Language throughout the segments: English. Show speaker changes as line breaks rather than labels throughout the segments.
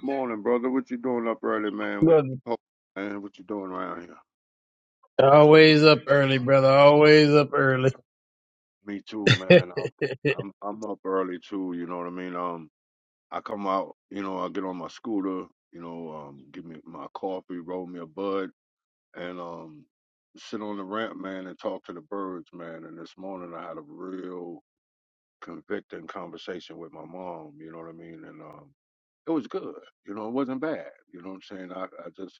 Morning, brother. What you doing up early, man? With
Look,
man, what you doing around here?
always up early, brother. Always up early.
Me too, man. I'm I'm I'm up early too. You know what I mean? Um, I come out. You know, I get on my scooter. You know, um, give me my coffee, roll me a bud, and um, sit on the ramp, man, and talk to the birds, man. And this morning I had a real convicting conversation with my mom. You know what I mean? And um, it was good. You know, it wasn't bad. You know what I'm saying? I I just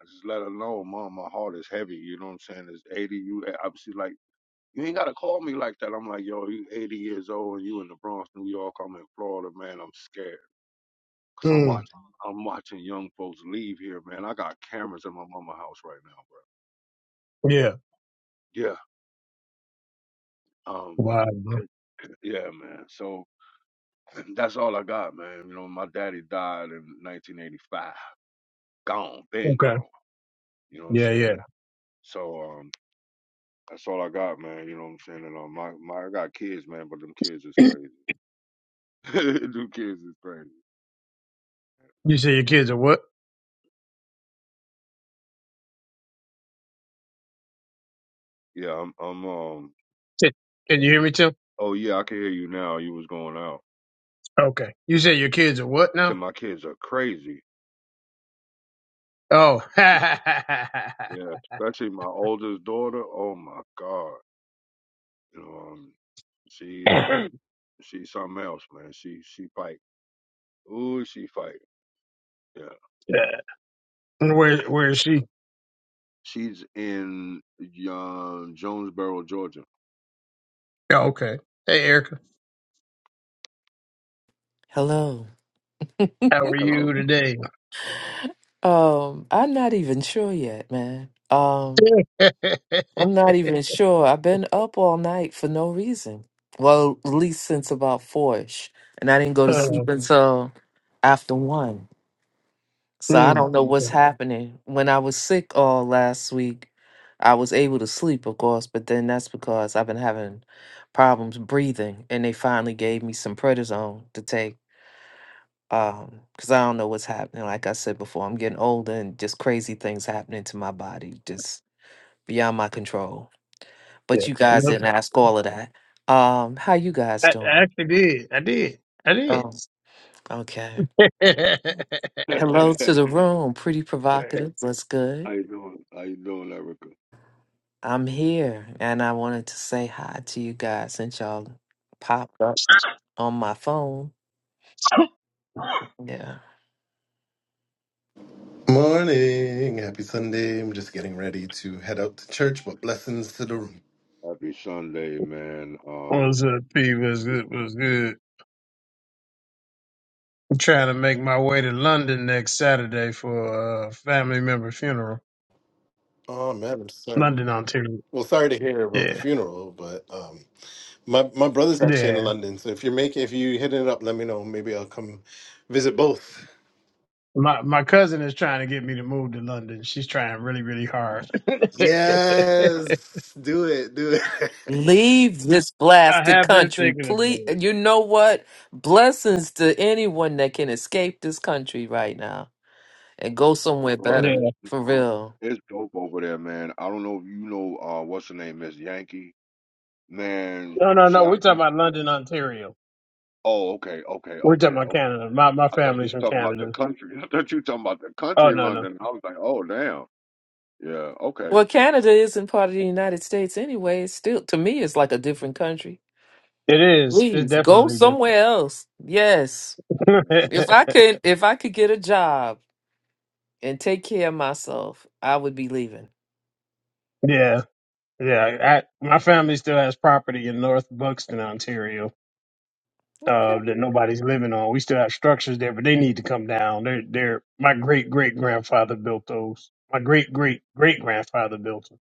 I just let her know, mom, my heart is heavy. You know what I'm saying? It's 80. You obviously like, you ain't got to call me like that. I'm like, yo, you 80 years old and you in the Bronx, New York. I'm in Florida, man. I'm scared. Cause I'm
mm,
watching, I'm watching young folks leave here, man. I got cameras in my mama house right now,
yeah.
bro. Yeah. Um,
Wow. bro.
yeah, man. So that's all I got, man. You know, my daddy died in 1985. Gone, been gone.
Okay.
You know what I'm
Yeah,
saying?
yeah.
So, um, That's all I got, man. You know what I'm saying? And um, my, my I got kids, man, but them kids is crazy. them kids is crazy.
You say your kids are what?
Yeah, I'm I'm um
Can can you hear me, Tim?
oh yeah, I can hear you now. You was going out.
Okay. You say your kids are what
So
now?
my kids are crazy.
Oh.
Yeah. Especially my oldest daughter. Oh my God. You know, um she uh she's something else, man. She she fight. Ooh, she fight. Yeah.
Yeah. where Where is she?
She's in uh, Jonesboro, Georgia.
Oh, okay. Hey, Erica.
Hello.
How are
Hello.
you today?
Um, I'm not even sure yet, man. Um,
uh,
I'm not even sure. I've been up all night for no reason. Well, at least since about four-ish. And I didn't go to sleep until after one. So I
mm,
don't know what's
okay.
happening. When I was sick all last week, I was able to sleep, of course, but then that's because I've been having problems breathing, and they finally gave me some prednisone to take. um because i don't know what's happening like i said before i'm getting older and just crazy things happening to my body just beyond my control
yeah.
but you guys didn't
Nothing.
ask all of that um how you
I,
guys
I
doing
actually did. I did. I did.
oh okay
hey,
hello to the room pretty provocative what's good
how you doing? How you doing, Erica?
i'm here and i wanted to say hi to you guys since y'all popped up on my phone yeah
Morning. Happy Sunday. I'm just getting ready to head out to church, but blessings to the room.
Happy Sunday, man. Um,
What's up, P? What's good? What's good? I'm trying to make my way to London next Saturday for a family member funeral.
Oh man, I'm sorry.
London, Ontario.
Well, sorry to hear about the
Yeah.
funeral, but um my my brother's actually in
Yeah.
London, so if you're making if you hitting it up, let me know. Maybe I'll come visit both.
My my cousin is trying to get me to move to London. She's trying really, really hard. I
Yes. Do it. Do it.
Leave this blasted
have been
country,
thinking about
please.
it.
You know what? Blessings to anyone that can escape this country right now and go somewhere
bro,
better,
it's,
Yeah.
it's
for
dope
real.
it's dope over there, man. I don't know if you know uh what's her name, Miss Yankee. Man,
No, no,
she,
no.
I
We're talking
think.
about London, Ontario.
Oh, okay, okay,
We're
okay,
talking about
okay.
Canada. My my
I thought you
family's
were
from
talking about the
Canada.
country. I thought you were talking about the
Oh
country in
no, no.
London. I was like, oh, damn. Yeah, okay.
Well, Canada isn't part of the United States anyway. It's still, to me, it's like a different country.
It is. It's
Please go
definitely different.
somewhere else. Yes,
Yeah.
if I could, if I could get a job and take care of myself, I would be leaving.
yeah. Yeah. I, my family still has property in North Buxton, Ontario. uh,
Okay,
that nobody's living on. We still have structures there, but they need to come down. They're, they're my great great grandfather built those. My great great great grandfather built them.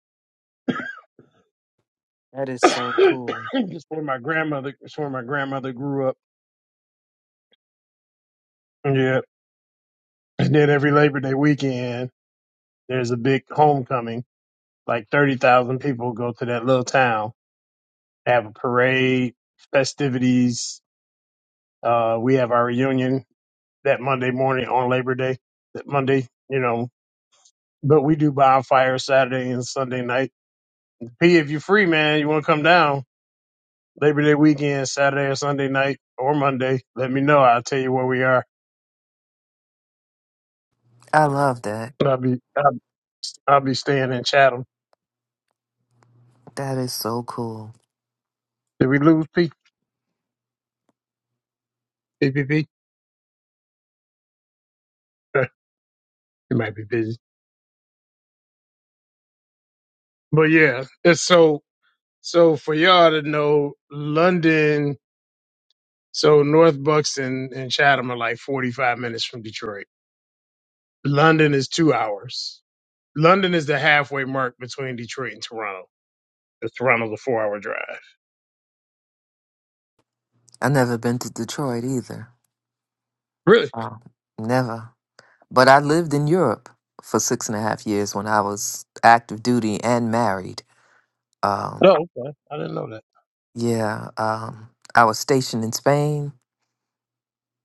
that is so cool.
it's where my grandmother, it's where my grandmother grew up. Yeah. And then every Labor Day weekend, there's a big homecoming. Like 30,000 people go to that little town, They have a parade, festivities. Uh, we have our reunion that Monday morning on Labor Day, that Monday, you know, but we do bonfire Saturday and Sunday night. P, if you're free, man, you want to come down Labor Day weekend, Saturday or Sunday night or Monday, let me know. I'll tell you where we are.
I love that.
But I'll be I'll, I'll be staying in Chatham.
That is so cool.
Did we lose P? P Uh, He might be busy. But yeah, it's so so for y'all to know, London. So North Bucks and, and Chatham are like 45 minutes from Detroit. London is two hours. London is the halfway mark between Detroit and Toronto. It's Toronto's a four hour drive.
I never been to Detroit either.
Really?
Uh, never. But I lived in Europe for six and a half years when I was active duty and married. Um,
Oh, okay. I didn't know that.
yeah, um, I was stationed in Spain.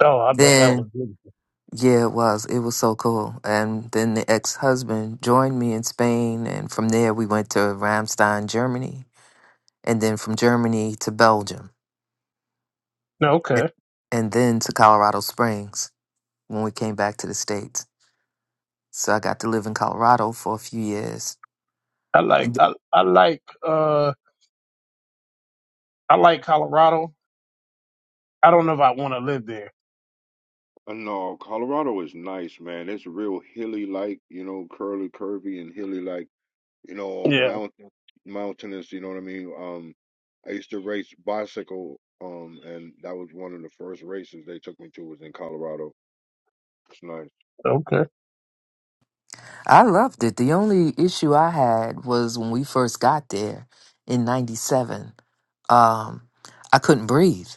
Oh, I bet that was
Then,
beautiful.
yeah, it was. It was so cool. And then the ex husband joined me in Spain. And from there, we went to Ramstein, Germany. And then from Germany to Belgium.
No,
Yeah.
okay.
And then to Colorado Springs when we came back to the States. So I got to live in Colorado for a few years.
I like I I like uh I like Colorado. I don't know if I want to live there.
Uh, No, Colorado is nice, man. It's real hilly like, you know, curly, curvy, and hilly like. you know,
Yeah.
mountain mountainous, you know what I mean? Um I used to race bicycle, um, and that was one of the first races they took me to was in Colorado. It's nice.
Okay.
I loved it. The only issue I had was when we first got there in 97. Um, I couldn't breathe,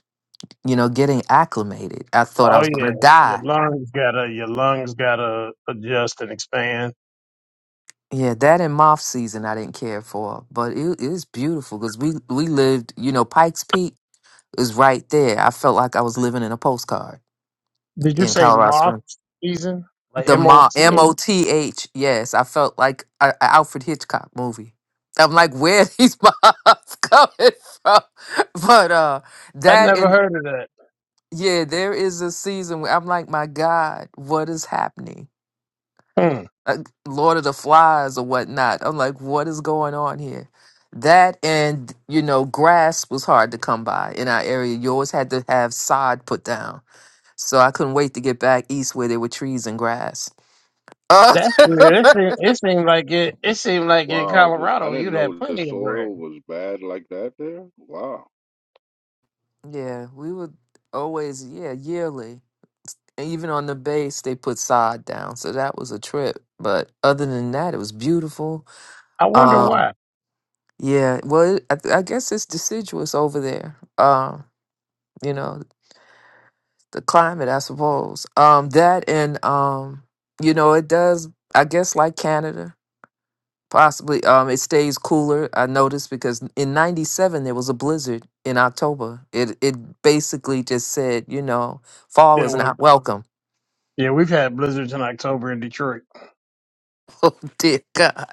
you know, getting acclimated. I thought I
Oh
was going
yeah.
to
Your
die.
lungs gotta your lungs gotta adjust and expand.
Yeah, that and moth season I didn't care for, but it it was beautiful because we, we lived, you know, Pikes Peak is right there. I felt like I was living in a postcard
Did you
in
say
Colorado
moth
Springs.
season? Like
The
M O
mom,
T
M
H?
O T H. Yes, I felt like an Alfred Hitchcock movie. I'm like, where are these mobs coming from? But uh,
I
that
never
and
heard of that.
yeah, there is a season where I'm like, my God, what is happening?
Hmm.
Uh, Lord of the Flies or whatnot. I'm like, what is going on here? That and you know, grass was hard to come by in our area. You always had to have sod put down, so I couldn't wait to get back east where there were trees and grass. Uh,
That's weird. It seemed, it seemed like it. It seemed like in
Wow, just I
Colorado
didn't
you'd have
know the
plenty of grass.
soil was bad like that there. Wow.
Yeah, we would always, yeah, yearly. And even on the base, they put sod down. So that was a trip. But other than that, it was beautiful.
I wonder
Um,
why.
yeah, well, it, I, th- I guess it's deciduous over there. Um, you know, the climate, I suppose. Um, that and, um, you know, it does, I guess, like Canada, possibly. Um, it stays cooler. I noticed because in 97, there was a blizzard in October. It, it basically just said, you know, fall
Yeah.
is
well,
not welcome
Yeah, we've had blizzards in October in Detroit.
Oh dear God.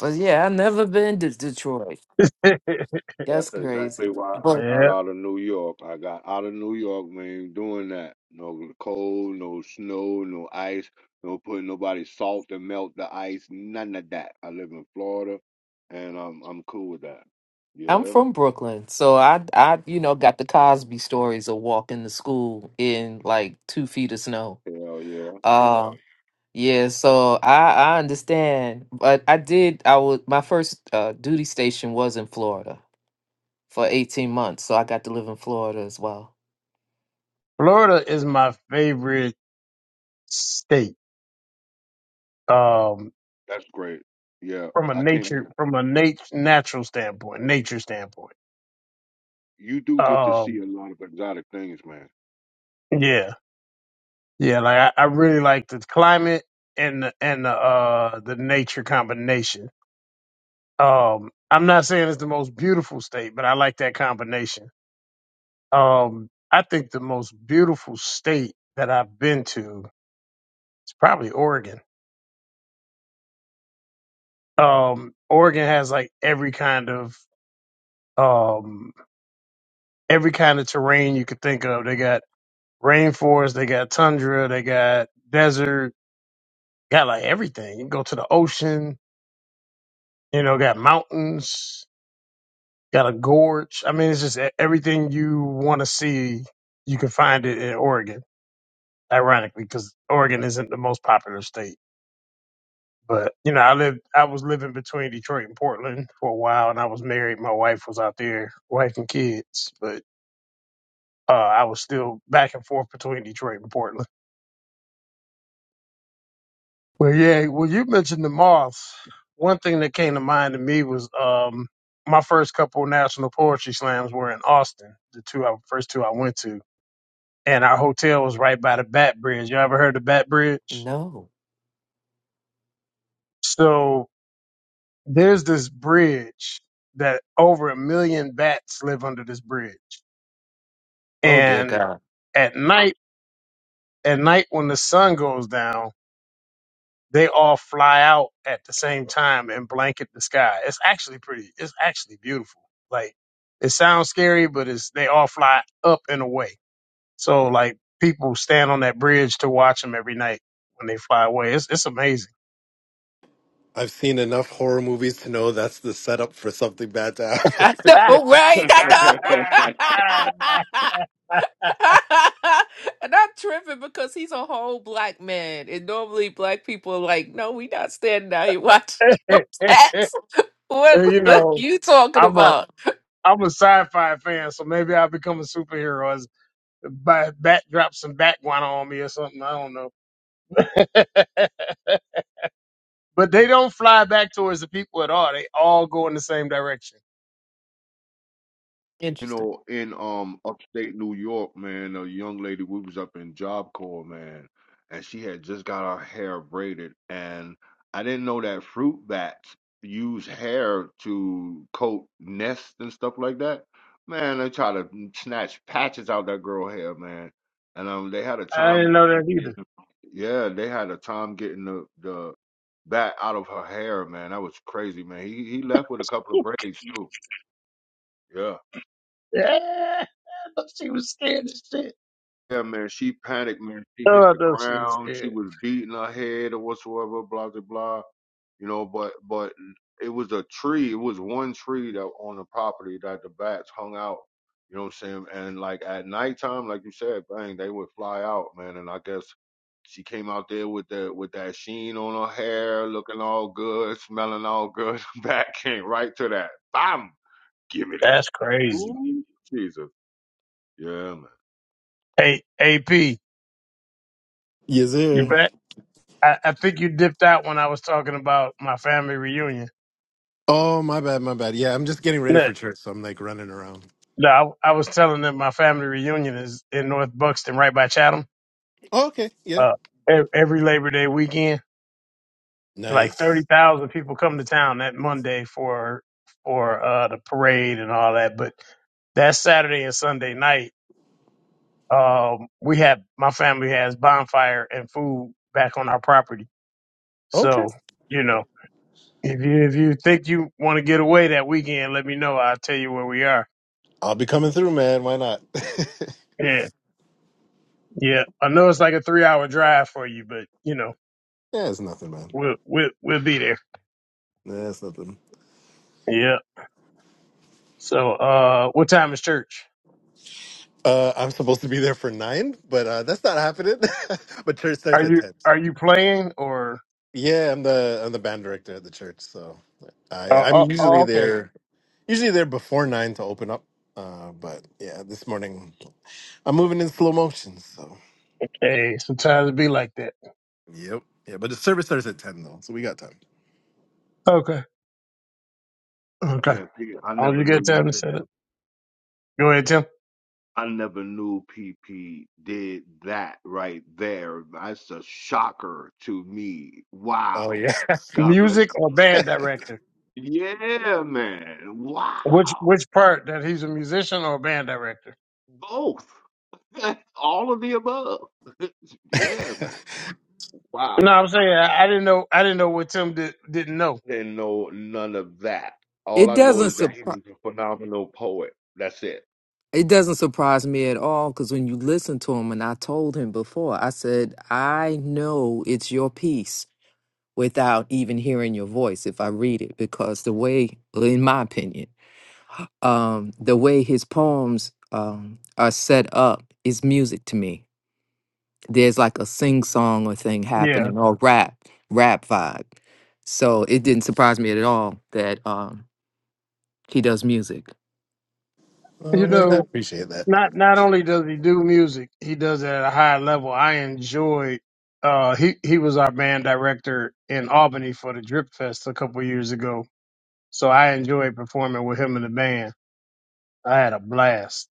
But yeah, I've never been to Detroit.
yeah.
That's
That's
crazy.
exactly why I
But
got out of New York. I got out of New York, man, doing that. No cold, no snow, no ice, no putting nobody salt to melt the ice, none of that. I live in Florida and I'm I'm cool with that.
I'm
Yeah,
from Brooklyn, so I I you know got the Cosby stories of walking to school in like two feet of snow.
Hell yeah,
Uh, yeah, so I I understand, but I did I was my first uh, duty station was in Florida for 18 months, so I got to live in Florida as well.
Florida is my favorite state. Um,
that's great. Yeah,
from a
I can't.
nature, from a nat- natural standpoint, nature standpoint.
You do get to see
Um,
a lot of exotic things, man.
yeah, yeah. Like I, I really like the climate and the, and the uh the nature combination. Um, I'm not saying it's the most beautiful state, but I like that combination. Um, I think the most beautiful state that I've been to is probably Oregon. um Oregon has like every kind of um every kind of terrain you could think of. They got rainforest, they got tundra, they got desert, got like everything. You go to the ocean, you know, got mountains, got a gorge. I mean, it's just e- everything you want to see, you can find it in Oregon. Ironically, because Oregon isn't the most popular state. But you know, I lived, I was living between Detroit and Portland for a while, and I was married. My wife was out there, wife and kids. But Uh, I was still back and forth between Detroit and Portland. Well, yeah. Well, you mentioned the Moths. One thing that came to mind to me was um, my first couple national poetry slams were in Austin, the two I, first two I went to, and our hotel was right by the Bat Bridge. You ever heard of Bat Bridge?
No,
So there's this bridge that over a million bats live under this bridge,
oh dear
and
God,
at night, at night when the sun goes down they all fly out at the same time and blanket the sky. It's actually pretty. It's actually beautiful. Like it sounds scary, but it's they all fly up and away. So like people stand on that bridge to watch them every night when they fly away. It's it's amazing.
I've seen enough horror movies to know that's the setup for something bad to happen.
I know, right? I know. and I'm tripping because he's a whole black man, and normally black people are like, "No, we not standing out here watching them cats." What,
you
what
know,
you talking
I'm a
about?
I'm a sci-fi fan, so maybe I'll become a superhero as bat, drops some bat guano on me or something. I don't know. But they don't fly back towards the people at all. They all go in the same direction.
you
Interesting.
know, in um upstate New York, man, a young lady, we was up in Job Corps, man, and she had just got her hair braided, and I didn't know that fruit bats use hair to coat nests and stuff like that. Man, they try to snatch patches out that girl hair, man, and um, they had a
I didn't
time,
know
like,
that
getting
either.
the- yeah, they had a time getting the the bat out of her hair, man. That was crazy, man. He he left with a couple of braids too. Yeah.
Yeah, I thought she was scared as shit.
Yeah, man, she panicked, man. She
Oh,
hit
I
the
thought she was
ground. She
scared.
was beating her head or whatsoever, blah, blah, blah. You know, but, but it was a tree. It was one tree that on the property that the bats hung out. You know what I'm saying? And like at nighttime, like you said, bang, they would fly out, man. And I guess she came out there with that, with that sheen on her hair, looking all good, smelling all good. Bat came right to that. Bam! Give me that.
That's crazy.
Ooh, Jesus. Yeah, man.
Hey, AP,
yes,
you
sir.
back? I, I think you dipped out when I was talking about my family reunion.
Oh, my bad, my bad. Yeah, I'm just getting ready
No,
for church, so I'm like running around.
No, I, I was telling them my family reunion is in North Buxton, right by Chatham.
Oh, okay. Yeah.
Uh, e- every Labor Day weekend, like thirty
Nice.
thousand people come to town that Monday for for uh, the parade and all that. But that Saturday and Sunday night, um, we have my family has bonfire and food back on our property. So you know, if you if you think you want to get away that weekend, let me know. I'll tell you where we are.
I'll be coming through, man. Why not? yeah,
Yeah, yeah. I know it's like a three hour drive for you, but you know,
it's nothing, man.
we'll we'll we'll be there.
Yeah, it's nothing.
Yeah. So, uh, what time is church?
Uh, I'm supposed to be there for nine, but uh, that's not happening. but church starts
Are
at
you
ten.
are you playing or?
Yeah, I'm the I'm the band director at the church, so I
Uh,
I'm
oh, oh,
usually
okay.
there usually there before nine to open up. Uh, but yeah, this morning I'm moving in slow motion, so
Okay. Sometimes it be like that.
yep, yeah. But the service starts at ten though, so we got time.
Okay. Okay.
Man, I
All
never
you
knew
get
you
time to
did that.
set up. Go ahead, Tim.
I never knew PP did that right there. That's a shocker to me.
Oh
Wow.
yeah.
God bless
Music
you.
or
bro.
band director?
Yeah, man.
Which
Wow.
which part that he's a musician or a band director?
Both. All of the above. yeah, man. Wow.
No, I'm saying I, I didn't know I didn't know what Tim did, didn't know.
Didn't know none of that. All
It
I know
doesn't
is that he
surprise.
was a phenomenal poet. That's it.
It doesn't surprise me at all because when you listen to him, and I told him before, I said, I know it's your piece without even hearing your voice if I read it, because the way, in my opinion, um, the way his poems um, are set up is music to me. There's like a sing song or thing
Yeah,
happening or rap, rap vibe. So it didn't surprise me at all that um, he does music.
you
oh man, I
know,
appreciate that.
not not only does he do music, he does it at a high level. I enjoy. Uh, he he was our band director in Albany for the Drip Fest a couple years ago, so I enjoyed performing with him in the band. I had a blast.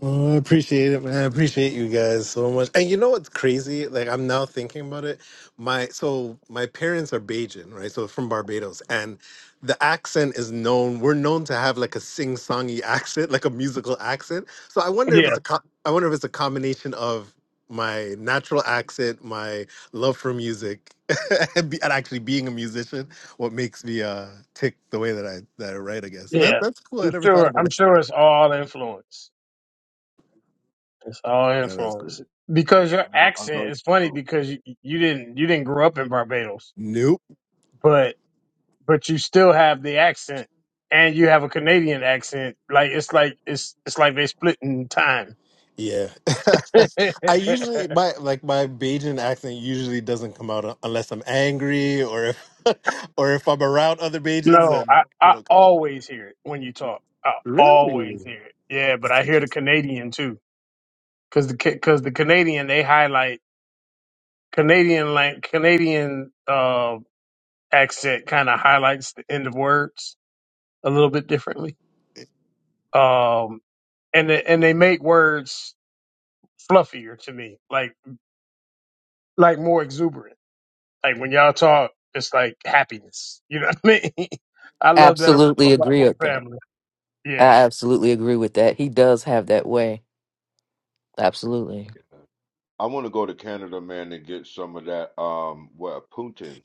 Well, I appreciate it, man. I appreciate you guys so much. And you know what's crazy? Like I'm now thinking about it. My so my parents are Bajan, right? So from Barbados, and the accent is known. We're known to have like a sing-songy accent, like a musical accent. So I wonder if
Yeah,
it's a co- I wonder if it's a combination of my natural accent, my love for music, and, be, and actually being a musician, what makes me uh tick the way that I that I write. I guess
yeah.
that that's cool. I
I'm
never thought
sure.
about
I'm
it.
sure it's all influence. It's all
That is cool.
influence. Because
I
your
know. I know.
accent is funny because you, you didn't you didn't grow up in Barbados,
Nope.
but but you still have the accent and you have a Canadian accent. Like it's like it's it's like they split in time.
Yeah.
no,
I usually my like my Bajan accent usually doesn't come out unless I'm angry or if or if I'm around other Bajans and
I,
it
I
don't come out.
always hear it when you talk. I
Really?
always hear it. Yeah, but I
That's
hear the
interesting.
Canadian too. Cause the because the Canadian they highlight Canadian like Canadian uh accent kind of highlights the end of words a little bit differently. um, and they, and they make words fluffier to me, like like more exuberant. Like when y'all talk, it's like happiness. You know what I mean? I love that
Absolutely
about
agree
my
with that.
family.
I
Yeah,
absolutely agree with that. He does have that way. Absolutely.
I want to go to Canada, man, and get some of that. Um, what Putin?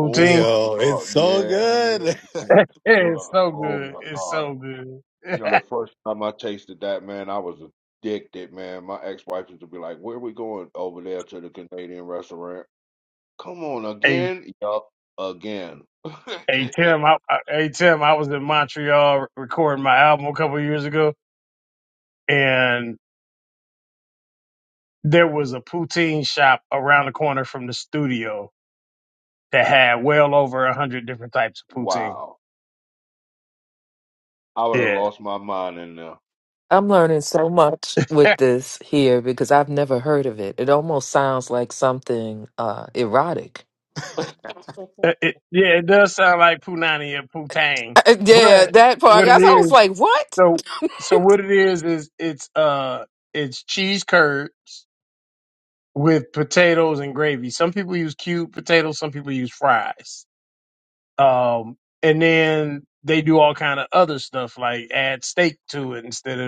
Oh my
Yo, it's
God,
so
yeah.
good.
Thanksgiving.
it's so
Oh
good.
my
It's
God.
so good.
You know, the first time I tasted that, man, I was addicted, man. My ex-wife used to be like, Where we going over there to the Canadian restaurant? Come on
hey,
again? Yup, again.
hey Tim. I, I, hey Tim. I was in Montreal recording my album a couple of years ago, and there was a poutine shop around the corner from the studio that had well over a hundred different types of poutine.
Wow. I would have
Yeah,
lost my mind in there.
I'm learning so much
Eh,
with this here because I've never heard of it. It almost sounds like something uh erotic.
eh, it, yeah, it does sound like Punani or Putang,
Uh, Yeah,
but
that part. I
what
guess I
it
was
is,
like, "What?"
so so what it is is it's uh it's cheese curds with potatoes and gravy. Some people use cubed potatoes, some people use fries, um, and then they do all kind of other stuff like add steak to it instead of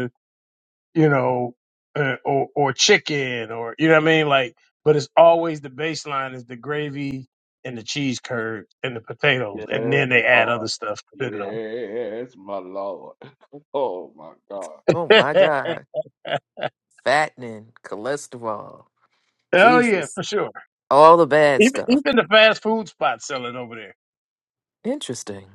you know, uh, or or chicken, or you know what I mean. Like, but it's always the baseline is the gravy and the cheese curd and the potatoes, and
Yes,
then they add
Lord.
other stuff. You know.
Yes, my Lord. Oh my God.
Oh my God. Fattening, cholesterol,
Hell yeah,
Jesus,
for sure.
all the bad
Even
stuff.
even the fast food spots sell it over there.
Interesting.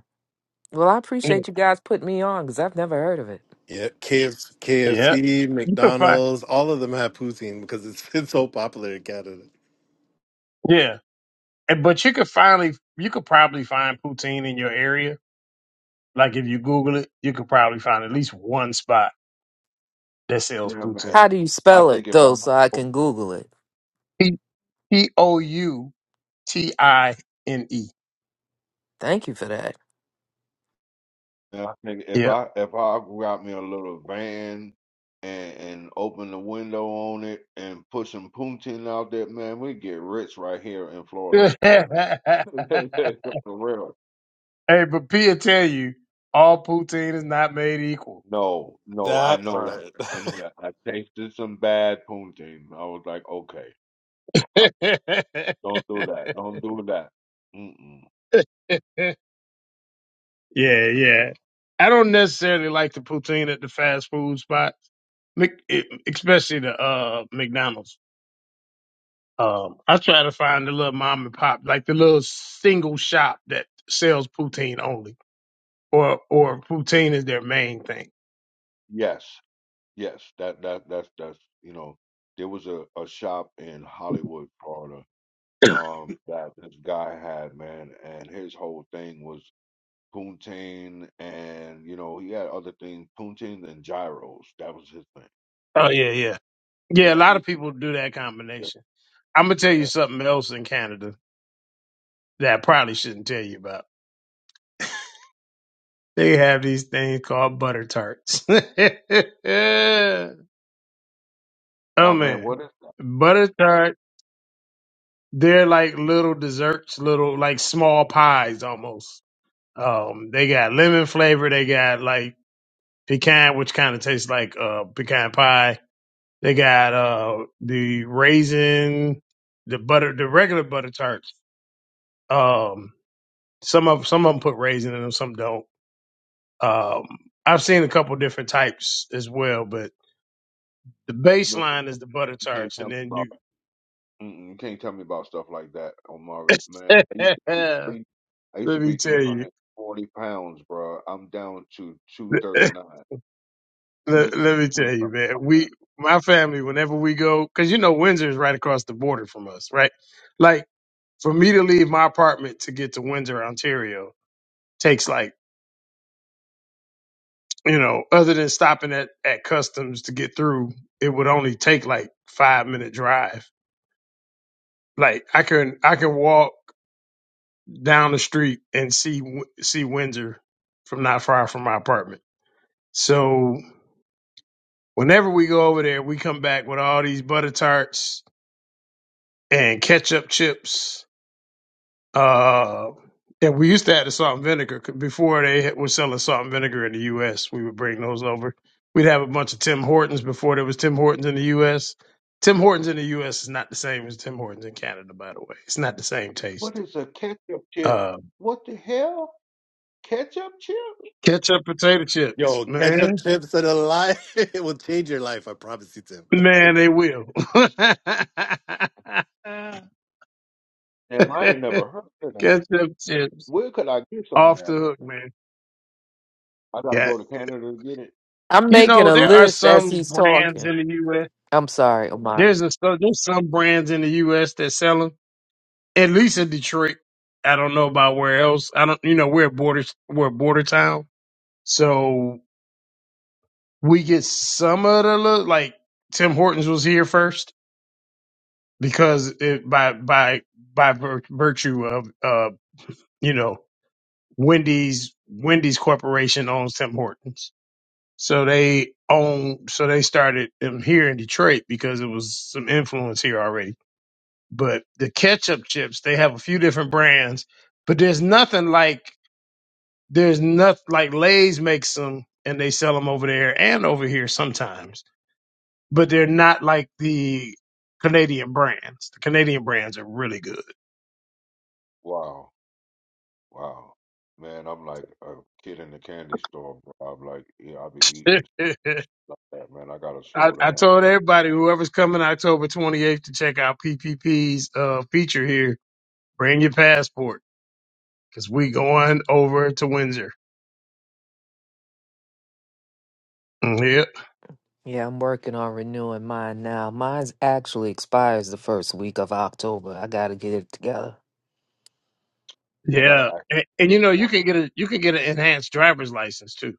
Well, I
Yeah,
appreciate you guys putting me on because I've never heard of it.
Yeah, KFC,
Yeah.
KFC,
you can find.
McDonald's, all of them have poutine because it's it's so popular in Canada.
Yeah, and, but you could finally you could probably find poutine in your area. Like if you Google it, you could probably find at least one spot that sells
Yeah, man.
poutine.
How do you
I
spell
think
it,
if
though, so I
I
can Google it?
P o u T I N E.
Thank you for that.
Yeah, I think if
Yeah.
I if I got me a little van and and open the window on it and put some poutine out there, man, we get rich right here in Florida. For
hey,
real. For real.
but Pia tell you, all poutine is not made equal.
No, no, I
That
know that.
part.
I know that. I tasted some bad poutine. I was like, okay,
yeah,
stop. Don't do that. Don't do that. Mm-mm.
yeah. I don't necessarily like the poutine at the fast food spots, Mc- eh, especially the uh McDonald's. Um, I try to find the little mom and pop, like the little single shop that sells poutine only, or or poutine is their main thing.
Yes, yes. That that that's that's you know. There was a, a shop in Hollywood, Florida um that this guy had, man, and his whole thing was Puntain and you know, he had other things, Puntain and gyros. That was his thing.
Oh yeah, yeah. Yeah, a
Yeah,
lot
he
of people do that
yeah.
combination. I'm gonna tell you
yeah.
something else in Canada that I probably shouldn't tell you about. They have these things called butter tarts. oh
Oh man,
man,
what is that?
butter tart. They're like little desserts, little like small pies almost. Um, they got lemon flavor. They got like pecan, which kind of tastes like uh pecan pie. They got uh the raisin, the butter, the regular butter tarts. Um. Some of some of them put raisin in them, some don't. Um, I've seen a couple different types as well, but the
No, you,
baseline is the butter
you can't
tarts,
tell
and
me
then
about
you.
mm-mm, you can't tell me about stuff like that, Omar. Man, I used to be
let
three I used to
me
be three
tell you,
hundred forty pounds, bro. I'm down to two thirty nine. Mm
let,
mm.
let me
Can't
tell you,
tell me
man.
about that.
We, my family, whenever we go, because you know Windsor is right across the border from us, right? Like for me to leave my apartment to get to Windsor, Ontario, takes like you know, other than stopping at at customs to get through, it would only take like five minute drive Like I can I can walk down the street and see see Windsor from not far from my apartment. So whenever we go over there, we come back with all these butter tarts and ketchup chips. Uh, and we used to have the salt and vinegar before they were selling salt and vinegar in the U.S. We would bring those over. We'd have a bunch of Tim Hortons before there was Tim Hortons in the U.S. Tim Hortons in the U.S. is not the same as Tim Hortons in Canada, by the way. It's not the same
What
taste.
is a ketchup chip?
Uh,
What the hell? Ketchup chip?
Ketchup potato chips,
Yo, ketchup
man.
chips and a life it will change your life, I promise you, Tim.
Man, they will.
Damn, I ain't never heard of that.
Ketchup chips
Where could I get some of
off the
that,
hook,
man?
man.
I gotta
Got
go to Canada to get it.
I'm
you
Dang.
making
know
a
there are
list as
some
he's
brands
talking.
in the U.S.
I'm sorry, Omar.
There's a so there's some brands in the U.S. that sell them. At least in Detroit, I don't know about where else. I don't. You know we're a border we're a border town, so we get some of the li- like Tim Hortons was here first. because it, by by by vir- virtue of uh you know Wendy's Wendy's Corporation owns Tim Hortons, so they own so they started them here in Detroit because it was some influence here already. But the ketchup chips, they have a few different brands, but there's nothing like there's nothing like Lay's makes them and they sell them over there and over here sometimes, but they're not like the Canadian brands. The Canadian brands are really good.
Wow, wow, man, I'm like a kid in the candy store, bro. I'm like, yeah, I'll be eating stuff like that, man. I gotta
I,
slow
I
down.
told everybody, whoever's coming October 28th to check out PPP's uh, feature here, bring your passport because we going over to Windsor. Mhm. Yep.
Yeah, I'm working on renewing mine now. Mine's actually expires the first week of October. I got to get it together.
I gotta
Yeah. And,
actually
and you
get
know, you
one.
can get a you can get an enhanced driver's license too.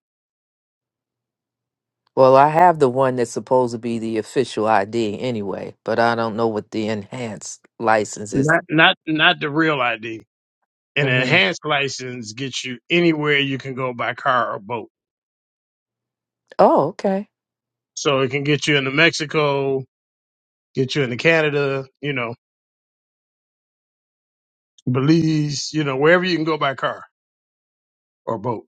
Well, I have the one that's supposed to be the official ID anyway, but I don't know what the enhanced license is.
Not not not the real ID. An
hmm
enhanced license gets you anywhere you can go by car or boat.
Oh, okay.
So it can get you into Mexico, get you into Canada, you know, Belize, you know, wherever you can go by car or boat.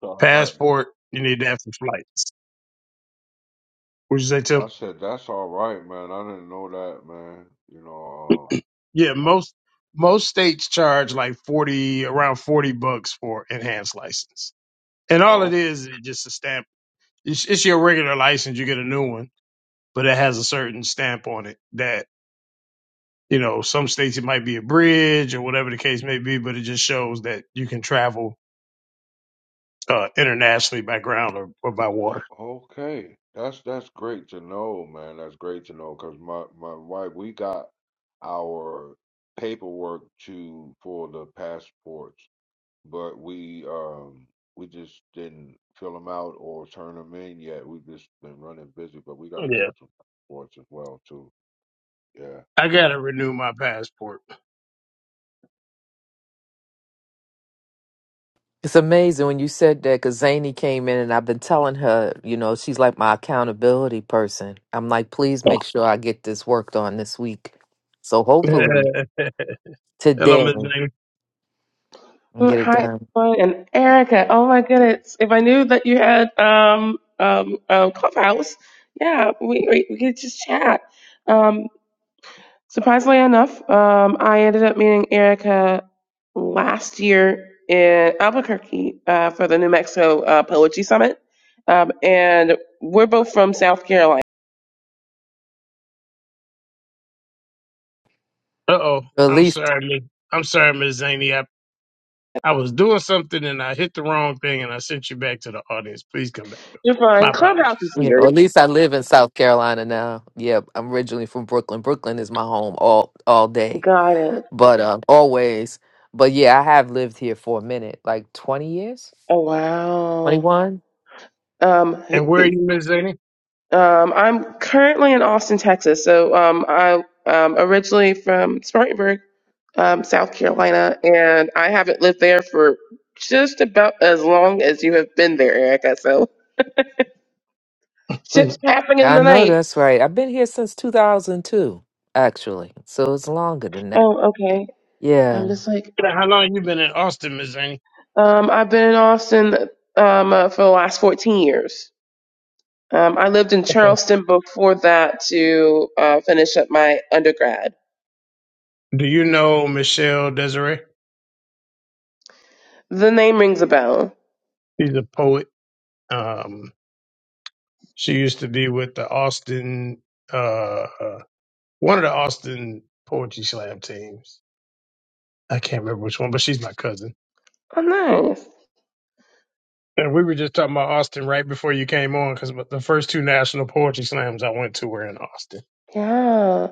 It's all right.
passport, you need to have some flights. Would you say,
I
Tim?
said that's all right, man. I didn't know that, man. You know.
Yeah, most most states charge like forty, around forty bucks for enhanced license, and
Uh,
all it
oh,
is is just a stamp. It's, it's your regular license. You get a new one, but it has a certain stamp on it that you know some states it might be a bridge or whatever the case may be, but it just shows that you can travel uh, internationally by ground or, or by water.
Okay, that's that's great to know, man. That's great to know because my my wife, we got our paperwork to for the passports, but we um we just didn't fill them out or turn them in yet. We've just been running busy, but we got to get
Yeah,
some passports as well too. Yeah.
I gotta renew my passport.
It's amazing when you said that because Zany came in and I've been telling her, you know, she's like my accountability person. I'm like, please make sure I get this worked on this week. So hopefully
Hello,
today
Miss
I'll
Mm,
get it
Hi,
done.
everyone. and Erica.
And,
Oh my
and
goodness! If I knew that you had um um um Clubhouse, yeah, we we, we could just chat. Um, surprisingly enough, um, I ended up meeting Erica last year in Albuquerque uh, for the New Mexico uh, Poetry Summit, um, and we're both from South Carolina.
Uh oh,
Or At
I'm
least,
sorry, Mi- I'm sorry, Miss Zaney. I, I was doing something and I hit the wrong thing and I sent you back to the audience. Please come back up.
You're
My
fine. Clubhouse is
apologies.
you know,
weird.
at least I live in South Carolina now. Yeah, I'm originally from Brooklyn. Brooklyn is my home all all day.
Got it.
but um always but yeah i have lived here for a minute like 20 years
Oh wow.
21
And where are
Um,
you, Miss Zaney?
Um, I'm currently in Austin, Texas. So um, I um, originally from Spartanburg, um, South Carolina, and I haven't lived there for just about as long as you have been there, Erica. So
Hmm.
ships passing in
i
the
know
night.
that's right i've been here since 2002 actually so it's longer than that
Oh, okay. I'm
yeah
just like
How long you been in Austin, Miss Zaney?
um, I've been in Austin um, uh, for the last 14 years. Um, I lived in
Okay.
Charleston before that to uh, finish up my undergrad.
Do you know Michelle Desiree?
The name rings a bell.
She's a poet. Um, she used to be with the Austin, uh, one of the Austin poetry slam teams. I can't remember which one, but she's my cousin.
Oh, nice.
And we were just talking about Austin right before you came on because the first two national poetry slams I went to were in Austin.
Yeah.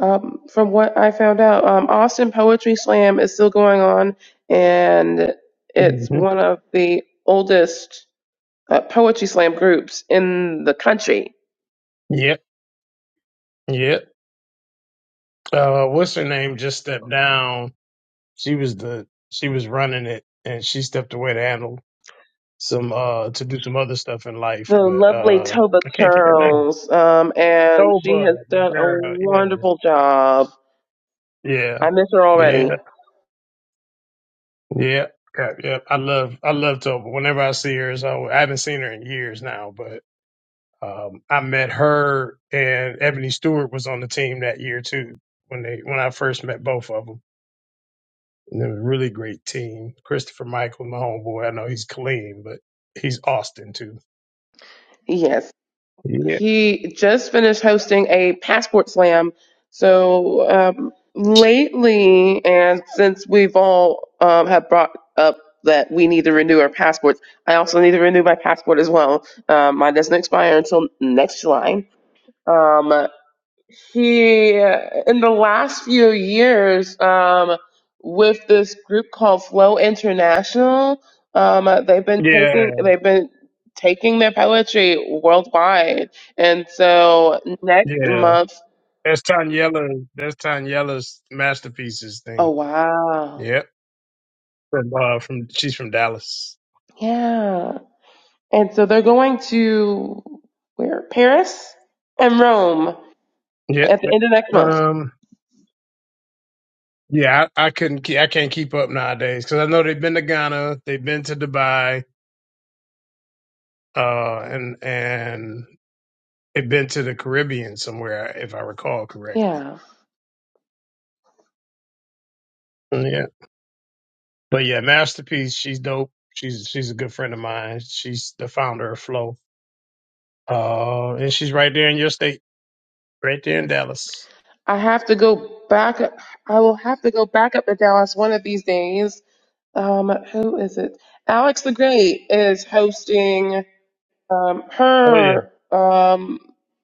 Um, from what I found out, um, Austin Poetry Slam is still going on, and it's
hmm
one of the oldest uh, poetry slam groups in the country.
Yep, yep. Uh, what's her name? Just stepped down. She was the she was running it, and she stepped away to handle some uh to do some other stuff in life.
The
But
lovely
uh,
Toba
I can't think of her name.
Charles, um, and she
Toba,
has
the
done a
girl. Yeah,
wonderful job.
yeah,
I miss her
yeah, yeah.
already.
Yeah, yeah. I love, I love Toba. Whenever I see her, so I haven't seen her in years now, but. Um, I met her and Ebony Stewart was on the team that year too when they when I first met both of them. And they were a really great team. Christopher Michael, my homeboy, I know he's clean, but he's Austin too.
Yes.
Yeah.
He just finished hosting a passport slam. So um, lately, and since we've all um, have brought up that we need to renew our passports, I also need to renew my passport as well. Um, mine doesn't expire until next July. Um, he, in the last few years, um, with this group called Flow International, um, uh, they've been
Yeah,
taking they've been taking their poetry worldwide, and so next
yeah.
month,
That's Tanyella. That's Tanyella's masterpieces
oh
thing.
wow,
Yep. From, uh, from she's from Dallas.
yeah, and so they're going to where Paris and Rome
Yep.
at the end of next month.
Um. Yeah, I, I couldn't. Keep, I can't keep up nowadays because I know they've been to Ghana, they've been to Dubai, uh, and and they been to the Caribbean somewhere, if I recall correctly.
Yeah,
Mm, Yeah, but yeah, masterpiece. She's dope. She's she's a good friend of mine. She's the founder of Flow, uh, and she's right there in your state, right there in Dallas.
I have to go back. I will have to go back up to Dallas one of these days Um, who is it? Alex the Great is hosting um,
Oh yeah.
her um,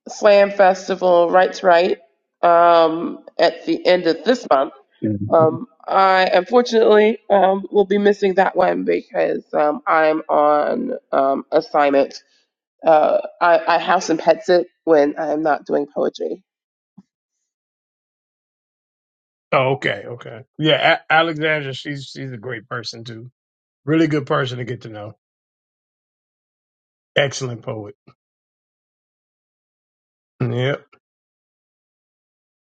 slam festival, Right to Right, um, at the end of this month.
Mhm.
Um, I unfortunately um, will be missing that one because um, I'm on um, assignment. Uh, I, I house and pets it when I'm not doing poetry.
Oh okay, okay. Yeah, a- Alexandra. She's she's a great person too. Really good person to get to know. Excellent poet. Yep.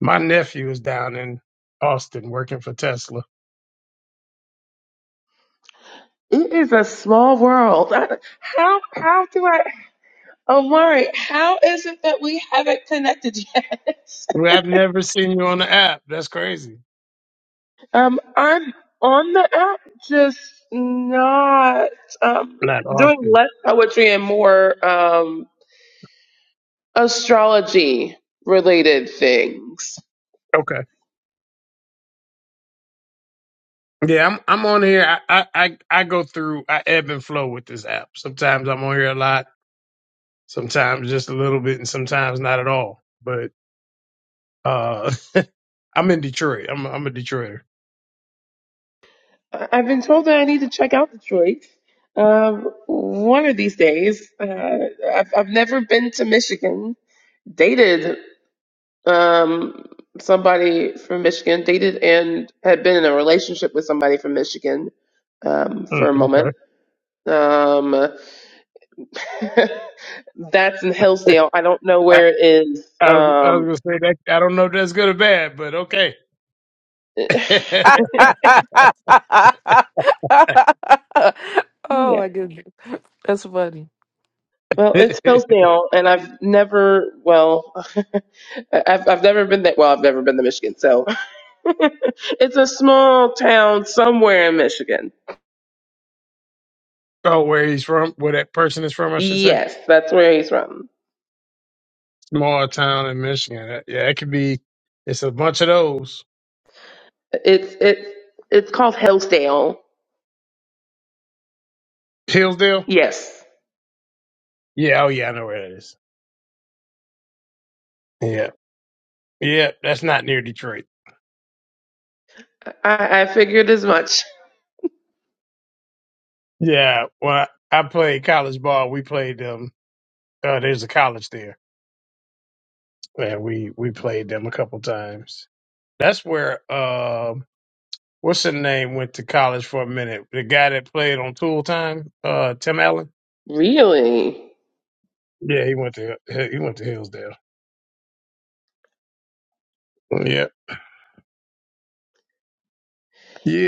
My nephew is down in Austin working for Tesla.
It is a small world. I- How how do I Omari, how is it that we haven't connected yet?
Well, I've never seen you on the app. That's crazy.
Um I'm on the app just not um
Not
doing
often.
less poetry and more um astrology related things.
Okay. Yeah, I'm I'm on here. I, I I I go through. I ebb and flow with this app. Sometimes I'm on here a lot. Sometimes just a little bit, and sometimes not at all. But uh, I'm in Detroit. I'm I'm a Detroiter.
I- I've been told that I need to check out Detroit um, one of these days. Uh, I've, I've never been to Michigan. Dated um, somebody from Michigan, dated and had been in a relationship with somebody from Michigan um,
Mm,
for a
okay.
moment. Um, that's in Hillsdale. I don't know
I,
where it is.
I, was- I was
Um,
gonna say that I don't know if that's good or bad, but okay.
oh
yeah.
my goodness that's funny
Well, it's Hillsdale, and I've never, well, I've, I've never been that Well, I've never been to Michigan, so it's a small town somewhere in Michigan.
oh, where he's from, where that person is from, I should say.
Yes, that's where he's from.
Small town in Michigan. That- Yeah, it could be. It's a bunch of those.
It's it's it's called Hillsdale.
Hillsdale.
Yes,
Yeah. Oh yeah, I know where that is. Yeah. Yeah. That's not near Detroit.
I, I figured as much.
Yeah, well, I played college ball. We played them. Uh, there's a college there, and we we played them a couple times. That's where um, what's his name went to college for a minute. The guy that played on Tool Time, uh, Tim Allen.
Really?
Yeah, he went to he went to Hillsdale. Yeah.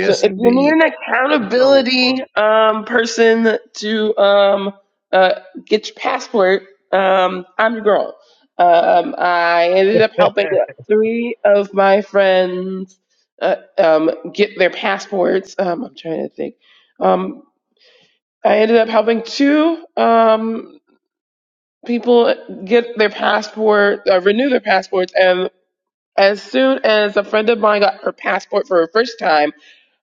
So if you need
indeed.
an
that show was
accountability
funny.
um, person to um, uh, get your passport, um, I'm your girl. Um, I ended up helping three of my friends uh, um, get their passports. Um, I'm trying to think. Um, I ended up helping two um, people get their passport, uh, renew their passports, and. As soon as a friend of mine got her passport for her first time,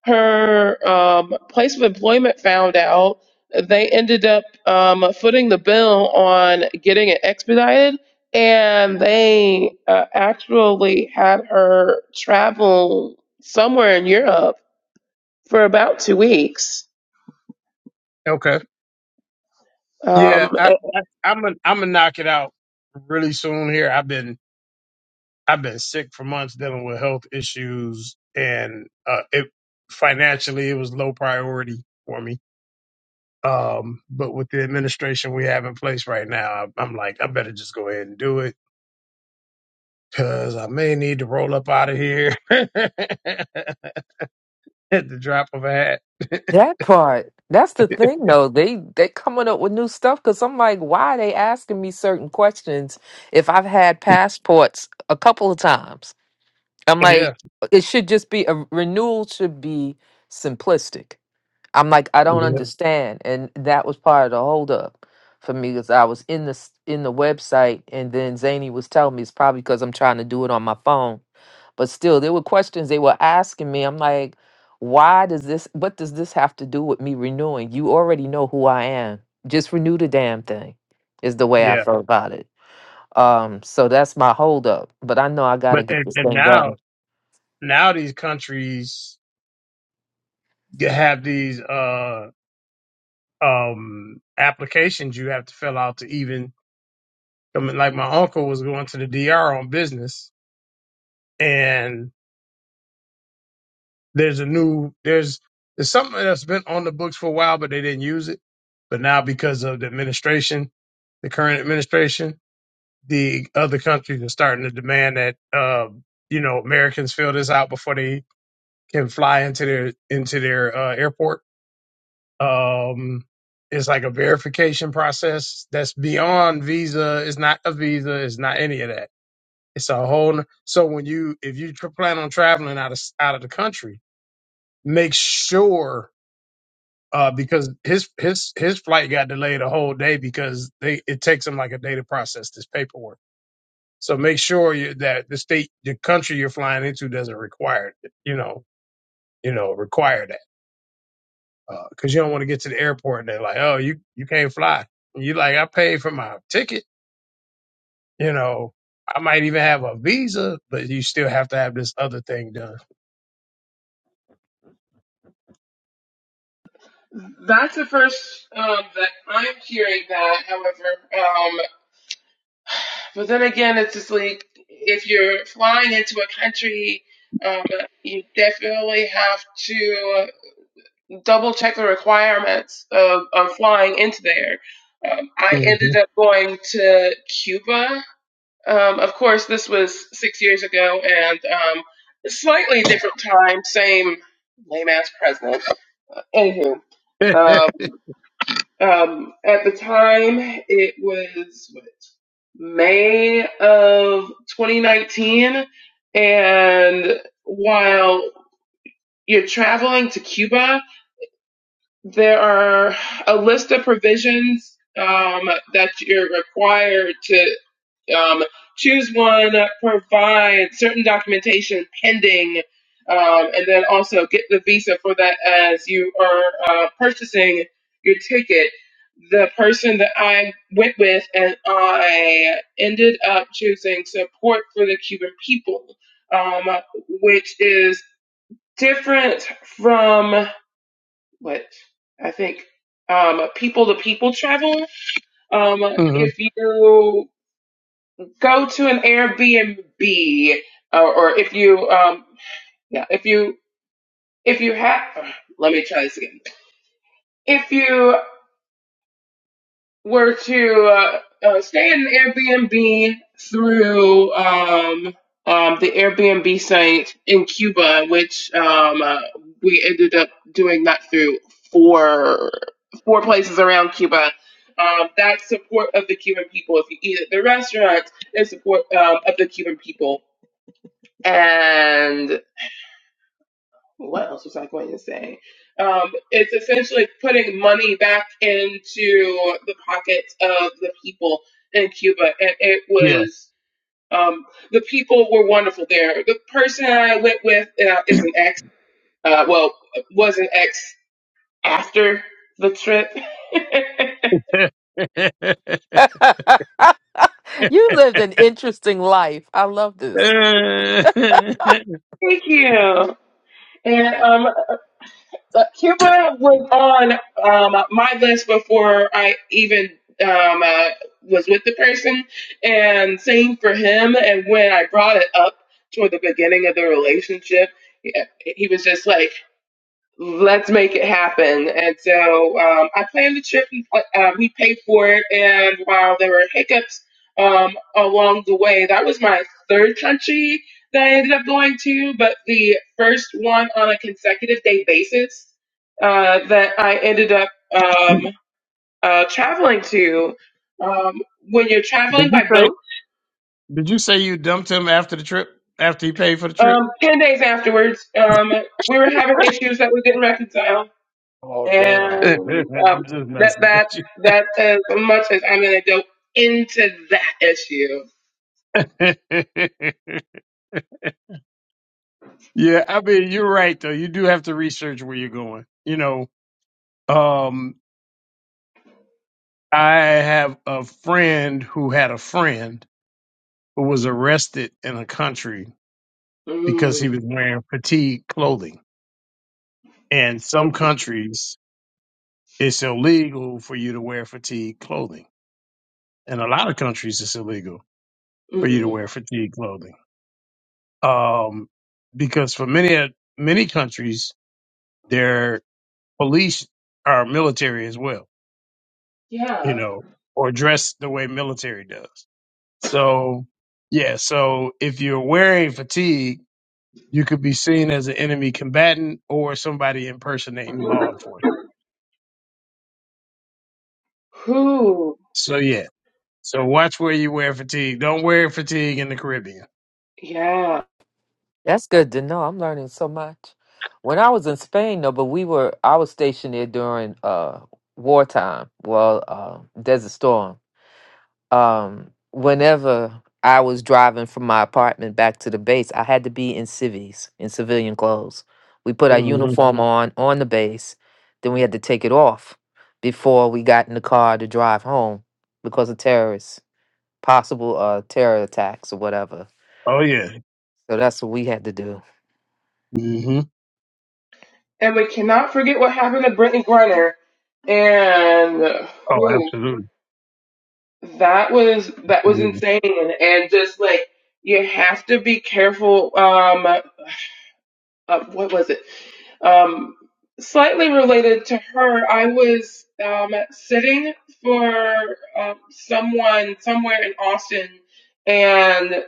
her um, place of employment found out. They ended up um, footing the bill on getting it expedited, and they uh, actually had her travel somewhere in Europe for about two weeks.
Okay. Yeah,
Um,
I, I I'm i I'm gonna knock it out really soon here. I've been I've been sick for months dealing with health issues and uh it financially it was low priority for me. Um but with the administration we have in place right now, I'm like I better just go ahead and do it cuz I may need to roll up out of here at the drop of a hat.
that part that's the thing though they they coming up with new stuff because i'm like why are they asking me certain questions if i've had passports a couple of times I'm
yeah.
like, it should just be a renewal should be simplistic. I'm like, I don't Mhm.
Yeah.
understand, and that was part of the holdup for me because I was in the s- in the website, and then Zany was telling me it's probably because I'm trying to do it on my phone. But still, there were questions they were asking me. I'm like, why does this? What does this have to do with me renewing? You already know who I am. Just renew the damn thing. Is the way I
Yeah.
felt about it. Um, so that's my holdup. But I know I got to
But
get
and,
this
and
thing
now
done.
now these countries have these uh um applications you have to fill out to even I mean, like my uncle was going to the DR on business, and there's a new there's there's something that's been on the books for a while, but they didn't use it. But now because of the administration, the current administration, the other countries are starting to demand that uh, you know Americans fill this out before they can fly into their into their uh, airport. Um, it's like a verification process that's beyond visa. It's not a visa. It's not any of that It's a whole. n- So when you if you tr- plan on traveling out of s- out of the country, make sure uh, because his his his flight got delayed a whole day because they it takes them like a day to process this paperwork. So make sure you, that the state the country you're flying into doesn't require it, you know you know require that because you don't want to get to the airport and they're like oh you you can't fly. And you like I paid for my ticket, you know. I might even have a visa, but you still have to have this other thing done.
That's the first um, that I'm hearing that, however. Um, but then again, it's just like if you're flying into a country, um, you definitely have to double check the requirements of, of flying into there. Um, I ended up going to Cuba. Um, of course, this was six years ago and um, slightly different time, same lame ass president. Uh, Anywho.
Mhm.
Um, Um, at the time, it was what, May of 2019. And while you're traveling to Cuba, there are a list of provisions um, that you're required to um, choose one, provide certain documentation pending, um, and then also get the visa for that as you are uh, purchasing your ticket. The person that I went with and I ended up choosing support for the Cuban people, um, which is different from what I think um, people to people travel. Um,
hmm
if you go to an Airbnb or, or if you um yeah if you if you have let me try this again if you were to uh, uh, stay in an Airbnb through um um the Airbnb site in Cuba which um uh, we ended up doing that through four four places around Cuba. Um, that support of the Cuban people. If you eat at the restaurants, there's support um, of the Cuban people And what else was I going to say? Um, it's essentially putting money back into the pockets of the people in Cuba. And it
Yeah.
was, um, the people were wonderful there. The person I went with uh, is an ex, uh, well, was an ex after the trip.
did
You lived an interesting life. I love this.
Thank you. And um, But Cuba was on um, my list before I even um, uh, was with the person, and same for him. And when I brought it up toward the beginning of the relationship, he, he was just like, let's make it happen. And so um, I planned the trip. And, uh, we paid for it, and while there were hiccups um, along the way, that was my third country that I ended up going to, but the first one on a consecutive day basis uh, that I ended up um, uh, traveling to. Um, when you're traveling
you
by
say?
boat,
Did you say you dumped him after the trip? After he paid for the trip?
um, ten days afterwards, um, we were having issues that we didn't reconcile
Oh damn!
and um,
I'm just
that
messing with
that
you.
that as much as I'm gonna go into that issue.
yeah, I mean you're right though. You do have to research where you're going. You know, um, I have a friend who had a friend who was arrested in a country because he
Mm.
was wearing fatigue clothing, and
Oh,
some countries It's illegal for you to wear fatigue clothing. In a lot of countries, it's illegal for you to
mhm.
wear fatigue clothing. Um, because for many, many countries, their police are military as well, you
Yeah.
know, or dress the way military does. So, yeah. So if you're wearing fatigue, you could be seen as an enemy combatant or somebody impersonating law enforcement.
Who?
So yeah. So watch where you wear fatigue. Don't wear fatigue in the Caribbean.
Yeah.
That's good to know. I'm learning so much. When I was in Spain, though, but we were I was stationed there during uh wartime. Well, uh, Desert Storm. Um, whenever I was driving from my apartment back to the base, I had to be in civies, in civilian clothes. We put our Mhm.
Mm-hmm.
uniform Mhm. on on the base, then we had to take it off before we got in the car to drive home because of terrorists. possible uh terror attacks or whatever.
Oh yeah.
So that's what we had to do.
hmm
And we cannot forget what happened to Brittany Griner and uh,
Oh,
who
absolutely.
that was that was
Absolutely.
insane and just like you have to be careful um uh, what was it Um, slightly related to her, I was um, sitting for um, someone somewhere in Austin, and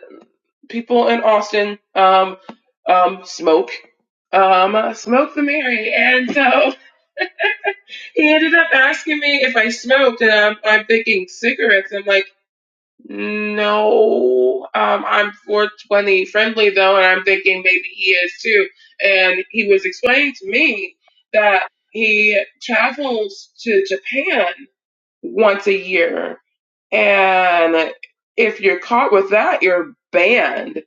people in Austin um, um, smoke. Um, smoke the Mary, and so he ended up asking me if I smoked, and I'm, I'm thinking cigarettes. I'm like. No, um, I'm 420 friendly though, and I'm thinking maybe he is too. And he was explaining to me that he travels to Japan once a year, and if you're caught with that, you're banned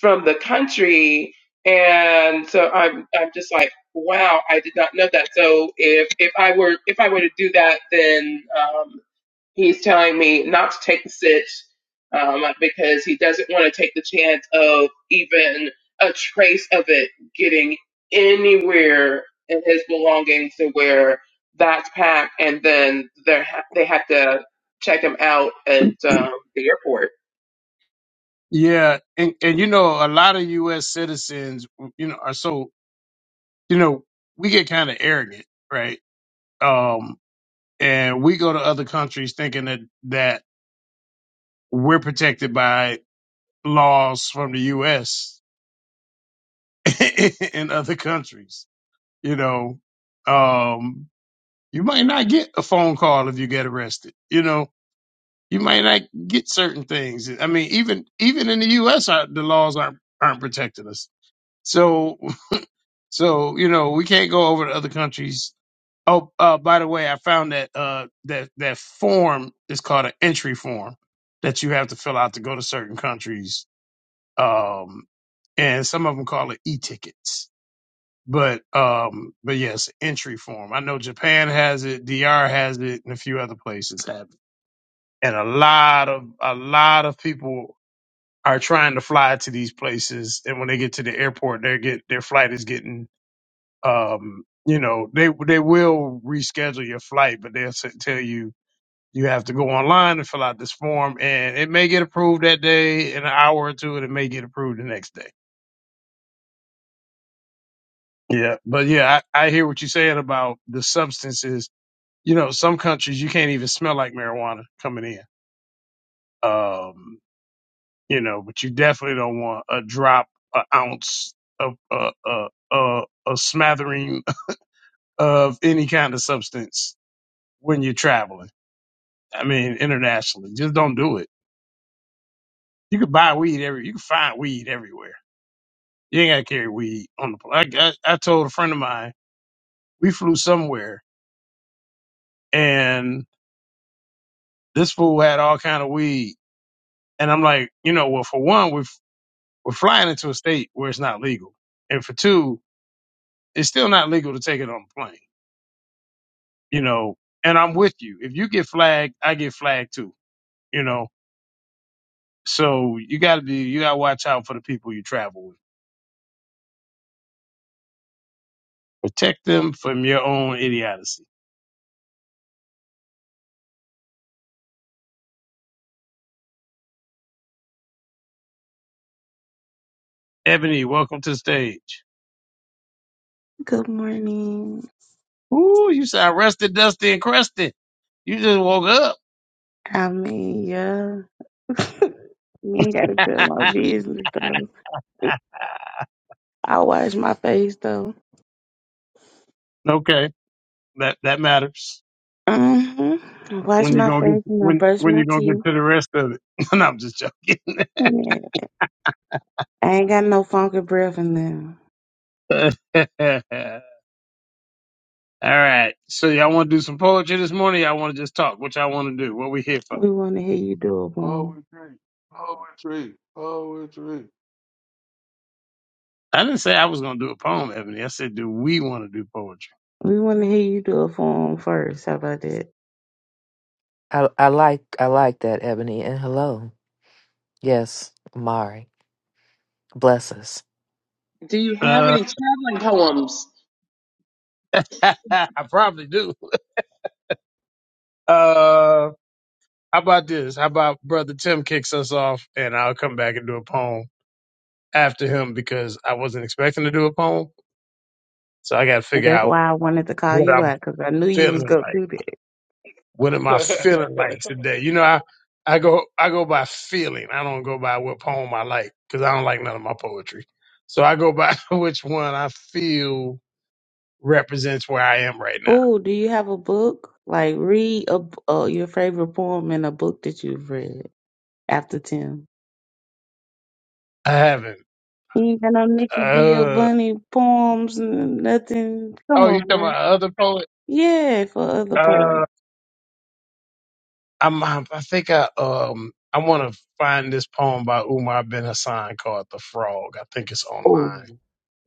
from the country. And so I'm, I'm just like, wow, I did not know that. So if if I were if I were to do that, then um, he's telling me not to take the sit, um, because he doesn't want to take the chance of even a trace of it getting anywhere in his belongings to where that's packed and then they're ha- they have to check him out at um, the airport.
Yeah, and and you know, a lot of U.S. citizens, you know, are so you know, we get kind of arrogant, right? Um, and we go to other countries thinking that that we're protected by laws from the U.S. in other countries. You know, um, you might not get a phone call if you get arrested. You know, You might not get certain things. I mean, even even in the U.S., our, the laws aren't aren't protecting us. So so you know we can't go over to other countries. Oh, uh, by the way, I found that uh, that that form is called an entry form that you have to fill out to go to certain countries. Um, and some of them call it e-tickets. But um, but yes, entry form. I know Japan has it, DR has it, and a few other places have it. And a lot of a lot of people are trying to fly to these places, and when they get to the airport, they get their flight is getting, um, you know, they they will reschedule your flight, but they'll s- tell you you have to go online and fill out this form, and it may get approved that day in an hour or two, and it may get approved the next day. Yeah, but yeah, I, I hear what you're saying about the substances. You know, some countries you can't even smell like marijuana coming in. Um, you know, but you definitely don't want a drop, an ounce of uh, uh, uh, a smattering of any kind of substance when you're traveling. I mean, internationally, just don't do it. You could buy weed every, you can find weed everywhere. You ain't got to carry weed on the plane. I, I, I told a friend of mine, we flew somewhere and this fool had all kind of weed. And I'm like, you know, well, for one, we're, we're flying into a state where it's not legal. And for two, it's still not legal to take it on the plane you know, and I'm with you. If you get flagged, I get flagged too, you know. So you gotta be you gotta watch out for the people you travel with. Protect them from your own idiocy. Ebony, welcome to the stage.
Good morning.
Ooh, you sound rested, dusty, and crusty. You just woke
I mean, yeah. Me ain't gotta tell my
up.
business though. I wash my face though.
okay. That that matters.
hmm I wash
When you
my
gonna get
face and I
when
brush
when
my
you gonna get
teeth.
to the rest of it. no, I'm just joking.
Yeah. I ain't got no funky breath in there.
All right. So y'all wanna do some poetry this morning? Y'all wanna just talk? What y'all wanna do? What we here for?
We wanna hear you do it for 'em.
Poetry, poetry, poetry.
I didn't say I was going to do a poem, Ebony. I said, do we want to do poetry?
We wanna hear you do it for 'em first. How about that?
I I like I like that, Ebony. And hello. Yes, Mari. Bless us.
Do you have
Uh,
any traveling poems?
I probably do. Uh, how about this? How about Brother Tim kicks us off and I'll come back and do a poem after him because I wasn't expecting to do a poem. So I got to
And
figure
that's
out
why I wanted to call
what
you
I'm
out because I knew you was
feeling
gonna
like.
do that.
What am I
That's
feeling like today? You know, I, I go I go by feeling. I don't go by what poem I like because I don't like none of my poetry. So I go by which one I feel represents where I am right now.
Oh, do you have a book? Like read a, b- uh, your favorite poem and a book that you've read after ten.
I haven't.
You ain't got no Nicki
Uh,
Giovanni poems, and nothing. Come
oh, you
on,
talking
man.
about other poet?
Yeah, for other poets.
Uh, I'm. I think I um. I want to find this poem by Umar bin Hassan called "The Frog." I think it's
Oh,
online.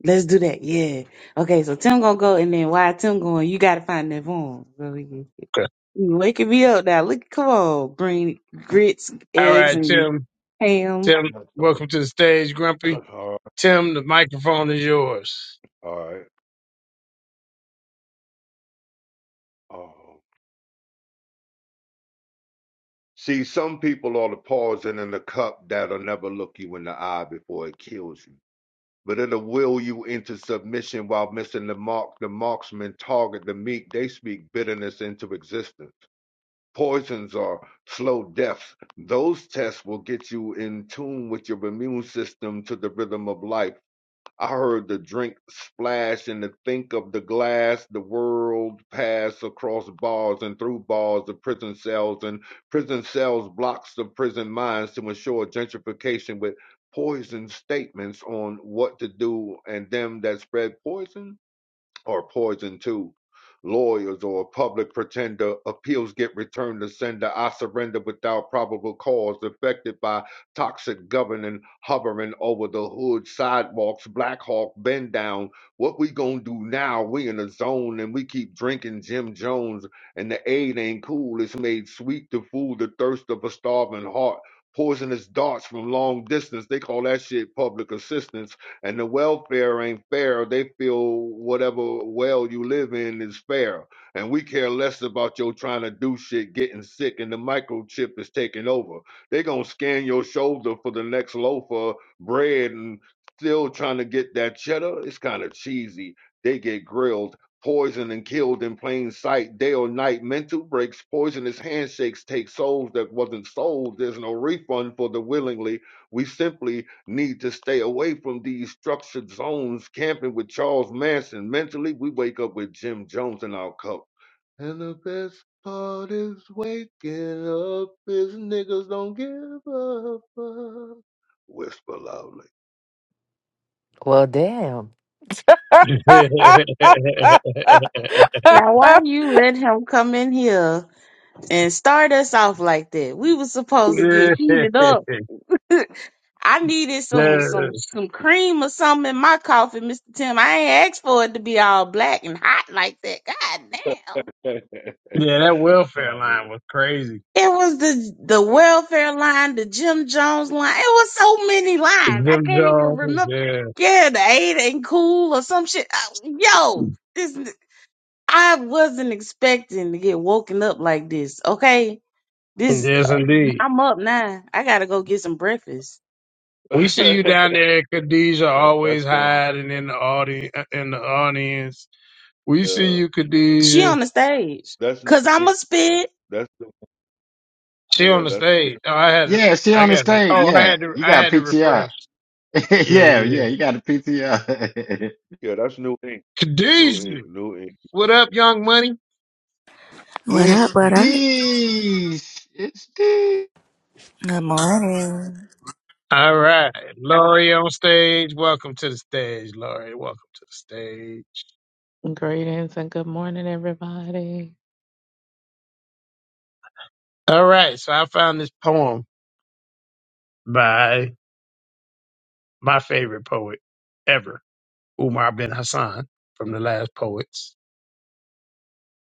let's do that. Yeah. Okay, so Tim gonna go, and then why Tim going? You gotta find that poem. So we can-
Okay.
You waking me up now. Look, come on, bring grits,
All
eggs,
right,
and
Tim.
ham.
Tim,
fun.
welcome to the stage, Grumpy.
All right.
Tim, the microphone is yours.
All right. Oh. See, some people are the poison in the cup that'll never look you in the eye before it kills you. But it'll will you into submission while missing the mark. The marksmen target the meek. They speak bitterness into existence. Poisons are slow deaths. Those tests will get you in tune with your immune system to the rhythm of life. I heard the drink splash and the think of the glass, the world pass across bars and through bars of prison cells and prison cells blocks of prison minds to ensure gentrification with poison statements on what to do and them that spread poison or poison too. Lawyers or a public pretender, appeals get returned to sender. I surrender without probable cause, affected by toxic governing, hovering over the hood, sidewalks, Black Hawk, bend down. What we gonna do now? We in a zone and we keep drinking Jim Jones, and the aid ain't cool. It's made sweet to fool the thirst of a starving heart. Poisonous darts from long distance, they call that shit public assistance and the welfare ain't fair. They feel whatever well you live in is fair, and we care less about your trying to do shit, getting sick, and the microchip is taking over. They gonna scan your shoulder for the next loaf of bread, and still trying to get that cheddar. It's kind of cheesy. They get grilled. Poisoned and killed in plain sight, day or night. Mental breaks, poisonous handshakes take souls that wasn't sold. There's no refund for the willingly we simply need to stay away from these structured zones, camping with Charles Manson. Mentally, we wake up with Jim Jones in our cup. And the best part is waking up is niggas don't give a fuck. Whisper loudly.
Well damn.
yeah,
Now, why you let him come in here and start us off like that? We was supposed to get heated up I needed some some
yeah,
some cream or something in my coffee, Mr. Tim. I ain't asked for it to be all black and hot like that. God damn.
that welfare
Oh, really?
line was crazy.
It was the the
Thank you.
welfare line, the Jim Jones line. It was so many lines. I
Jim
can't even
Jones,
remember.
yeah.
Yeah, the Ada and Cool or some shit. Uh, yo, this I wasn't expecting to get woken up like this. Okay, this
Yes, indeed.
I'm up now. I gotta go get some breakfast.
We see you down there, Khadijah,
Thank that's
always
um
hiding in the audience. In the audience, we see
yeah.
you,
She
Khadijah.
on the stage.
That's
Cause
new
I'ma
ink.
spit.
That's new.
She
Yeah,
on the stage.
that's
Oh, I had to.
Yeah, she
I
on the
got. To,
stage.
oh, I
Yeah,
had to.
you
I
got
had to
PTR.
refresh. Yeah, yeah,
yeah,
yeah.
yeah, you got a PTR.
yeah. That's new ink. New ink.
Khadijah,
New ink.
what up, Young Money?
What up,
it's
what up?
these. It's these.
Good morning.
All right, Laurie on stage. Welcome to the stage, Laurie. Welcome to the stage.
Greetings and good morning, everybody.
All right, so I found this poem by my favorite poet ever, Umar bin Hassan, from the Last Poets.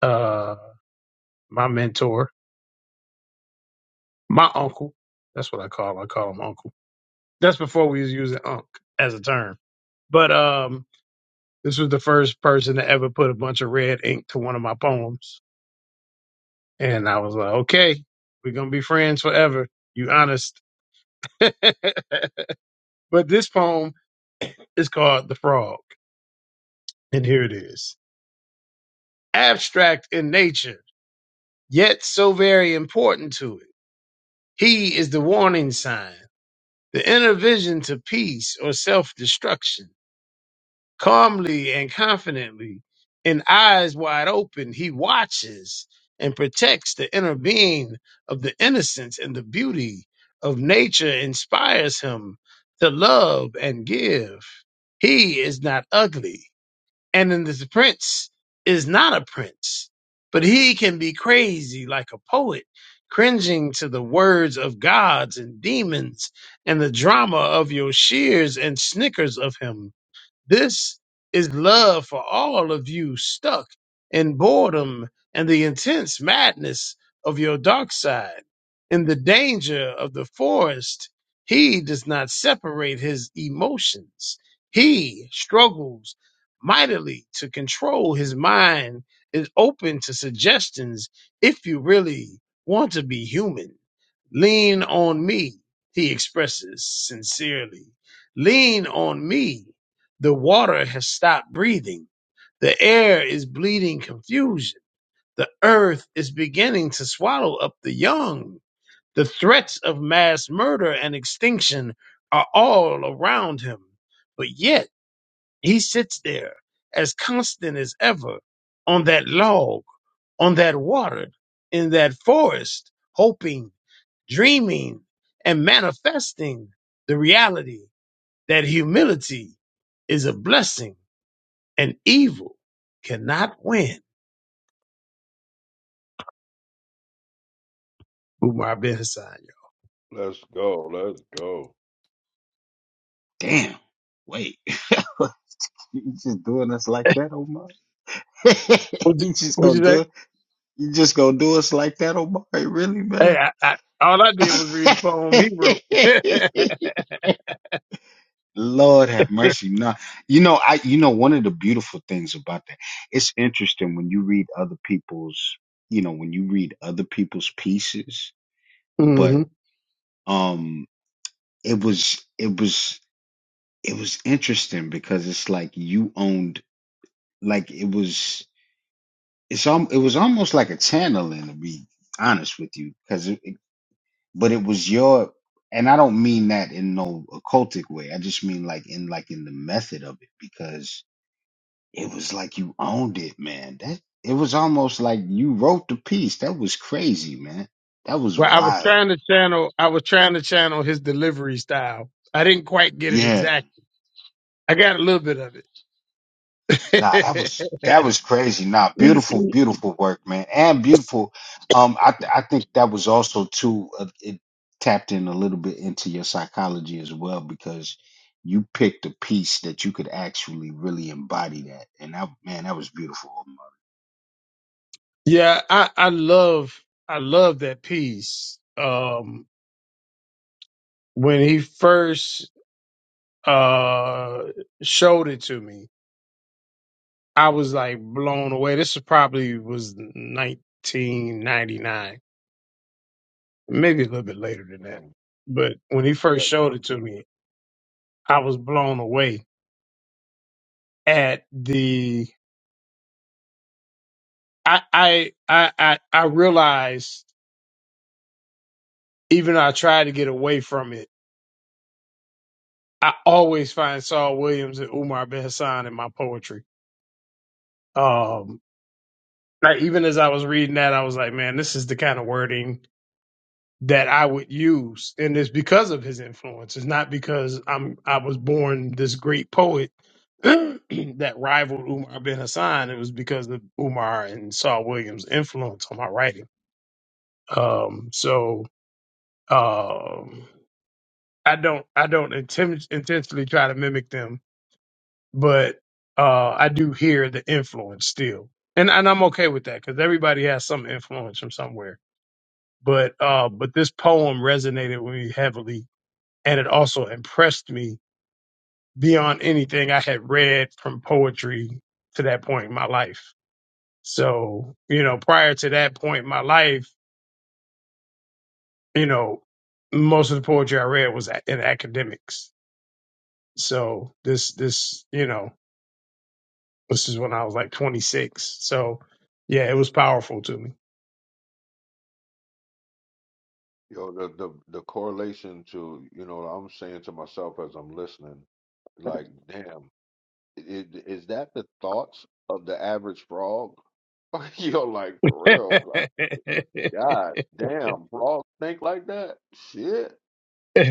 Uh, my mentor, my uncle. That's what I call I call him uncle. That's before we was using "unc" as a term. But um, this was the first person to ever put a bunch of red ink to one of my poems, and I was like, okay, we're gonna be friends forever. You honest. but this poem is called The Frog, and here it is. Abstract in nature, yet so very important to it. He is the warning sign, the inner vision to peace or self destruction Calmly and confidently, in eyes wide open, he watches and protects the inner being of the innocence and the beauty of nature inspires him to love and give. He is not ugly. And in this prince is not a prince, but he can be crazy like a poet, cringing to the words of gods and demons and the drama of your shears and snickers of him this is love for all of you stuck in boredom and the intense madness of your dark side. In the danger of the forest, he does not separate his emotions. He struggles mightily to control his mind, is open to suggestions if you really want to be human. Lean on me, he expresses sincerely. Lean on me. The water has stopped breathing. The air is bleeding confusion. The earth is beginning to swallow up the young. The threats of mass murder and extinction are all around him. But yet he sits there as constant as ever on that log, on that water, in that forest, hoping dreaming and manifesting the reality that humility is a blessing and evil cannot win. Umar bin Hassan.
Let's go. Let's go.
Damn. Wait. you just doing us like that, Omar?
What'd you,
you just
what'd you
gonna do
say?
it? You just gonna do us like that, Omar? Really,
Hey,
man?
I, I, all I did was read the poem he wrote.
Lord have mercy. No, you know, I, you know, one of the beautiful things about that, it's interesting when you read other people's, you know, when you read other people's pieces, but,
hmm
um, it was, it was, it was interesting because it's like you owned, like it was, it's, um, it was almost like a channeling to be honest with you. Cause it, it- but it was your, and I don't mean that in no occultic way. I just mean like in, like in the method of it because It was like you owned it, man. That it was almost like you wrote the piece. That was crazy, man. That was
well, I was
wild.
trying to channel. I was trying to channel his delivery style. I didn't quite get it
Yeah.
exact. I got a little bit of
Nah, that
it.
was that was crazy. Nah, beautiful, beautiful work, man, and beautiful. Um, I th- I think that was also too. Uh, it tapped in a little bit into your psychology as well because you picked a piece that you could actually really embody that, and that man, that was beautiful. Omar.
yeah, I, I love. I love that piece. Um, when he first uh showed it to me, I was like blown away. This is probably was 1999, maybe a little bit later than that.
And
But when he first
that,
showed it
that
to me, I was blown away at the I I I I, I realized even though I tried to get away from it, I always find Saul Williams and Umar Ben Hassan in my poetry. Um like even as I was reading that, I was like, man, this is the kind of wording that I would use, and it's because of his influence. It's not because I'm I was born this great poet that rivaled Umar bin Hassan. It was because of Umar and Saul Williams' influence on my writing. Um, so um, I don't I don't inten- intentionally try to mimic them, but uh, I do hear the influence still, and and I'm okay with that because everybody has some influence from somewhere. But uh, but this poem resonated with me heavily and it also impressed me beyond anything I had read from poetry to that point in my life. So, you know, prior to that point in my life, you know, most of the poetry I read was a- in academics. So this, this, you know, this is when I was like 26. So yeah, it was powerful to me.
You know, the, the the correlation to, you know, I'm saying to myself as I'm listening, like, damn, is is that the thoughts of the average frog? you know, like for real, like,
yeah.
God damn, frogs think like that? Shit.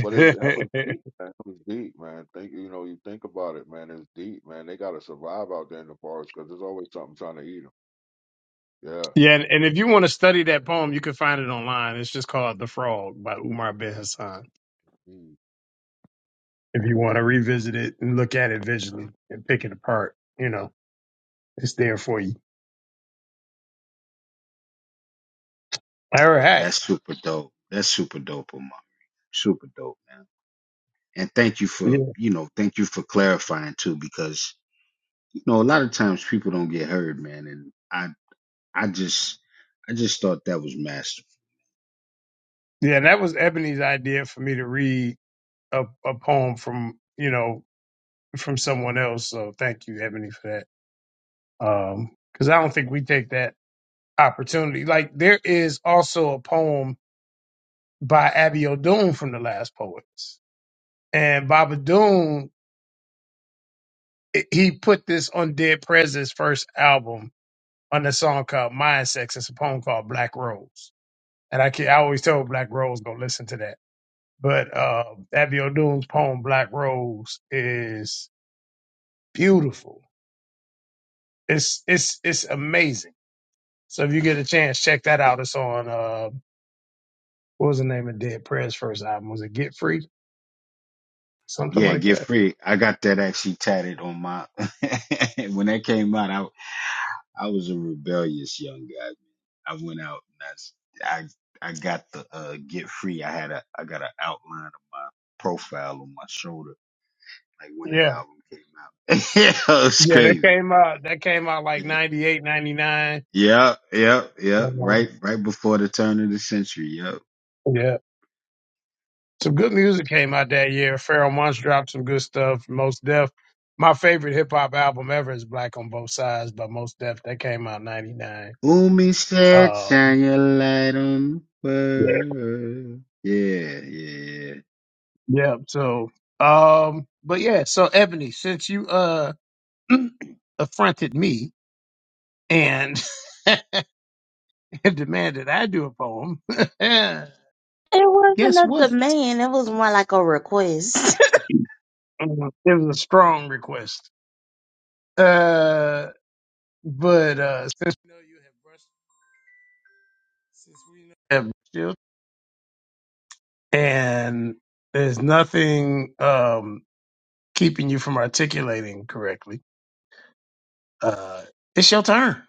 But it's, that was deep, man. It was deep, man. Think, you know, you think about it, man. It's deep, man. They gotta survive out there in the forest because there's always something trying to eat them. Yeah.
And, and if you want to study that poem, you can find it online. It's just called The Frog by Umar bin Hassan.
Mm.
if you want to revisit it and look at it visually and pick it apart, you know, it's there for you. All
Yeah,
right.
that's super dope. That's super dope, Omar. Super dope, man. and thank you
Yeah.
for you know thank you for clarifying too because you know a lot of times people don't get heard man and i i just i just thought that was masterful
Yeah, that was Ebony's idea for me to read a, a poem from, you know, from someone else. So thank you, Ebony, for that. Um, cause I don't think we take that opportunity. Like there is also a poem by Abby O'Doon from the last poets and Baba Doon, i- he put this on Dead President's first album on the song called Mind Sex. It's a poem called Black Rose And I can I always tell Black Rose go listen to that. But uh Abby O'Doon's poem Black Rose is beautiful. It's it's it's amazing. So if you get a chance, check that out. It's on uh what was the name of Dead Prayer's first album? Was it Get Free? Something
yeah
like
get
that.
free i got that actually tatted on my when that came out i i was a rebellious young guy i went out and i s- i, I got the uh get free i had a i got an outline of my profile on my shoulder like when that
Yeah.
album came out yeah it was
Yeah, that
crazy
came out that came out like
Yeah.
98, 99.
Yeah, yeah, yeah.
Um,
Right, right before the turn of the century. Yep.
yeah. Some good music came out that year. Pharrell Munch dropped some good stuff. Most Def. My favorite hip hop album ever is Black on Both Sides by Most Def. That came out in '99.
Umi said,
Um,
"Shine your light on
yeah,
the world." Yeah, yeah.
yeah. So, um, but yeah. So Ebony, since you uh affronted me and demanded I do a poem,
It wasn't
guess
a
what?
demand. It was more like a request.
Um, It was a strong request. Uh, but uh, since we know you have brushed, since we know and there's nothing um, keeping you from articulating correctly, uh, it's your turn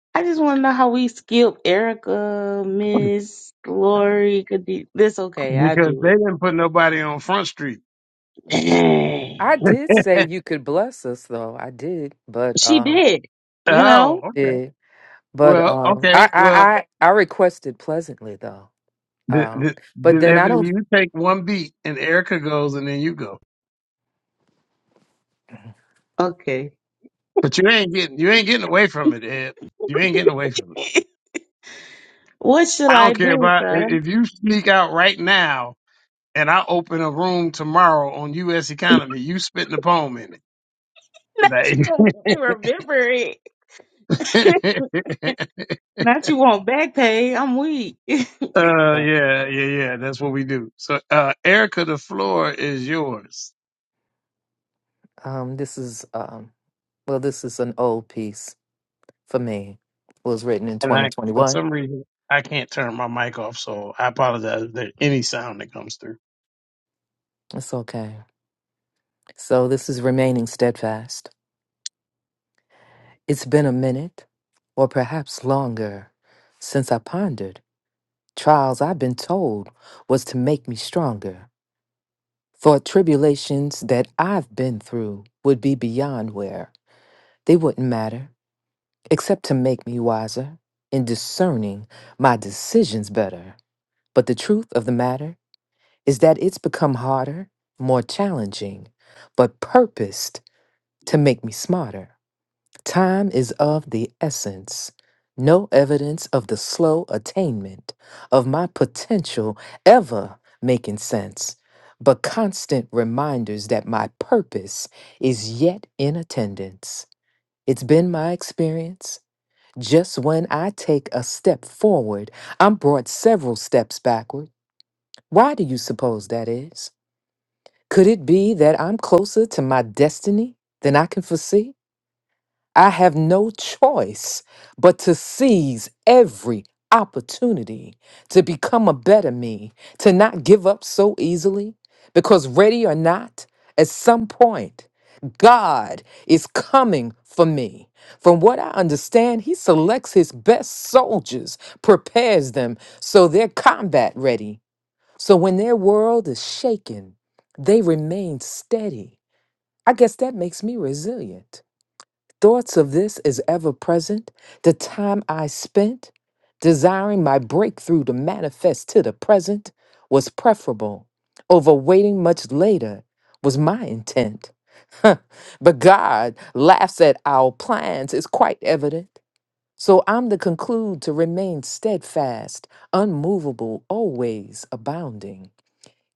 I just want to know how we skip Erica, Miss Lori. Could be, this okay? I
because
do
they didn't put nobody on Front Street.
I
it.
did say you could bless us though. I did. But
she
um
did. You
oh,
know.
I
okay.
did. But
Well,
um
okay.
I
Well,
I I, I requested pleasantly though.
th-
Um
th-
but
then
then I
Ebony,
don't
you take one beat, and Erica goes, and then you go.
Okay.
But you ain't getting you ain't getting away from it, Ed. You ain't getting away from it.
What should
I
I
don't care
do,
about i-
son?
if you sneak out right now, and I open a room tomorrow on U.S. economy. You spitting the poem in it.
Not
Like,
you gonna remember it. Not you want back pay. I'm weak.
Uh,
yeah.
yeah, yeah, yeah. That's what we do. So, uh, Erica, the floor is yours.
Um this is um well this is an old piece. for me was written in
And I, for
2021.
some reason, I can't turn my mic off, so I apologize if there's any sound that comes through.
It's okay. So this is remaining steadfast. It's been a minute, or perhaps longer, since I pondered. Trials I've been told was to make me stronger. Thought tribulations that I've been through would be beyond where they wouldn't matter, except to make me wiser in discerning my decisions better. But the truth of the matter is that it's become harder, more challenging, but purposed to make me smarter. Time is of the essence. No evidence of the slow attainment of my potential ever making sense, but constant reminders that my purpose is yet in attendance. It's been my experience. Just when I take a step forward, I'm brought several steps backward. Why do you suppose that is? Could it be that I'm closer to my destiny than I can foresee? I have no choice but to seize every opportunity to become a better me, to not give up so easily, because ready or not, at some point, God is coming for me. From what I understand, he selects his best soldiers, prepares them so they're combat ready so when their world is shaken, they remain steady. I guess that makes me resilient. Thoughts of this is ever present. The time I spent desiring my breakthrough to manifest to the present was preferable. Over waiting much later was my intent. Huh. but God laughs at our plans, it's quite evident. So I'm to conclude to remain steadfast, unmovable, always abounding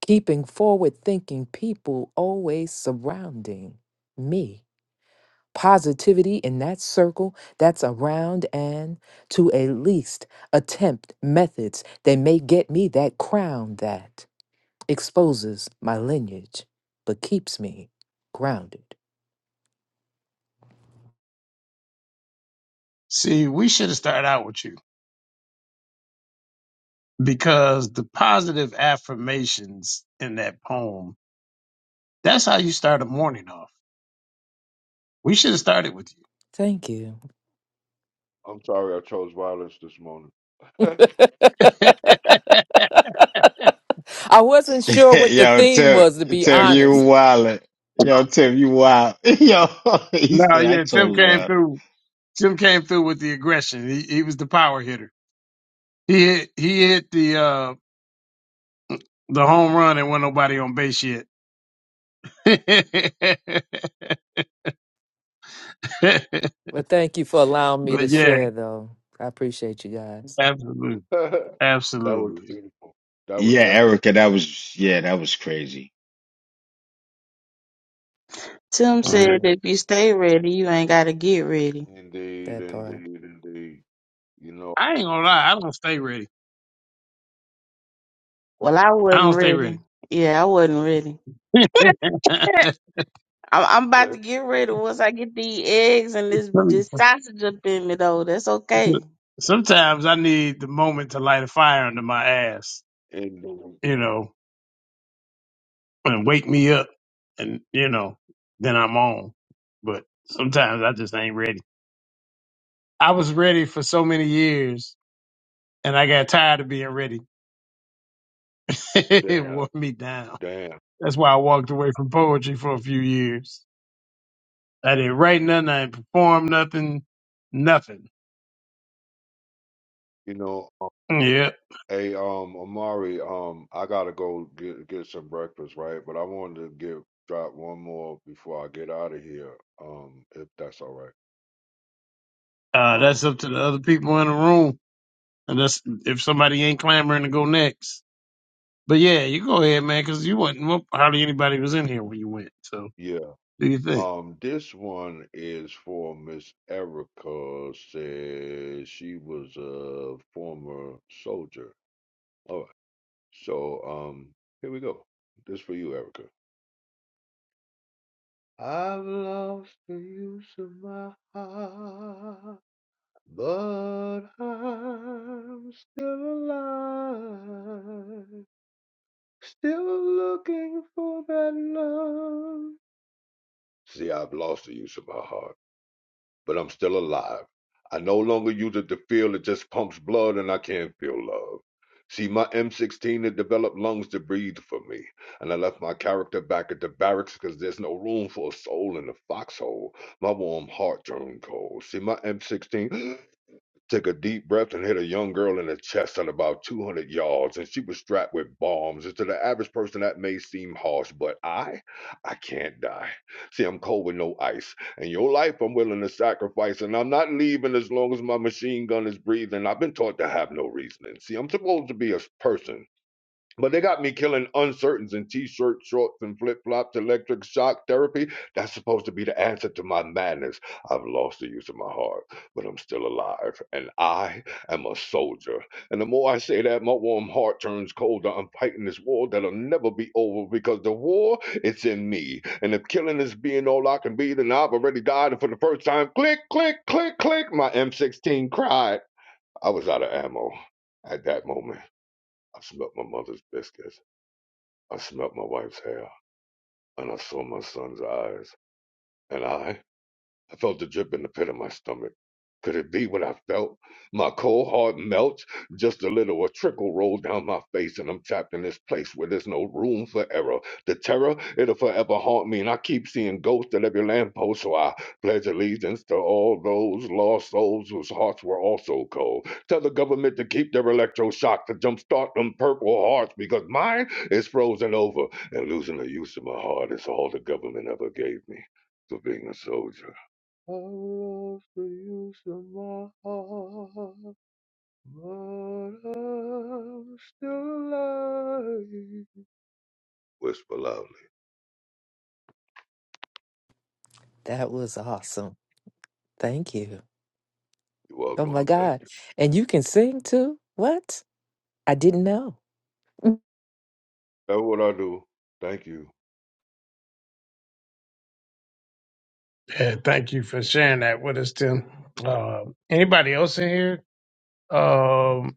keeping forward thinking people always surrounding me. Positivity in that circle that's around, and to at least attempt methods that may get me that crown that exposes my lineage but keeps me grounded.
See, we should have started out with you because the positive affirmations in that poem, that's how you start a morning off. We should have started with
Thank you.
I'm sorry I chose violence this morning.
you.
I wasn't sure
yeah.
what the
yo,
theme
Tim,
was, to be
Tim, you
honest,
wild. Yo, Tim, you wild. Yo, he
no,
said, "I
yeah, Tim
told you."
came
wild."
through. Tim came through with the aggression. He, he was the power hitter. He hit, he hit the, uh, The home run, and wasn't nobody on base yet. but
but thank you for allowing me to
yeah,
share, though. I appreciate you guys.
absolutely.
That was
Absolutely.
beautiful. That was
Yeah,
definitely
Erica, that was yeah, that was crazy.
Tim
Thank
Okay.
you.
said that if you stay ready, you ain't gotta get ready.
indeed,
That part.
indeed, indeed. You know,
I ain't gonna lie, I don't stay ready.
Well, I
I
wasn't
don't stay ready.
ready. Yeah, I wasn't ready. I'm, I'm about to get ready once I get these eggs and this this sausage up in me though. That's okay.
Sometimes I need the moment to light a fire under my ass,
indeed.
you know, and wake me up and you know, then I'm on. But sometimes I just ain't ready. I was ready for so many years and I got tired of being ready. it
Damn,
wore me down.
damn.
That's why I walked away from poetry for a few years. I didn't write nothing. I didn't perform nothing. Nothing.
You know, um,
Yeah.
hey, um, Amari, um, I gotta go get get some breakfast, right? But I wanted to get drop one more before I get out of here, um, if that's all right.
Uh, that's
Um,
up to the other people in the room. And that's if somebody ain't clamoring to go next. But yeah, you go ahead, man, because you wasn't well, hardly anybody was in here when you went. So
yeah.
do your thing.
Um, this one is for Miss Erica. Says she was a former soldier. All So um, here we go. This for you, Erica. I've lost the use of my heart, but I'm still alive. Still looking for that love. See, I've lost the use of my heart. but I'm still alive. I no longer use it to feel, it just pumps blood and I can feel love. See, my M16 had developed lungs to breathe for me, and I left my character back at the barracks 'cause there's no room for a soul in the foxhole. My warm heart turned cold. See, my M16 took a deep breath and hit a young girl in the chest at about 200 yards, and she was strapped with bombs. And to the average person, that may seem harsh, but I, I can't die. See, I'm cold with no ice, and your life I'm willing to sacrifice, and I'm not leaving as long as my machine gun is breathing. I've been taught to have no reasoning. See, I'm supposed to be a person. But they got me killing uncertains in t-shirt, shorts, and flip-flops, electric shock therapy. That's supposed to be the answer to my madness. I've lost the use of my heart, but I'm still alive, and I am a soldier. And the more I say that, my warm heart turns colder. I'm fighting this war that'll never be over because the war, it's in me. And if killing is being all I can be, then I've already died. And for the first time, click, click, click, click, my M16 cried. I was out of ammo at that moment. I smelled my mother's biscuits. I smelt my wife's hair, and I saw my son's eyes, and I I felt the drip in the pit of my stomach. Could it be what I felt? My cold heart melts, just a little, a trickle rolled down my face, and I'm trapped in this place where there's no room for error. The terror, it'll forever haunt me, and I keep seeing ghosts at every lamppost, so I pledge allegiance to all those lost souls whose hearts were also cold. Tell the government to keep their electroshock to jumpstart them purple hearts, because mine is frozen over, and losing the use of my heart is all the government ever gave me for being a soldier. I lost the use of my heart, but I'm still alive. Whisper loudly.
That was awesome. Thank you.
You're
Oh
welcome.
my
Thank
God.
you.
And you can sing too? What? I didn't know.
That's what I do. Thank you.
Yeah, thank you for sharing that with us, Tim. Uh, anybody else in here? Um,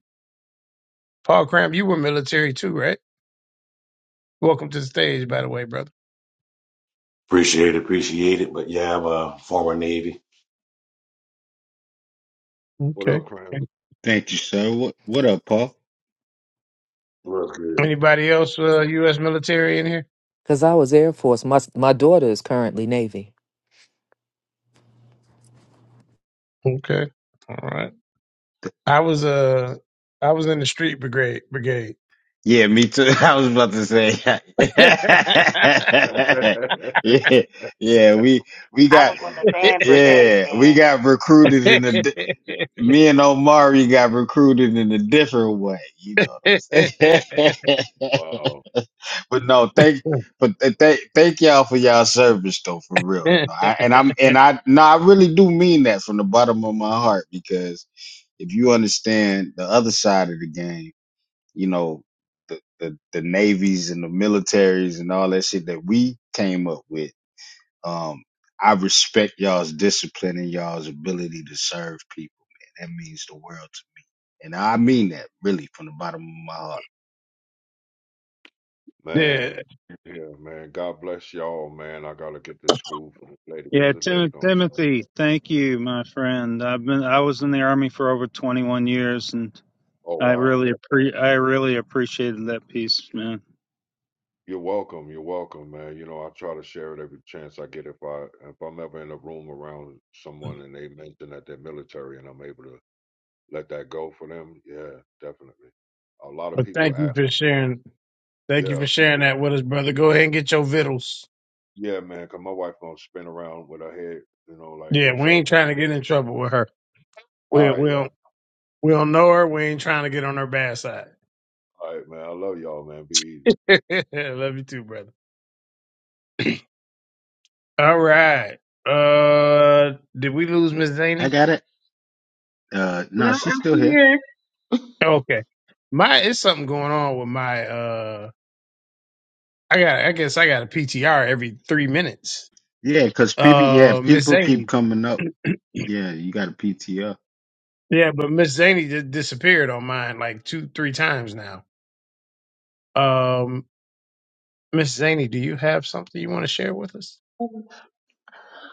Paul Cram, you were military too, right? Welcome to the stage, by the way, brother.
Appreciate it, appreciate it. But yeah, I'm a former Navy.
What
Okay.
up, Cram?
Thank you, sir. What what up, Paul?
What's good?
Anybody else uh, U.S. military in here?
Because I was Air Force. My, my daughter is currently Navy.
Okay, all right. I was uh I was in the street brigade brigade.
Yeah, me too. I was about to say.
yeah,
yeah, yeah, we we
I
got
was on
wow.
the band brigade
yeah, we
then.
got recruited in a di- me and Omari got recruited in a different way. You know what I'm
Wow.
saying? but no, thank but th- thank thank y'all for y'all service though, for real. No, I, and I'm and I no, I really do mean that from the bottom of my heart because if you understand the other side of the game you know, the, the, the navies and the militaries and all that shit that we came up with. Um, I respect y'all's discipline and y'all's ability to serve people, man. That means the world to me. And I mean that really from the bottom of my heart.
Man. Yeah, man. God bless y'all, man. I gotta get this food for this lady because
Yeah,
this lady
Tim-
gonna start.
Timothy, thank you, my friend. I've been I was in the army for over 21 years and
Oh
I
wow.
really appre- I really appreciated that piece, man.
You're welcome. You're welcome, man. You know, I try to share it every chance I get. If I if I'm ever in a room around someone and they mention that they're military and I'm able to let that go for them, yeah, definitely. A lot of
but
people
thank you
ask
for
me,
sharing. Thank you
yeah,
for sharing
people,
that with us, brother. Go ahead and get your vittles.
yeah, man, 'cause my wife gonna spin around with her head, you know, like,
Yeah,
what's
we
up?
ain't trying to get in trouble with her. We
All right,
we don't
y'all.
we don't know her. We ain't trying to get on her bad side.
All right, man. I love y'all, man. Be easy.
Love you too, brother. All right. Uh, did we lose Miss Zaney?
I got it. Uh,
No,
no, she's
I'm
still here.
here.
Okay. My it's something going on with my uh I got I guess I got a PTR every three minutes.
Yeah, cause people, yeah,
Uh Miss
people keep
Zany.
coming up. Yeah, you got a PTO.
Yeah, but Miss Zany just disappeared on mine like two, three times now. Um Miss Zany, do you have something you want to share with us?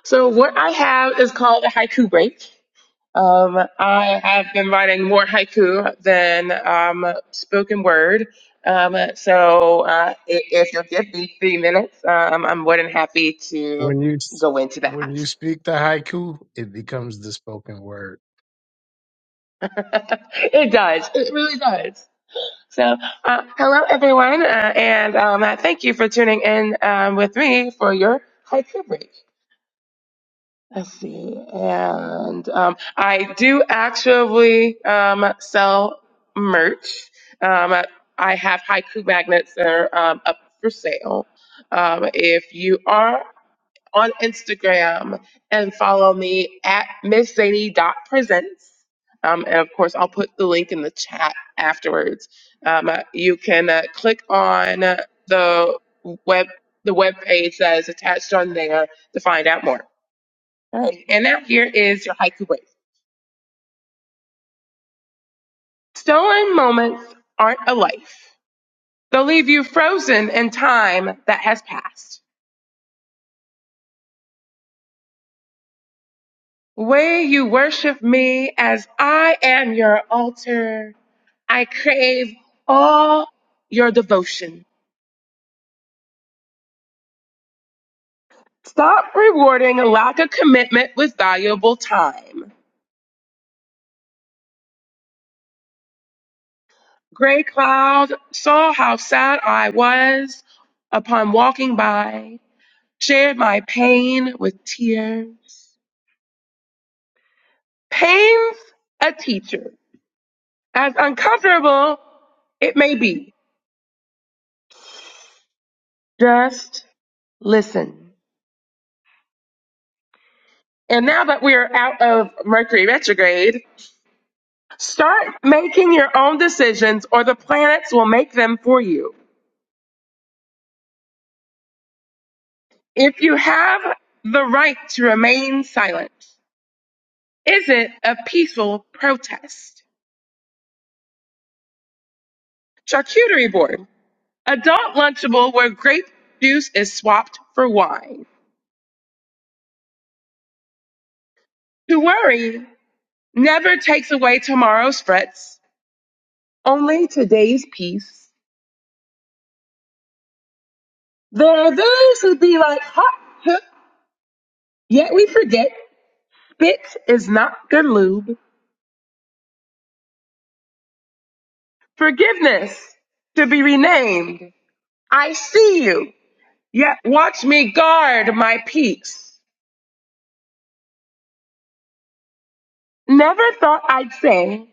So what I have is called a haiku break. Um, I have been writing more haiku than um, spoken word. Um, so uh, i- if you'll give me three minutes, um, I'm more than happy to
When you s-
go into
when
that.
you speak the haiku, it becomes the spoken word.
it does. It really does. So, uh, hello everyone, uh, and um, uh, thank you for tuning in um, with me for your haiku break. I see. And um, I do actually um, sell merch. Um, I have haiku magnets that are um, up for sale. Um, if you are on Instagram and follow me at Miss miszzany.presents, um, and of course, I'll put the link in the chat afterwards. Um, you can uh, click on the web the web page that is attached on there to find out more. Right. And that here is your haiku wave. Stolen moments aren't a life. They'll leave you frozen in time that has passed. Way you worship me as I am your altar. I crave all your devotion. Stop rewarding a lack of commitment with valuable time. Gray Cloud saw how sad I was upon walking by, shared my pain with tears. pains a teacher, as uncomfortable it may be. Just listen. And now that we are out of Mercury retrograde, start making your own decisions or the planets will make them for you. If you have the right to remain silent, is it a peaceful protest? Charcuterie board, adult lunchable where grape juice is swapped for wine. To worry never takes away tomorrow's frets Only today's peace. There are those who be like, hot, huh, yet we forget. Spit is not good lube. Forgiveness to be renamed. I see you, yet watch me guard my peace. Never thought I'd say,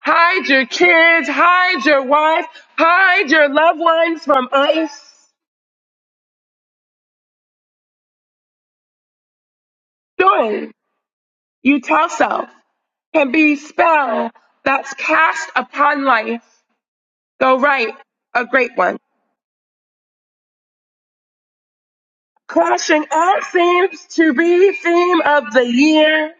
hide your kids, hide your wife, hide your loved ones from ice. Story you tell self can be spell that's cast upon life. Go write a great one. Clashing all seems to be theme of the year.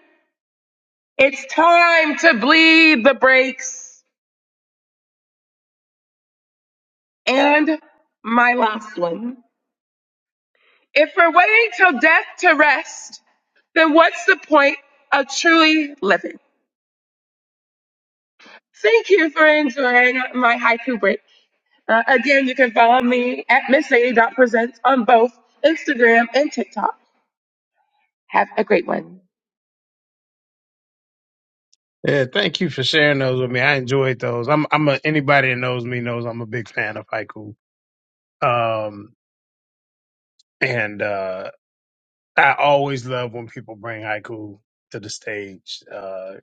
It's time to bleed the brakes. And my last one. If we're waiting till death to rest, then what's the point of truly living? Thank you for enjoying my haiku break. Uh, again, you can follow me at Miss sadie Dot Presents on both Instagram and TikTok. Have a great one.
Yeah, thank you for sharing those with me. I enjoyed those. I'm I'm a, anybody that knows me knows I'm a big fan of haiku. Um and uh I always love when people bring haiku to the stage. Uh,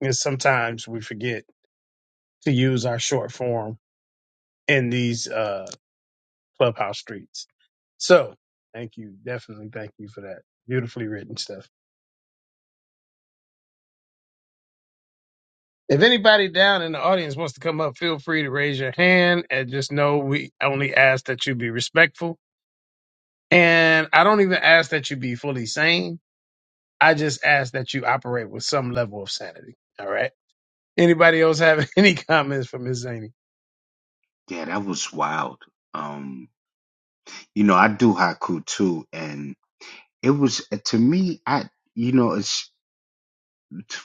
and sometimes we forget to use our short form in these uh, clubhouse streets. So thank you. Definitely thank you for that. Beautifully written stuff. If anybody down in the audience wants to come up, feel free to raise your hand and just know we only ask that you be respectful. And I don't even ask that you be fully sane. I just ask that you operate with some level of sanity. All right. Anybody else have any comments for Miss Zaney?
Yeah, that was wild. Um, you know, I do haiku too, and it was to me. I, you know, it's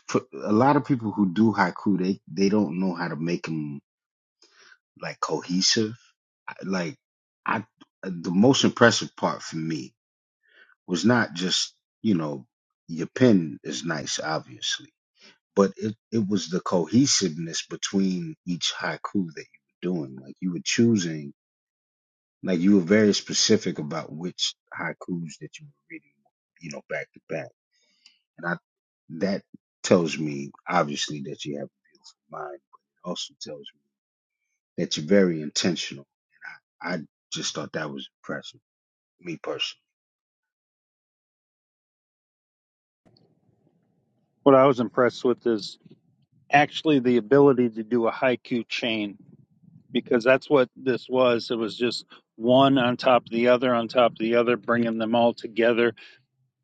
for a lot of people who do haiku, they they don't know how to make them like cohesive. I- Like I, the most impressive part for me was not just you know your pen is nice, obviously, but it it was the cohesiveness between each haiku that you were doing. Like you were choosing, like you were very specific about which haikus that you were reading, you know, back to back And I that tells me obviously that you have a beautiful mind, but it also tells me that you're very intentional. I just thought that was impressive, me personally.
What I was impressed with is actually the ability to do a haiku chain because that's what this was. It was just one on top of the other on top of the other, bringing them all together,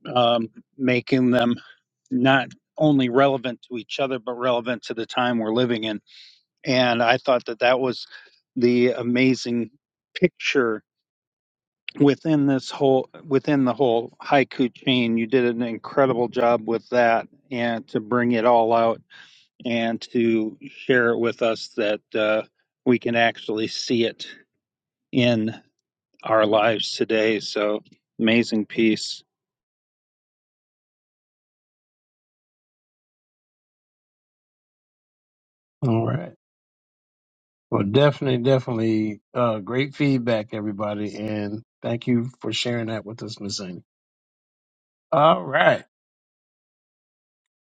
um, making them not only relevant to each other but relevant to the time we're living in And I thought that that was the amazing picture within this whole within the whole haiku chain. You did an incredible job with that, and to bring it all out and to share it with us that uh, we can actually see it in our lives today. So amazing piece.
All right. Well, definitely, definitely, uh, great feedback, everybody, and thank you for sharing that with us, Miss Amy. All right.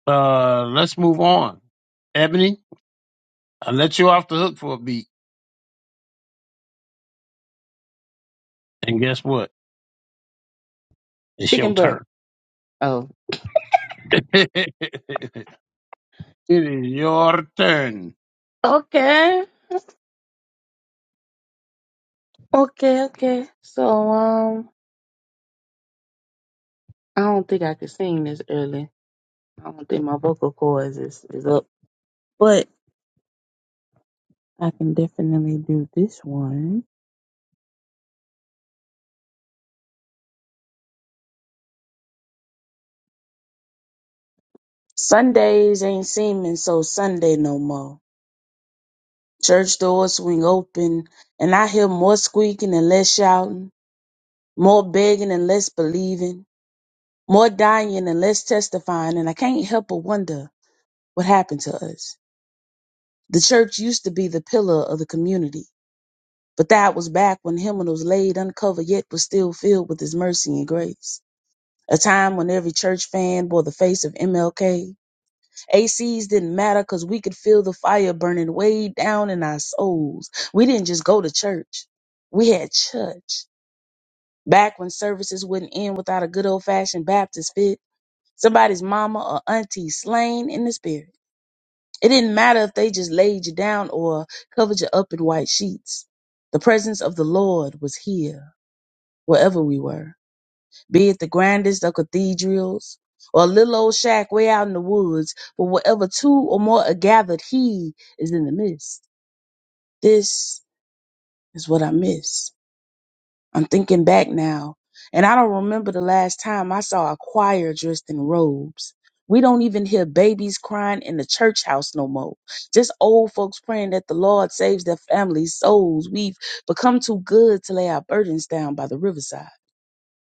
Uh, let's move on. Ebony, I let you off the hook for a beat, and guess what? It's your
Chicken butt.
turn.
Oh.
it is your turn.
Okay. Okay, okay. So um I don't think I could sing this early. I don't think my vocal cords is, is up. But I can definitely do this one. Sundays ain't seeming so Sunday no more. Church doors swing open and I hear more squeaking and less shouting. more begging and less believing, more dying and less testifying, and I can't help but wonder what happened to us. The church used to be the pillar of the community, but that was back when Hymn was laid uncovered yet was still filled with his mercy and grace. A time when every church fan bore the face of MLK. ACs didn't matter because we could feel the fire burning way down in our souls. We didn't just go to church. We had church. Back when services wouldn't end without a good old fashioned Baptist fit, somebody's mama or auntie slain in the spirit. It didn't matter if they just laid you down or covered you up in white sheets. The presence of the Lord was here, wherever we were, be it the grandest of cathedrals or a little old shack way out in the woods, but wherever two or more are gathered, He is in the midst. This is what I miss. I'm thinking back now, and I don't remember the last time I saw a choir dressed in robes. We don't even hear babies crying in the church house no more. Just old folks praying that the Lord saves their families' souls. We've become too good to lay our burdens down by the riverside.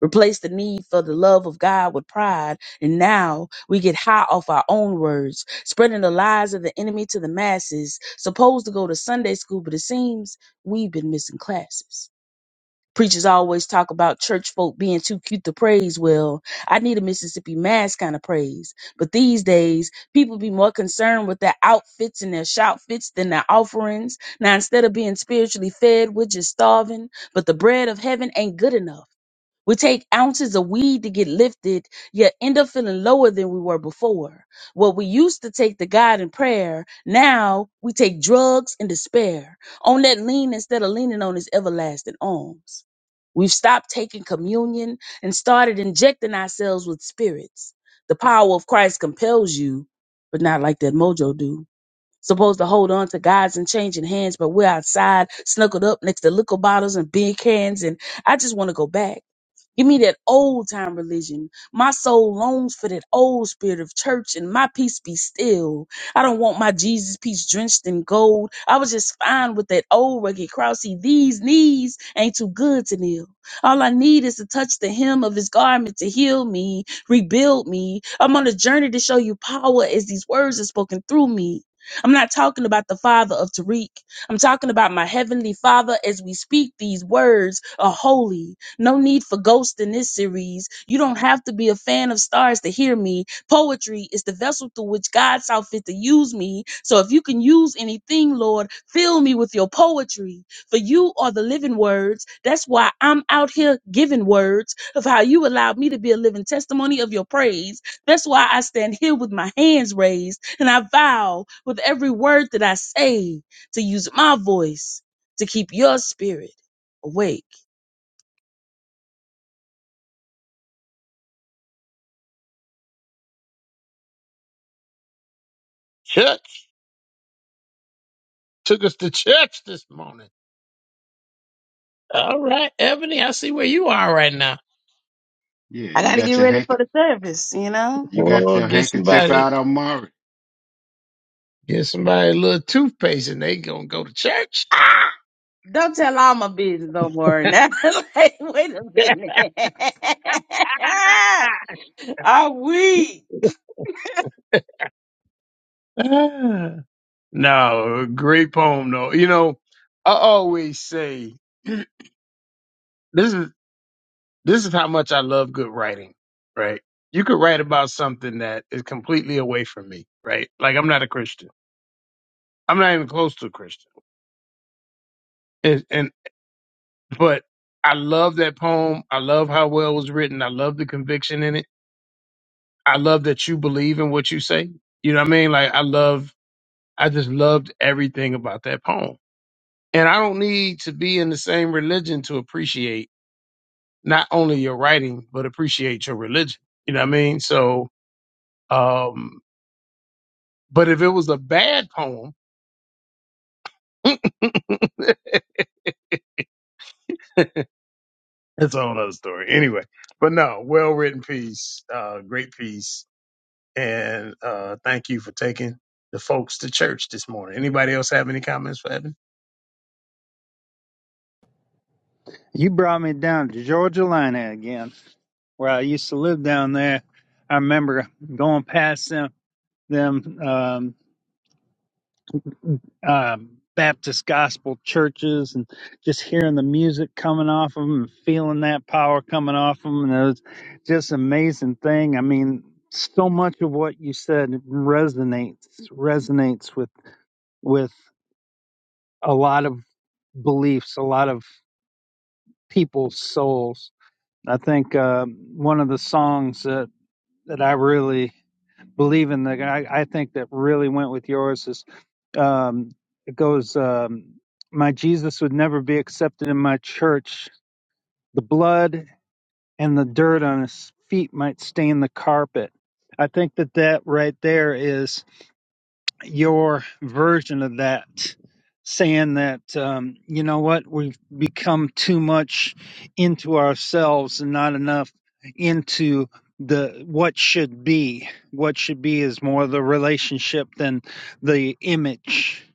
Replace the need for the love of God with pride, and now we get high off our own words, spreading the lies of the enemy to the masses. Supposed to go to Sunday school, but it seems we've been missing classes. Preachers always talk about church folk being too cute to praise well. I need a Mississippi Mass kind of praise. But these days, people be more concerned with their outfits and their shout fits than their offerings. Now, instead of being spiritually fed, we're just starving. But the bread of heaven ain't good enough. We take ounces of weed to get lifted, yet end up feeling lower than we were before. What we used to take to God in prayer, now we take drugs and despair. On that lean instead of leaning on his everlasting arms. We've stopped taking communion and started injecting ourselves with spirits. The power of Christ compels you, but not like that mojo do. Supposed to hold on to God's and changing hands, but we're outside, snuggled up next to liquor bottles and beer cans, and I just want to go back Give me that old time religion. My soul longs for that old spirit of church and my peace be still. I don't want my Jesus peace drenched in gold. I was just fine with that old rugged cross. See, these knees ain't too good to kneel. All I need is to touch the hem of his garment to heal me, rebuild me. I'm on a journey to show you power as these words are spoken through me. I'm not talking about the father of Tariq. I'm talking about my heavenly father as we speak these words are holy. No need for ghosts in this series. You don't have to be a fan of stars to hear me. Poetry is the vessel through which God saw fit to use me. So if you can use anything, Lord, fill me with your poetry. For you are the living words. That's why I'm out here giving words of how you allowed me to be a living testimony of your praise. That's why I stand here with my hands raised and I vow with every word that I say to use my voice to keep your spirit awake.
Church took us to church this morning. All right, Ebony, I see where you are right now.
Yeah,
I got
you got your handker
you know.
you got
Oh,
your
get
handkerchief
somebody.
out, Amari.
Get somebody a little toothpaste and they gonna go to church.
Don't tell all my business no more. Now, like, wait a minute. I'm weak.
Ah. no, great poem though. You know, I always say this is this is how much I love good writing, right? You could write about something that is completely away from me, right? Like I'm not a Christian. I'm not even close to a Christian. And, and but I love that poem. I love how well it was written. I love the conviction in it. I love that you believe in what you say. You know what I mean? Like I love I just loved everything about that poem. And I don't need to be in the same religion to appreciate not only your writing, but appreciate your religion. You know what I mean? So um but if it was a bad poem, it's a whole other story. Anyway. But no, well written piece, uh great piece. And uh, thank you for taking the folks to church this morning. Anybody else have any comments for Evan?
You brought me down to Georgia Lina again, where I used to live down there. I remember going past them them. Um, um, Baptist gospel churches and just hearing the music coming off of them and feeling that power coming off of them. And it was just an amazing thing. I mean, so much of what you said resonates, resonates with, with a lot of beliefs, a lot of people's souls. I think uh, one of the songs that that I really believe in. that I, I think that really went with yours is um, it goes. Um, my Jesus would never be accepted in my church. The blood and the dirt on his feet might stain the carpet. I think that that right there is your version of that, saying that, um, you know what, we've become too much into ourselves and not enough into the what should be. What should be is more the relationship than the image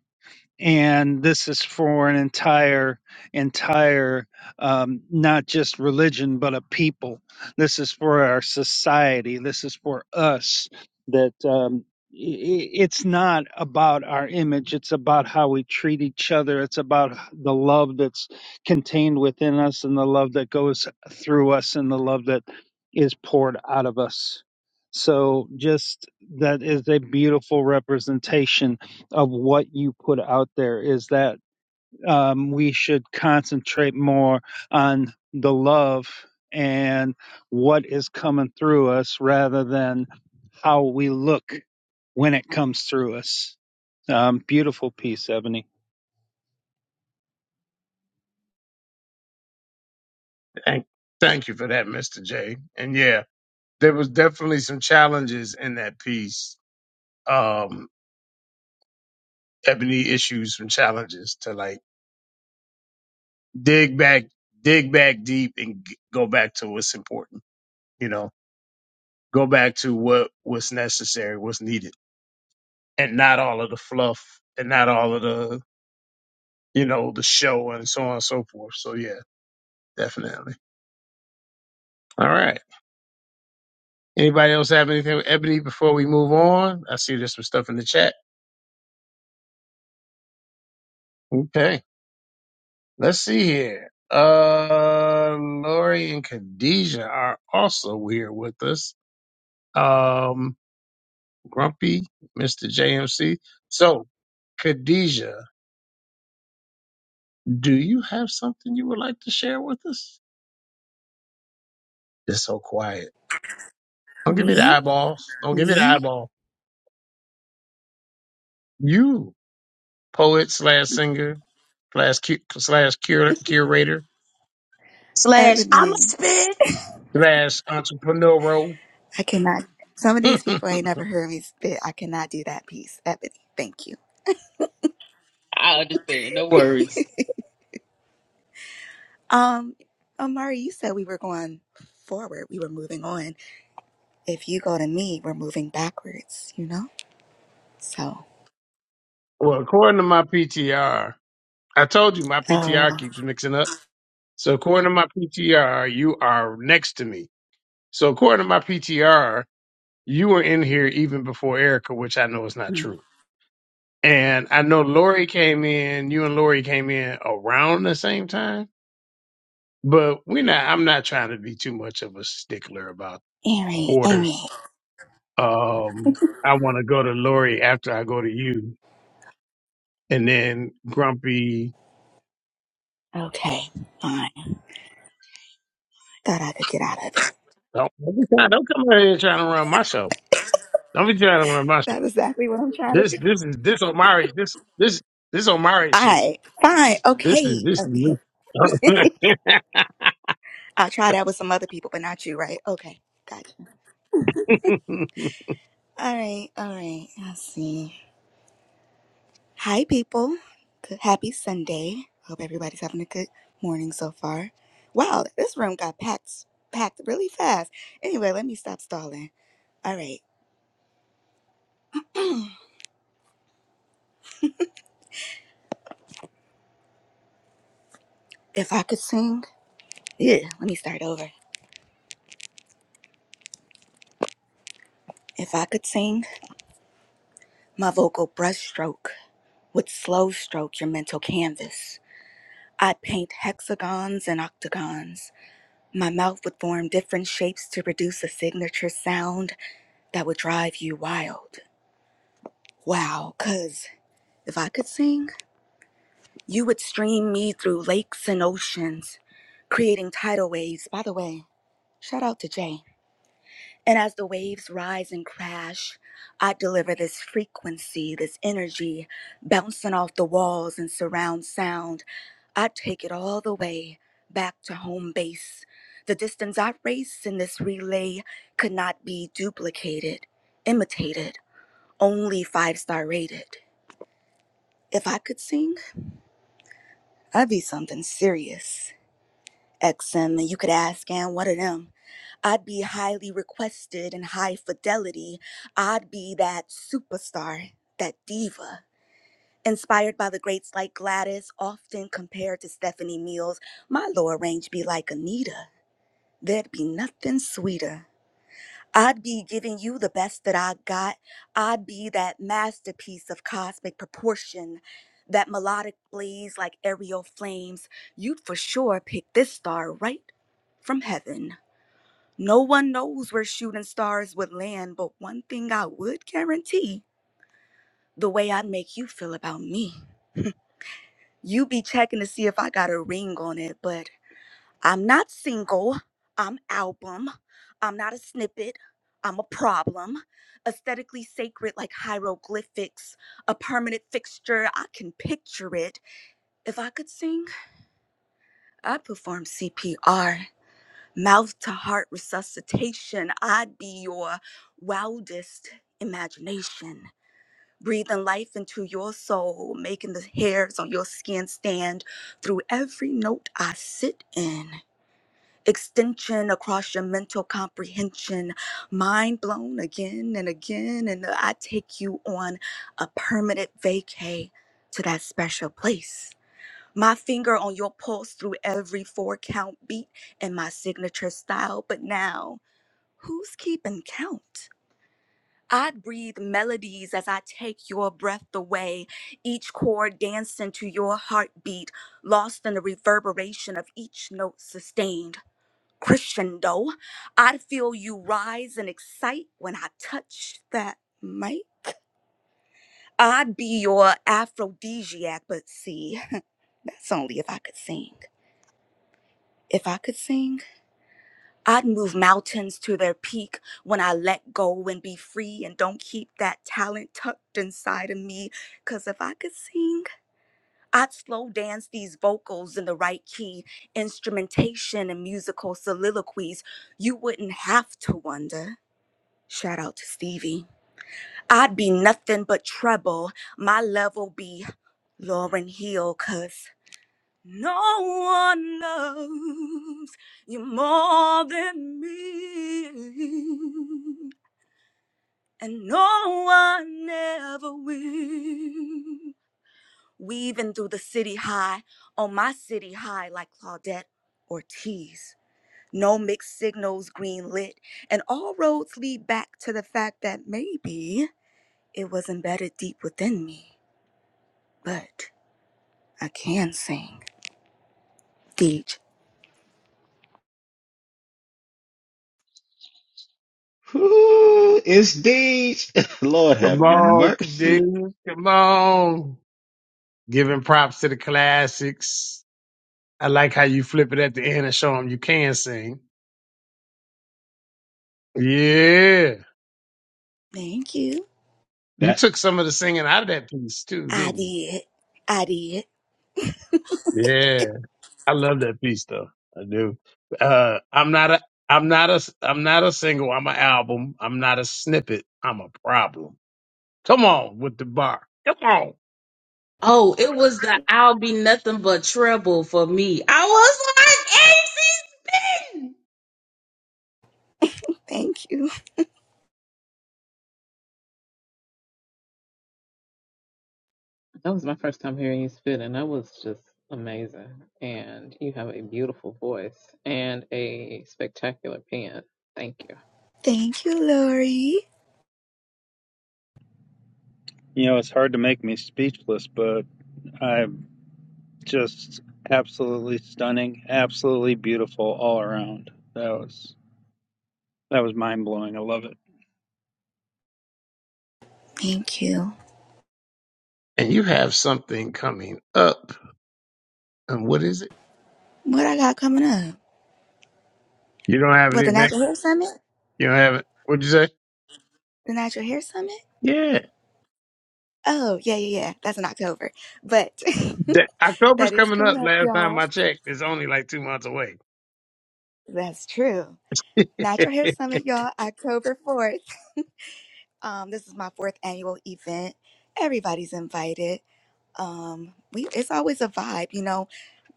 and this is for an entire entire um, not just religion but a people this is for our society this is for us that um, i- i- it's not about our image it's about how we treat each other it's about the love that's contained within us and the love that goes through us and the love that is poured out of us so just that is a beautiful representation of what you put out there is that um, we should concentrate more on the love and what is coming through us rather than how we look when it comes through us. Um, beautiful piece, Ebony.
Thank, thank you for that, Mr. J. And yeah, there was definitely some challenges in that piece. Um, Ebony issues some challenges to like dig back, dig back deep and g- go back to what's important. You know, go back to what what's necessary, what's needed, and not all of the fluff and not all of the, you know, the show and so on and so forth. So yeah, definitely. All right. Anybody else have anything with Ebony before we move on? I see there's some stuff in the chat. Okay. Let's see here. Uh, Lori and Khadijah are also here with us. Um, Grumpy, Mr. JMC. So, Khadijah, do you have something you would like to share with us? It's so quiet. Don't give me the
Me,
eyeballs. Don't give me the
me,
eyeball. You, poet slash singer slash cu- slash cur- curator
Slash, I'm a
Ebony.
spit.
slash entrepreneur.
I cannot, some of
well,
these people ain't never heard me spit. I cannot do that piece. Ebony, thank you.
I understand. No worries.
Um, Amari, you said we were going forward. We were moving on. If you go to me, we're moving backwards, you know? So,
according to my PTR, I told you my PTR
uh,
keeps mixing up. So, according to my PTR, you are next to me. So, according to my PTR, you were in here even before Erica, which I know is not true. And I know Lori came in, you and Lori came in around the same time, but we're not, I'm not trying to be too much of a stickler about
Erie,
order.
Erie.
Um, I want to go to Lori after I go to you and then Grumpy.
Okay, fine. Thought I could get out of it.
Don't, don't be trying- don't come out here trying to run my show. Don't be trying to run my
That's
show.
exactly what I'm trying to
This,
do.
this is, this Omari, this, this, this Omari
All
shit.
right, fine.
This is,
Okay,
this
okay.
is,
I try that with some other people, but not you, right? Okay, gotcha. All right, all right. I see. Hi, people. Good, happy Sunday. Hope everybody's having a good morning so far. Wow, this room got packed, packed really fast. Anyway, let me stop stalling. All right. If I could sing, yeah, let me start over. If I could sing, my vocal brushstroke would slow stroke your mental canvas. I'd paint hexagons and octagons My mouth would form different shapes to produce a signature sound that would drive you wild. Wow, cuz if I could sing, you would stream me through lakes and oceans, creating tidal waves. By the way, shout out to Jay. And as the waves rise and crash, I deliver this frequency, this energy, bouncing off the walls and surround sound. I take it all the way back to home base. The distance I race in this relay could not be duplicated, imitated, only five star rated. If I could sing, I'd be something serious. XM, and you could ask and what of them. I'd be highly requested and high fidelity. I'd be that superstar, that diva. Inspired by the greats like Gladys, often compared to Stephanie Mills, my lower range be like Anita. There'd be nothing sweeter. I'd be giving you the best that I got. I'd be that masterpiece of cosmic proportion, that melodic blaze like aerial flames. You'd for sure pick this star right from heaven. No one knows where shooting stars would land, but one thing I would guarantee the way I'd make you feel about me. You be checking to see if I got a ring on it, but I'm not single. I'm album. I'm not a snippet. I'm a problem. Aesthetically sacred like hieroglyphics, a permanent fixture. I can picture it. If I could sing, I'd perform CPR, mouth to heart resuscitation. I'd be your wildest imagination. Breathing life into your soul, making the hairs on your skin stand through every note I sit in. extension across your mental comprehension, mind blown again and again. And I take you on a permanent vacay to that special place. My finger on your pulse through every four count beat in my signature style. But now, who's keeping count? I breathe melodies as I take your breath away, each chord dancing to your heartbeat, lost in the reverberation of each note sustained crescendo. I'd feel you rise and excite when I touch that mic. I'd be your aphrodisiac, but see, that's only if I could sing. If I could sing, I'd move mountains to their peak when I let go and be free and don't keep that talent tucked inside of me. Cause if I could sing, I'd slow dance these vocals in the right key, instrumentation and musical soliloquies. You wouldn't have to wonder. Shout out to Stevie. I'd be nothing but trouble. My level be Lauren Hill, cause no one loves you more than me. And no one ever will. Weaving through the city high on my city high like Claudette Ortiz. No mixed signals green lit, and all roads lead back to the fact that maybe. It was embedded deep within me, but I can sing. Deej.
Ooh, it's Deej. Lord
Come
have
on,
mercy.
Kadeem. Come on. Giving props to the classics. I like how you flip it at the end and show them you can sing. Yeah.
Thank you.
You
That
took some of the singing out of that piece too,
I
didn't you?
did. I did.
Yeah. I love that piece though. I do. Uh, I'm not a, I'm not a, I'm not a single. I'm an album. I'm not a snippet. I'm a problem. Come on with the bar. Come on.
Oh, it was the I'll be nothing but trouble for me. I was like, "Eh."
Thank you.
That was my first time hearing you spit, and that was just amazing. And you have a beautiful voice and a spectacular pen. Thank you.
Thank you, Lori.
You know, it's hard to make me speechless, but I'm just absolutely stunning, absolutely beautiful all around. That was that was mind blowing. I love it.
Thank you.
And you have something coming up. And what is it?
What I got coming up?
You don't have
What, the
anything.
Natural Hair Summit?
You don't have it. What'd you say?
The Natural Hair Summit?
Yeah.
Oh, yeah, yeah, yeah. That's in October. But
That, October's
that is
coming
coming
up
up,
last time
y'all.
I checked. It's only like two months away.
That's true.
that
Natural Hair
is
Summit, y'all, October 4th. Um, this is my fourth annual event. Everybody's invited. um we it's always a vibe you know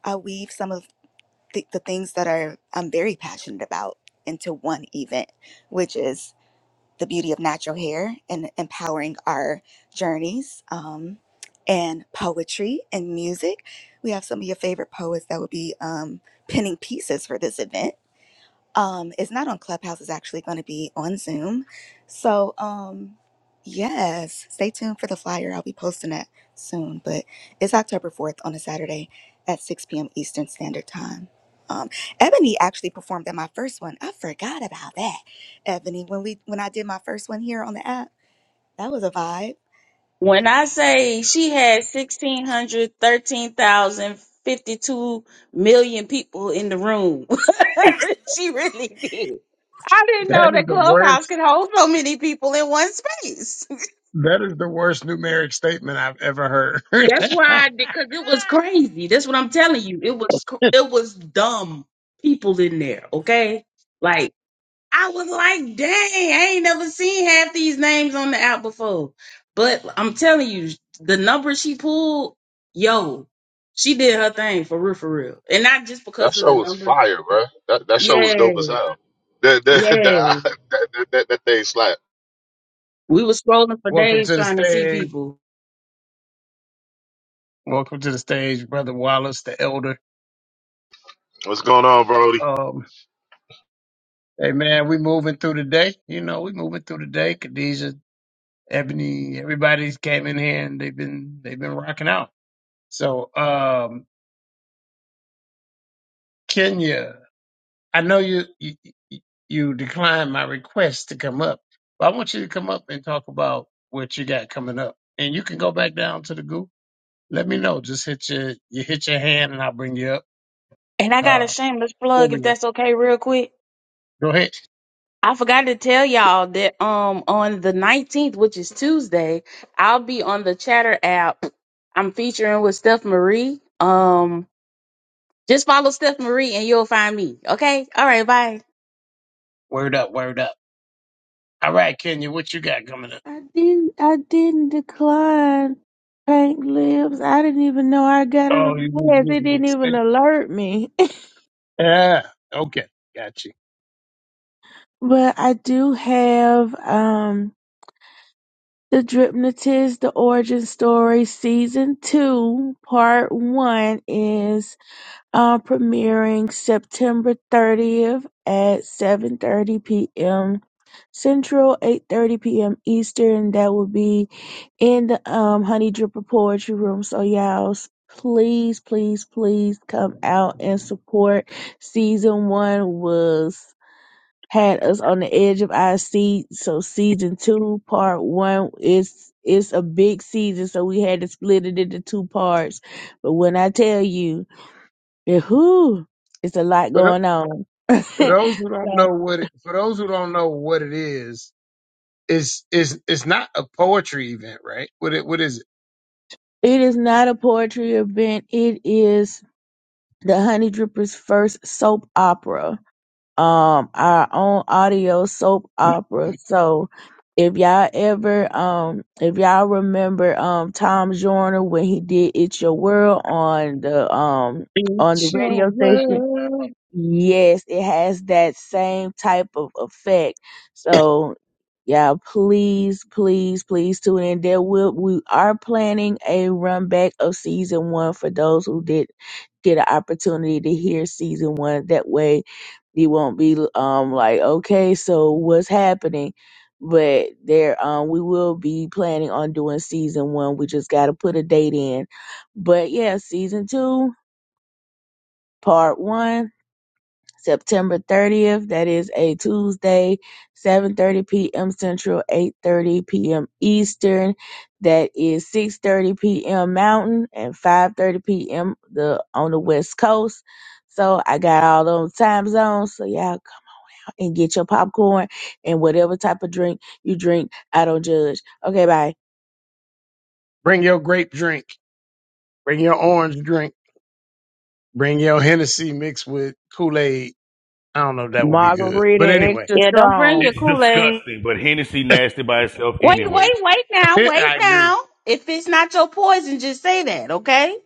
i weave some of the, the things that are i'm very passionate about into one event which is the beauty of natural hair and empowering our journeys um and poetry and music we have some of your favorite poets that will be um pinning pieces for this event um it's not on clubhouse it's actually going to be on zoom so um yes stay tuned for the flyer i'll be posting that soon but it's october 4th on a saturday at 6 p.m eastern standard time um ebony actually performed at my first one i forgot about that ebony when we when i did my first one here on the app that was a vibe
when I say she had sixteen hundred thirteen thousand fifty two million people in the room, she really did. I didn't know that
the
Clubhouse
worst
could hold so many people in one space.
that is the worst numeric statement I've ever heard.
That's why, because it was crazy. That's what I'm telling you. It was cr- it was dumb people in there. Okay, like I was like, dang, I ain't never seen half these names on the app before. But I'm telling you, the number she pulled, yo, she did her thing for real, for real, and not just
That
because of
show
the
was
number.
fire, bro. That that show was
Yeah,
dope as hell. That that
yeah.
that that, that, that, thing slapped.
We was scrolling for
Welcome
days
to the
trying to see
stage.
people.
Welcome to the stage, Brother Wallace, the elder.
What's going on, Brody?
Um, hey man, we moving through the day. You know, we moving through the day. Khadija, Ebony, everybody's came in here and they've been they've been rocking out. So um Kenya, I know you you, you declined my request to come up, but I want you to come up and talk about what you got coming up. And you can go back down to the group. Let me know. Just hit your you hit your hand, and I'll bring you up.
And I got a
Uh,
shameless
there
plug,
we
if
go.
that's okay, real quick.
Go ahead.
I forgot to tell y'all that um on the 19th, which is Tuesday, I'll be on the Chatter app. I'm featuring with Steph Marie. Um, just follow Steph Marie and you'll find me. Okay. All right. Bye.
Word up. Word up. All right, Kenya, what you got coming up?
I didn't. I didn't decline pink lips. I didn't even know I got a
Oh, you just
request. It
didn't
didn't even
expect.
alert me.
Yeah. Okay. Got you.
but I do have um the Dripnotist, the origin story, season two, part one is uh, premiering September thirtieth at seven thirty p.m. Central, eight thirty p.m. Eastern. That will be in the um Honey Dripper Poetry Room. So y'all, s- please, please, please come out and support. Season one was had us on the edge of our seat. So season two, part one is it's a big season, so we had to split it into two parts. But when I tell you, it, whew, it's a lot
For tho-
going on.
for those who don't
so
know what it, for those who don't know what it is, it's it's it's not a poetry event, right? What it what is it?
it is not a poetry event. It is the Honey Drippers' first soap opera um our own audio soap opera. So if y'all ever um if y'all remember um Tom Joyner when he did It's Your World on the um on the
It's your
radio station,
world.
Yes, it has that same type of effect. So, yeah, please, please, please tune in. There will we are planning a run back of season one for those who did get an opportunity to hear season one. That way, you won't be um like, okay, so what's happening? But there, um, we will be planning on doing season one. We just got to put a date in. But yeah, season two, part one September 30th. That is a Tuesday, 7:30 p.m. Central, 8:30 p.m. Eastern. That is 6:30 p.m. Mountain and 5:30 p.m. the on the West Coast. So I got all those time zones. So y'all c- and get your popcorn and whatever type of drink you drink. I don't judge. Okay, bye.
Bring your grape drink. Bring your orange drink. Bring your Hennessy mixed with Kool Aid. I don't know if that would be good.
Margarita
But anyway,
extra
Yeah, don't bring
strong.
your
It's
Kool Aid.
disgusting, but Hennessy nasty by itself
Wait, wait,
anyway.
wait now, wait
I agree.
now. If it's not your poison, just say that. Okay.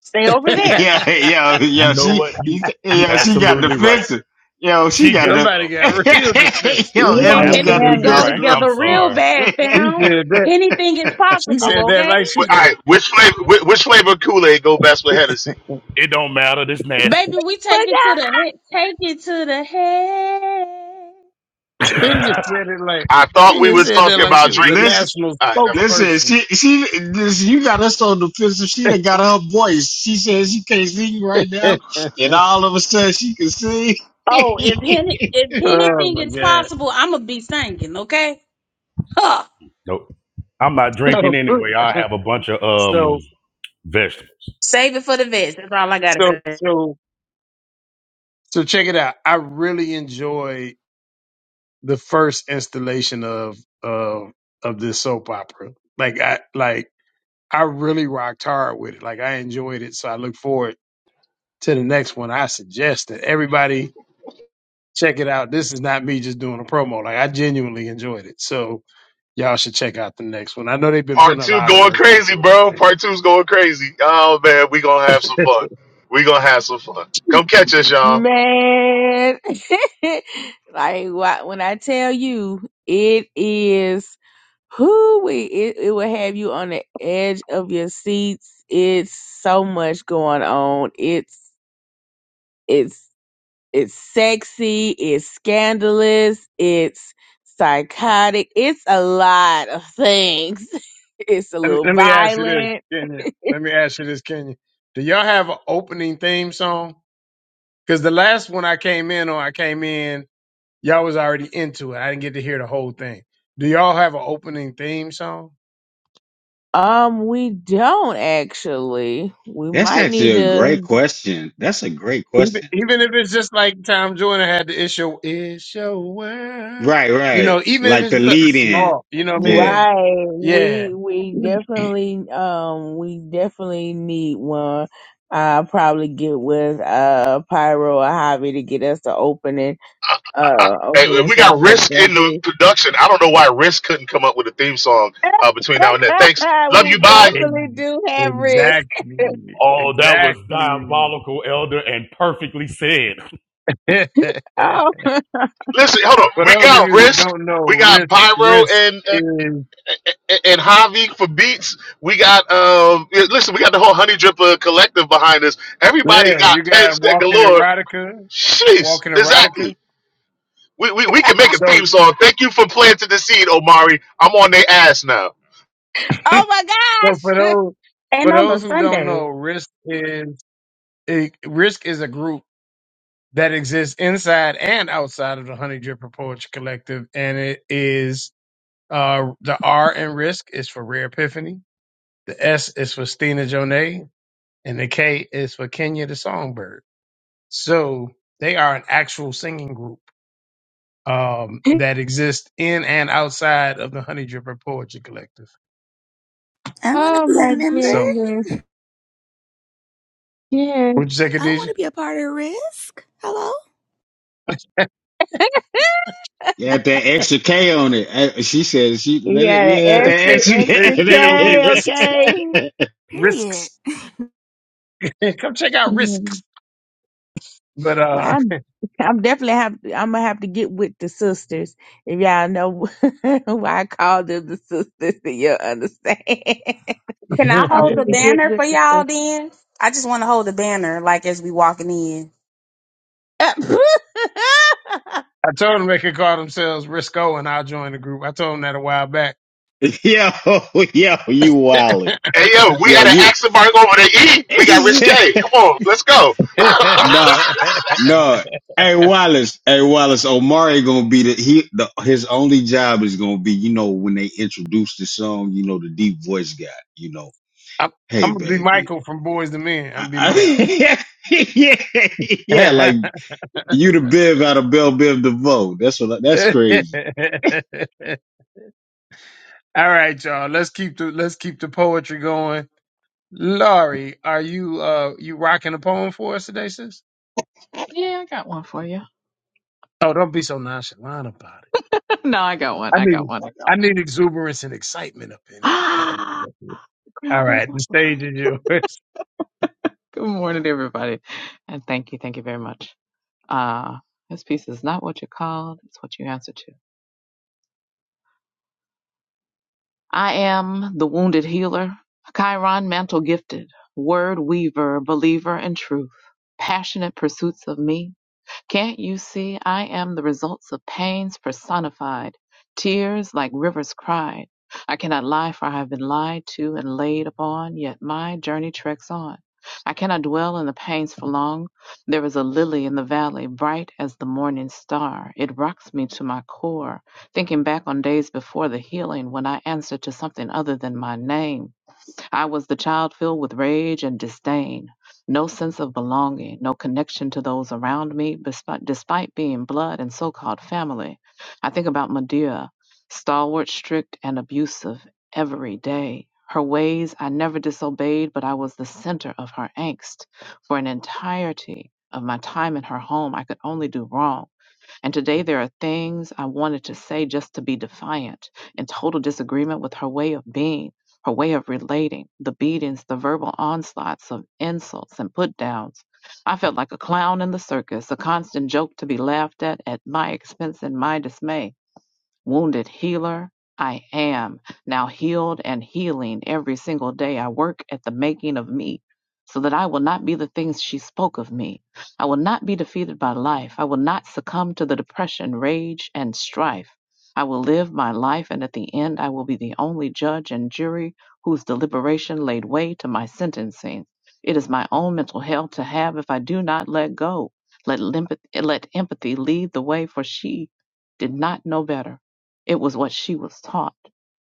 Stay over there.
Yeah, yo,
You
yo,
know
she,
what? You
you-
you
yo, she got
absolutely right.
defensive. Yo, she
She
got the,
Somebody got
got up.
real defensive.
yo,
Me
You
I'm
and
Ebony got
Hennessy
absolutely
go
right.
telling
defensive.
I'm
together
He
real
sorry.
bad,
he
fam.
said that.
Anything is
She
I,
said
possible.
that
Okay.
like she
Wh- All
was.
right, which flavor which, which flavor Kool Aid go best with Hennessy?
it don't matter. This
Baby,
nasty.
we take
you.
it to the head. Take it to the head.
Kenya said it like
I thought we
Kenya
was
said that
talking
like
about
she was the
drinking.
Listen,
national
All right, never mind.
Listen,
spokesperson.
she she this, you got us on the fence. She done got her voice. She says she can't sing right now, and all of a sudden she can sing.
Oh, if any, if
oh
anything
my
is
god.
possible, I'ma be singing. Okay, huh.
nope. I'm not
So
drinking anyway. I have a bunch of um
so
vegetables.
save it for the vets. That's all I gotta
so
say.
so So check it out. I really enjoyed the first installation of of of this soap opera. Like I like I really rocked hard with it. Like I enjoyed it. So I look forward to the next one. I suggest that everybody check it out. This is not me just doing a promo. Like I genuinely enjoyed it. So y'all should check out the next one. I know they've been
Part
putting a
two
lot of
going
work
crazy,
into it.
bro. Part two's going crazy. Oh man, we gonna have some fun. We gonna have some fun. Come catch us, y'all.
Man, like wha- when I tell you, it is who we it, it will have you on the edge of your seats. It's so much going on. It's it's it's sexy. It's scandalous. It's psychotic. It's a lot of things. It's a
Let me,
little
let me ask you this,
violent.
Kenya. Let me ask you this, Kenya. Do y'all have an opening theme song? Because the last one I came in on, I came in, y'all was already into it. I didn't get to hear the whole thing. Do y'all have an opening theme song?
Um, we don't actually. We
That's
might
actually
need
a great
to.
question. That's a great
Even,
question.
even if it's just like Tom Joyner had the issue, it's your world.
Right,
You
right.
know, even if
Like the
it's something
lead in.
small, you know what I mean?
Yeah.
Right.
Yeah.
We we definitely um we definitely need one. I'll probably get with uh Pyro or Hobby to get us the opening
I,
uh
I, I, hey,
opening
we got
song because
Risk in the production. I don't know why Risk couldn't come up with a theme song uh, between now and then. Thanks. Love you.
we
Bye.
definitely
Ex-
do have risk.
Exactly.
Oh, that was
Exactly.
diabolical, elder, and perfectly said.
For
Oh
Listen, hold on. We
those of
got
you who
Risk.
don't know,
We got
risk
Pyro
risk
and
is
and, and Javi for beats. We got um. yeah, Listen, we got the whole Honey Dripper collective behind us. Everybody
yeah, you
got
got
pens that
walking
galore.
erotica,
Jeez,
walking
exactly.
erotica.
We, we we can make a
So
theme song. Thank you for planting the seed, Omari. I'm on their ass now.
oh my
So for those
And
for
on a
those who don't
Sunday,
know, Risk is it, Risk is a group that exists inside and outside of the Honey Dripper Poetry Collective, and it is uh the R in Risk is for Rare Epiphany, the S is for Stina Jonay, and the K is for Kenya the Songbird. So they are an actual singing group um
gosh.
that exists in and outside of the Honey Dripper Poetry Collective.
i want to
oh
be a
my
member
So
goodness. Yes.
would you say,
i want
Khadijah?
to be a part of risk hello
you had that extra K on it. Uh, She said she let it
Yeah, the
yeah, had that
extra extra
It- then it would be Risk.
K,
extra
period
Risks. Come check out
okay.
Risks. But
Well,
uh,
I'm, I'm definitely have. I'm gonna have to get with the sisters. If y'all know why I call them the sisters, then you'll understand.
can I
I'm
hold
I
the
gonna get
banner for
with
y'all?
the
Then I just want to hold the banner, like as we walking in.
sisters.
told them they could call themselves Risco, and I'll join the group. I told them that a while back.
K. yo, yo, you wild.
Hey yo, we
Yo,
had an
you
accent mark over the E. We got Risque. Come on, let's go.
I'm,
No, no. Hey Wallace, hey Wallace, Omari gonna be the he the his only job is gonna be, you know, when they introduce the song, you know, the deep voice guy, you know, hey
I'm gonna be
baby.
Michael from Boys to Men.
I,
I'm gonna be Mike.
I, yeah, yeah, like you the Biv out of Bell Biv DeVoe. That's what I- that's crazy.
All right, y'all. Let's keep the let's keep the poetry going.
Good
Laurie, are you uh you rocking a poem for us today, sis?
Yeah, I got one for you.
Oh, don't be so nonchalant about it.
no, I got one.
I
I got
need
one. I got
I need exuberance and excitement up in here.
Ah,
No.
the crowd
All
goes
right, the
wild.
stage is yours.
Good morning, everybody, and thank you, thank you very much. Uh, this piece is not what you called; it's what you answer to. I am the wounded healer, Chiron mantle gifted, word weaver, believer in truth, passionate pursuits of me, can't you see I am the results of pains personified, tears like rivers cried? I cannot lie, for I have been lied to and laid upon, yet my journey treks on. I cannot dwell in the pains for long. There is a lily in the valley, bright as the morning star. It rocks me to my core, thinking back on days before the healing when I answered to something other than my name. I was the child filled with rage and disdain, no sense of belonging, no connection to those around me, bespi- despite being blood and so called family. I think about Medea, stalwart, strict, and abusive every day. Her ways I never disobeyed, but I was the center of her angst. For an entirety of my time in her home, I could only do wrong. And today there are things I wanted to say just to be defiant, in total disagreement with her way of being, her way of relating, the beatings, the verbal onslaughts of insults and put downs. I felt like a clown in the circus, a constant joke to be laughed at at my expense and my dismay wounded healer. I am now healed and healing every single day. I work at the making of me so that I will not be the things she spoke of me. I will not be defeated by life. I will not succumb to the depression, rage, and strife. I will live my life, and at the end, I will be the only judge and jury whose deliberation laid way to my sentencing. It is my own mental hell to have if I do not let go. Let, limp- let empathy lead the way, for she did not know better. It was what she was taught.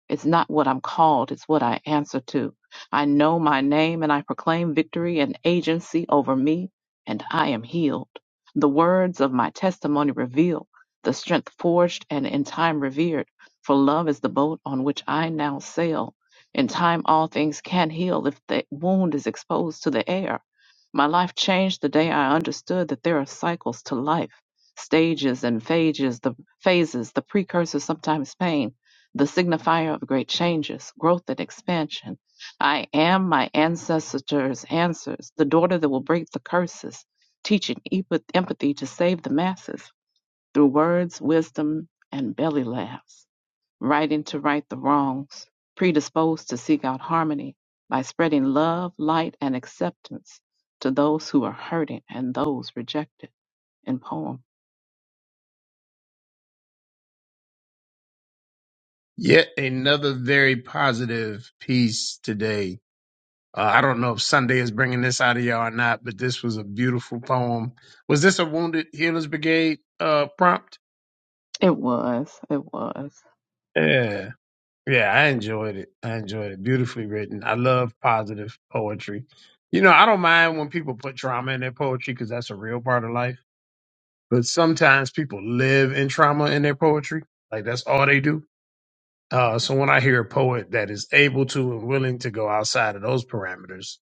It's not what I'm called, it's what I answer to. I know my name and I proclaim victory and agency over me, and I am healed. The words of my testimony reveal the strength forged and in time revered, for love is the boat on which I now sail. In time, all things can heal if the wound is exposed to the air. My life changed the day I understood that there are cycles to life, stages and phases, phases, the precursor, sometimes pain, the signifier of great changes, growth and expansion. I am my ancestors' answers, the daughter that will break the curses, teaching epa- empathy to save the masses through words, wisdom, and belly laughs, writing to right the wrongs, predisposed to seek out harmony by spreading love, light, and acceptance to those who are hurting and those rejected in poem.
Yet another very positive piece today. Uh, I don't know if Sunday is bringing this out of y'all or not, but this was a beautiful poem. Was this a Wounded Healers Brigade uh, prompt?
It was, it was.
Yeah, yeah, I enjoyed it. I enjoyed it. Beautifully written. I love positive poetry. You know, I don't mind when people put trauma in their poetry because that's a real part of life. But sometimes people live in trauma in their poetry. Like that's all they do Uh, so when I hear a poet that is able to and willing to go outside of those parameters,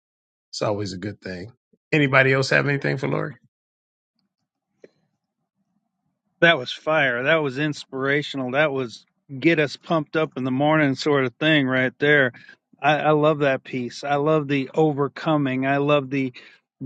it's always a good thing. Anybody else have anything for Lori?
That was fire. That was inspirational. That was get us pumped up in the morning sort of thing right there. I, I love that piece. I love the overcoming. I love the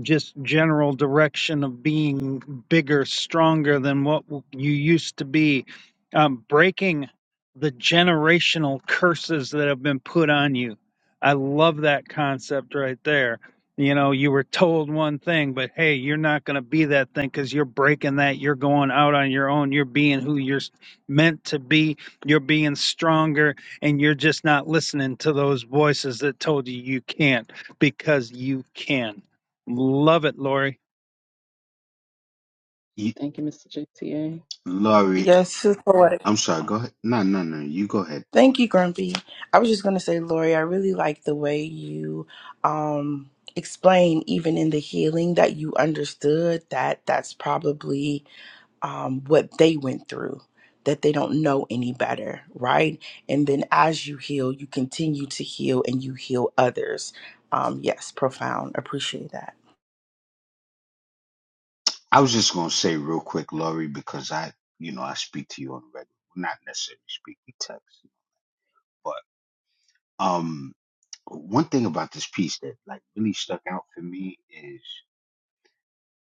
just general direction of being bigger, stronger than what w- you used to be, um, breaking the generational curses that have been put on you. I love that concept right there. You know, you were told one thing, but hey, you're not going to be that thing because you're breaking that. You're going out on your own. You're being who you're s- meant to be. You're being stronger, and you're just not listening to those voices that told you you can't because you can. Love it, Lori.
You-
Thank you, Mr. JTA.
Laurie,
Yes, Sister Lori.
I'm sorry, go ahead. No, no, no, you go ahead,
Thank
poet.
you, Grumpy. I was just gonna say, Lori, I really like the way you um explain even in the healing that you understood that that's probably um what they went through, that they don't know any better, right? And then as you heal, you continue to heal and you heal others. Um, yes, profound. Appreciate that.
I was just gonna say real quick, Laurie, because I you know, I speak to you on the regular not necessarily speak, we text, but um One thing about this piece that like really stuck out for me is,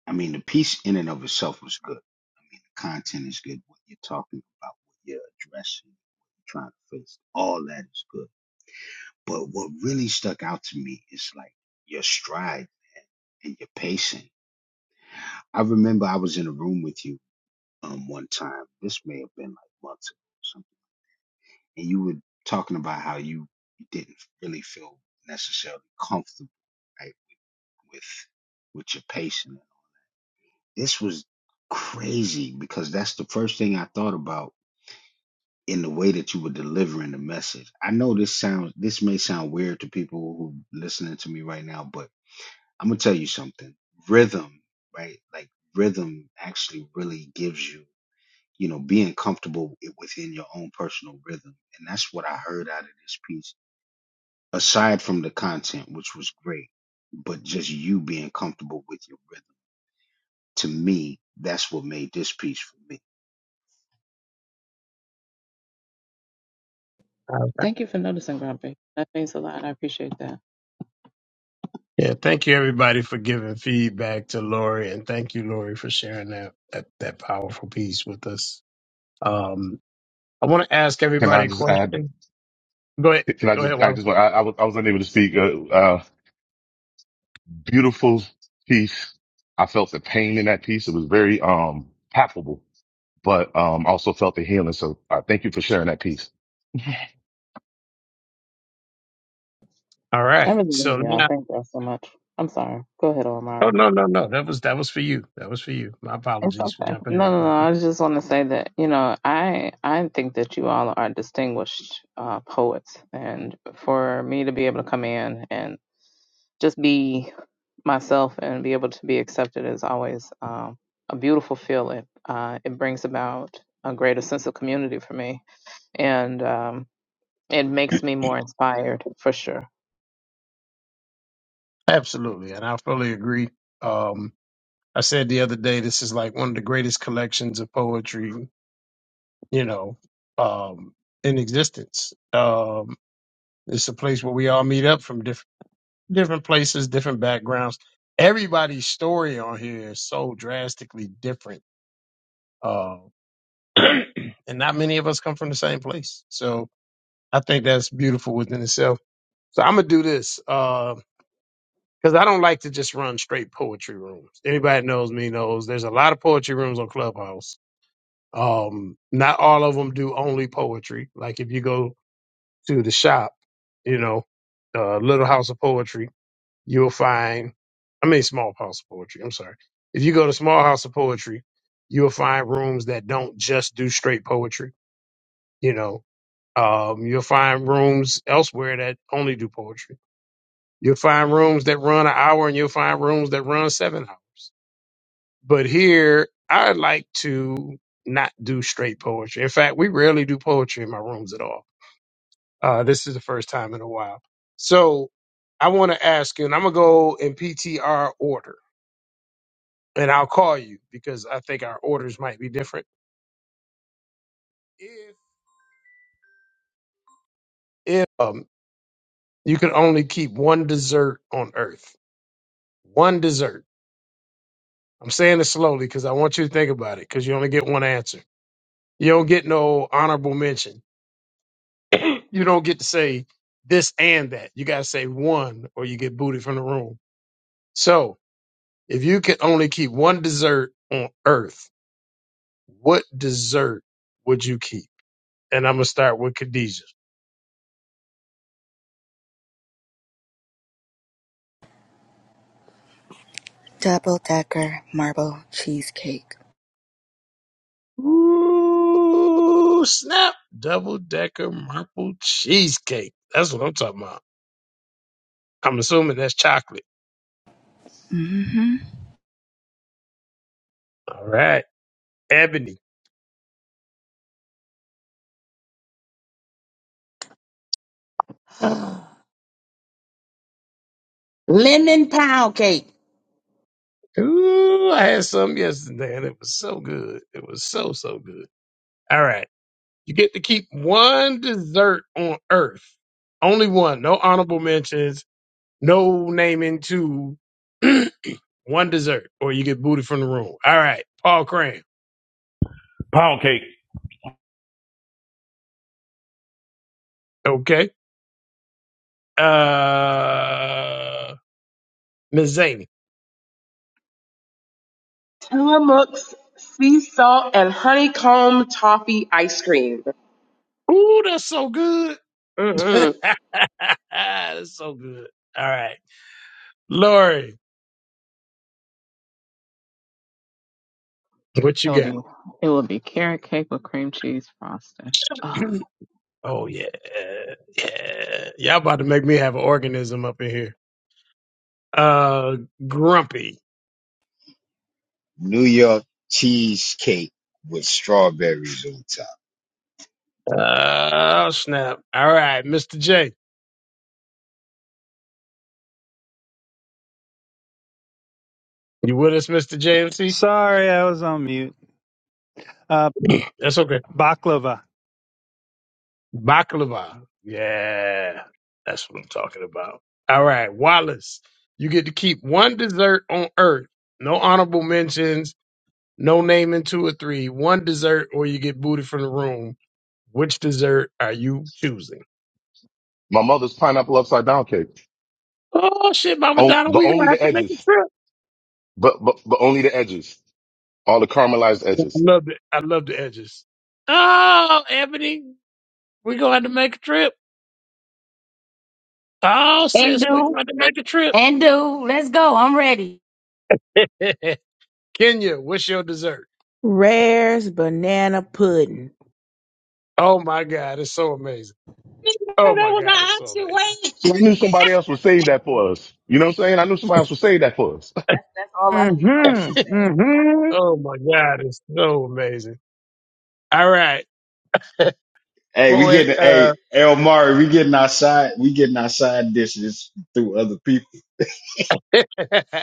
I mean, the piece in and of itself was good. I mean, the content is good. What you're talking about, what you're addressing, what you're trying to face, all that is good. But what really stuck out to me is like your stride and your pacing. I remember I was in a room with you um one time. This may have been like months ago or something, and you were talking about how you didn't really feel necessarily comfortable. right? with with your patient. This was crazy because that's the first thing I thought about in the way that you were delivering the message. I know this sounds this may sound weird to people who listening to me right now, but I'm gonna tell you something. Rhythm, right? Like rhythm actually really gives you, you know, being comfortable within your own personal rhythm. And that's what I heard out of this piece. Aside from the content, which was great, but just you being comfortable with your rhythm To me, that's what made this piece for me.
Okay.
Thank you for noticing, Grumpy. That means a lot. I appreciate that.
Yeah, thank you everybody for giving feedback to Lori, and thank you Lori for sharing that that, that powerful piece with us. Um, I want to ask
Can I
everybody a
just add?
question. Go ahead,
Can I
go ahead.
just? I
Wally.
just. I, I was. I was unable to speak. Uh, beautiful piece. I felt the pain in that piece. It was very um palpable, but um also felt the healing. So uh, thank you for sharing that piece.
All
I
right.
really love
So
y'all.
now,
Thank y'all so much. I'm sorry. Go ahead,
oh
Omari.
no, no, no, that was that was for you. That was for you. My
It's
apologies for
okay.
jumping
No,
in
no, no.
quickly.
I just want to say that you know, I I think that you all are distinguished uh, poets, and for me to be able to come in and just be myself and be able to be accepted is always um, a beautiful feeling. Uh, it brings about a greater sense of community for me, and um, it makes me more inspired for sure.
Absolutely, and I fully agree. Um, I said the other day, this is like one of the greatest collections of poetry, you know, um, in existence. Um, it's a place where we all meet up from different different places, different backgrounds. Everybody's story on here is so drastically different, uh, and not many of us come from the same place. So I think that's beautiful within itself. So I'm gonna do this because I don't like to just run straight poetry rooms. Anybody knows me knows there's a lot of poetry rooms on Clubhouse Um, not all of them do only poetry. Like if you go to the shop, you know, uh, Little House of Poetry, you'll find, I mean, Small House of Poetry. I'm sorry. If you go to Small House of Poetry, you'll find rooms that don't just do straight poetry. You know, um, you'll find rooms elsewhere that only do poetry. You'll find rooms that run an hour and you'll find rooms that run seven hours. But here, I like to not do straight poetry. In fact, we rarely do poetry in my rooms at all. Uh, this is the first time in a while. So I want to ask you, and I'm going to go in PTR order, and I'll call you because I think our orders might be different. If, if um, you could only keep one dessert on earth, one dessert. I'm saying it slowly because I want you to think about it because you only get one answer. You don't get no honorable mention you don't get to say this and that. You got to say one or you get booted from the room. So if you could only keep one dessert on earth, what dessert would you keep? And I'm going to start with Khadijah.
double decker marble cheesecake
Ooh, snap. Double decker maple cheesecake. That's what I'm talking about. I'm assuming that's chocolate.
Mm-hmm.
All right. Ebony.
Lemon pound cake.
Ooh, I had some yesterday and it was so good. It was so, so good. All right. You get to keep one dessert on earth. Only one. No honorable mentions. No naming two. one dessert. Or you get booted from the room. All right. Paul Cram.
Pound cake.
Okay. Uh Ms. Zane.
Tillamook's sea salt and honeycomb toffee ice cream.
Ooh, that's so good.
Mm-mm.
that's so good. All right. Lori, what
It
you
will
got?
be it will be carrot cake with cream cheese frosting. Oh,
oh yeah. Yeah. Y'all about to make me have an organism up in here. Uh grumpy.
New York cheesecake with strawberries on top.
Oh snap! All right, Mr. J, you with us, Mr. JMC?
Sorry, I was on mute. Uh,
That's okay.
baklava.
Baklava, yeah, that's what I'm talking about. All right, Wallace, you get to keep one dessert on Earth. No honorable mentions. No naming two or three. One dessert, or you get booted from the room. Which dessert are you choosing?
My mouth cake,
Oh shit, Mama
on,
Donna,
but
we
only
gonna
the
have to make a
edges,
trip.
but, but but only the edges, all the caramelized
I
edges.
love the I love the edges. Oh, Ebony, we gonna have to make a trip. Oh,
And
sis, we're
do
going to make a trip.
and do. Let's go. I'm ready.
Kenya, what's your dessert?
Rare's banana pudding.
Oh my God, it's so amazing.
Didn't know
Oh
That
my
was an
God, it's so
option.
amazing.
Wait.
See, I knew somebody else would
That's
save that for us. You know what I'm saying? I knew somebody else would save that for us.
that's that's all I came up here to
Mm-hmm.
say.
Mm-hmm.
Oh my God, it's so amazing. All right,
Hey, we
poetic,
getting hey El Mari, we getting our side, we getting our side dishes through other people.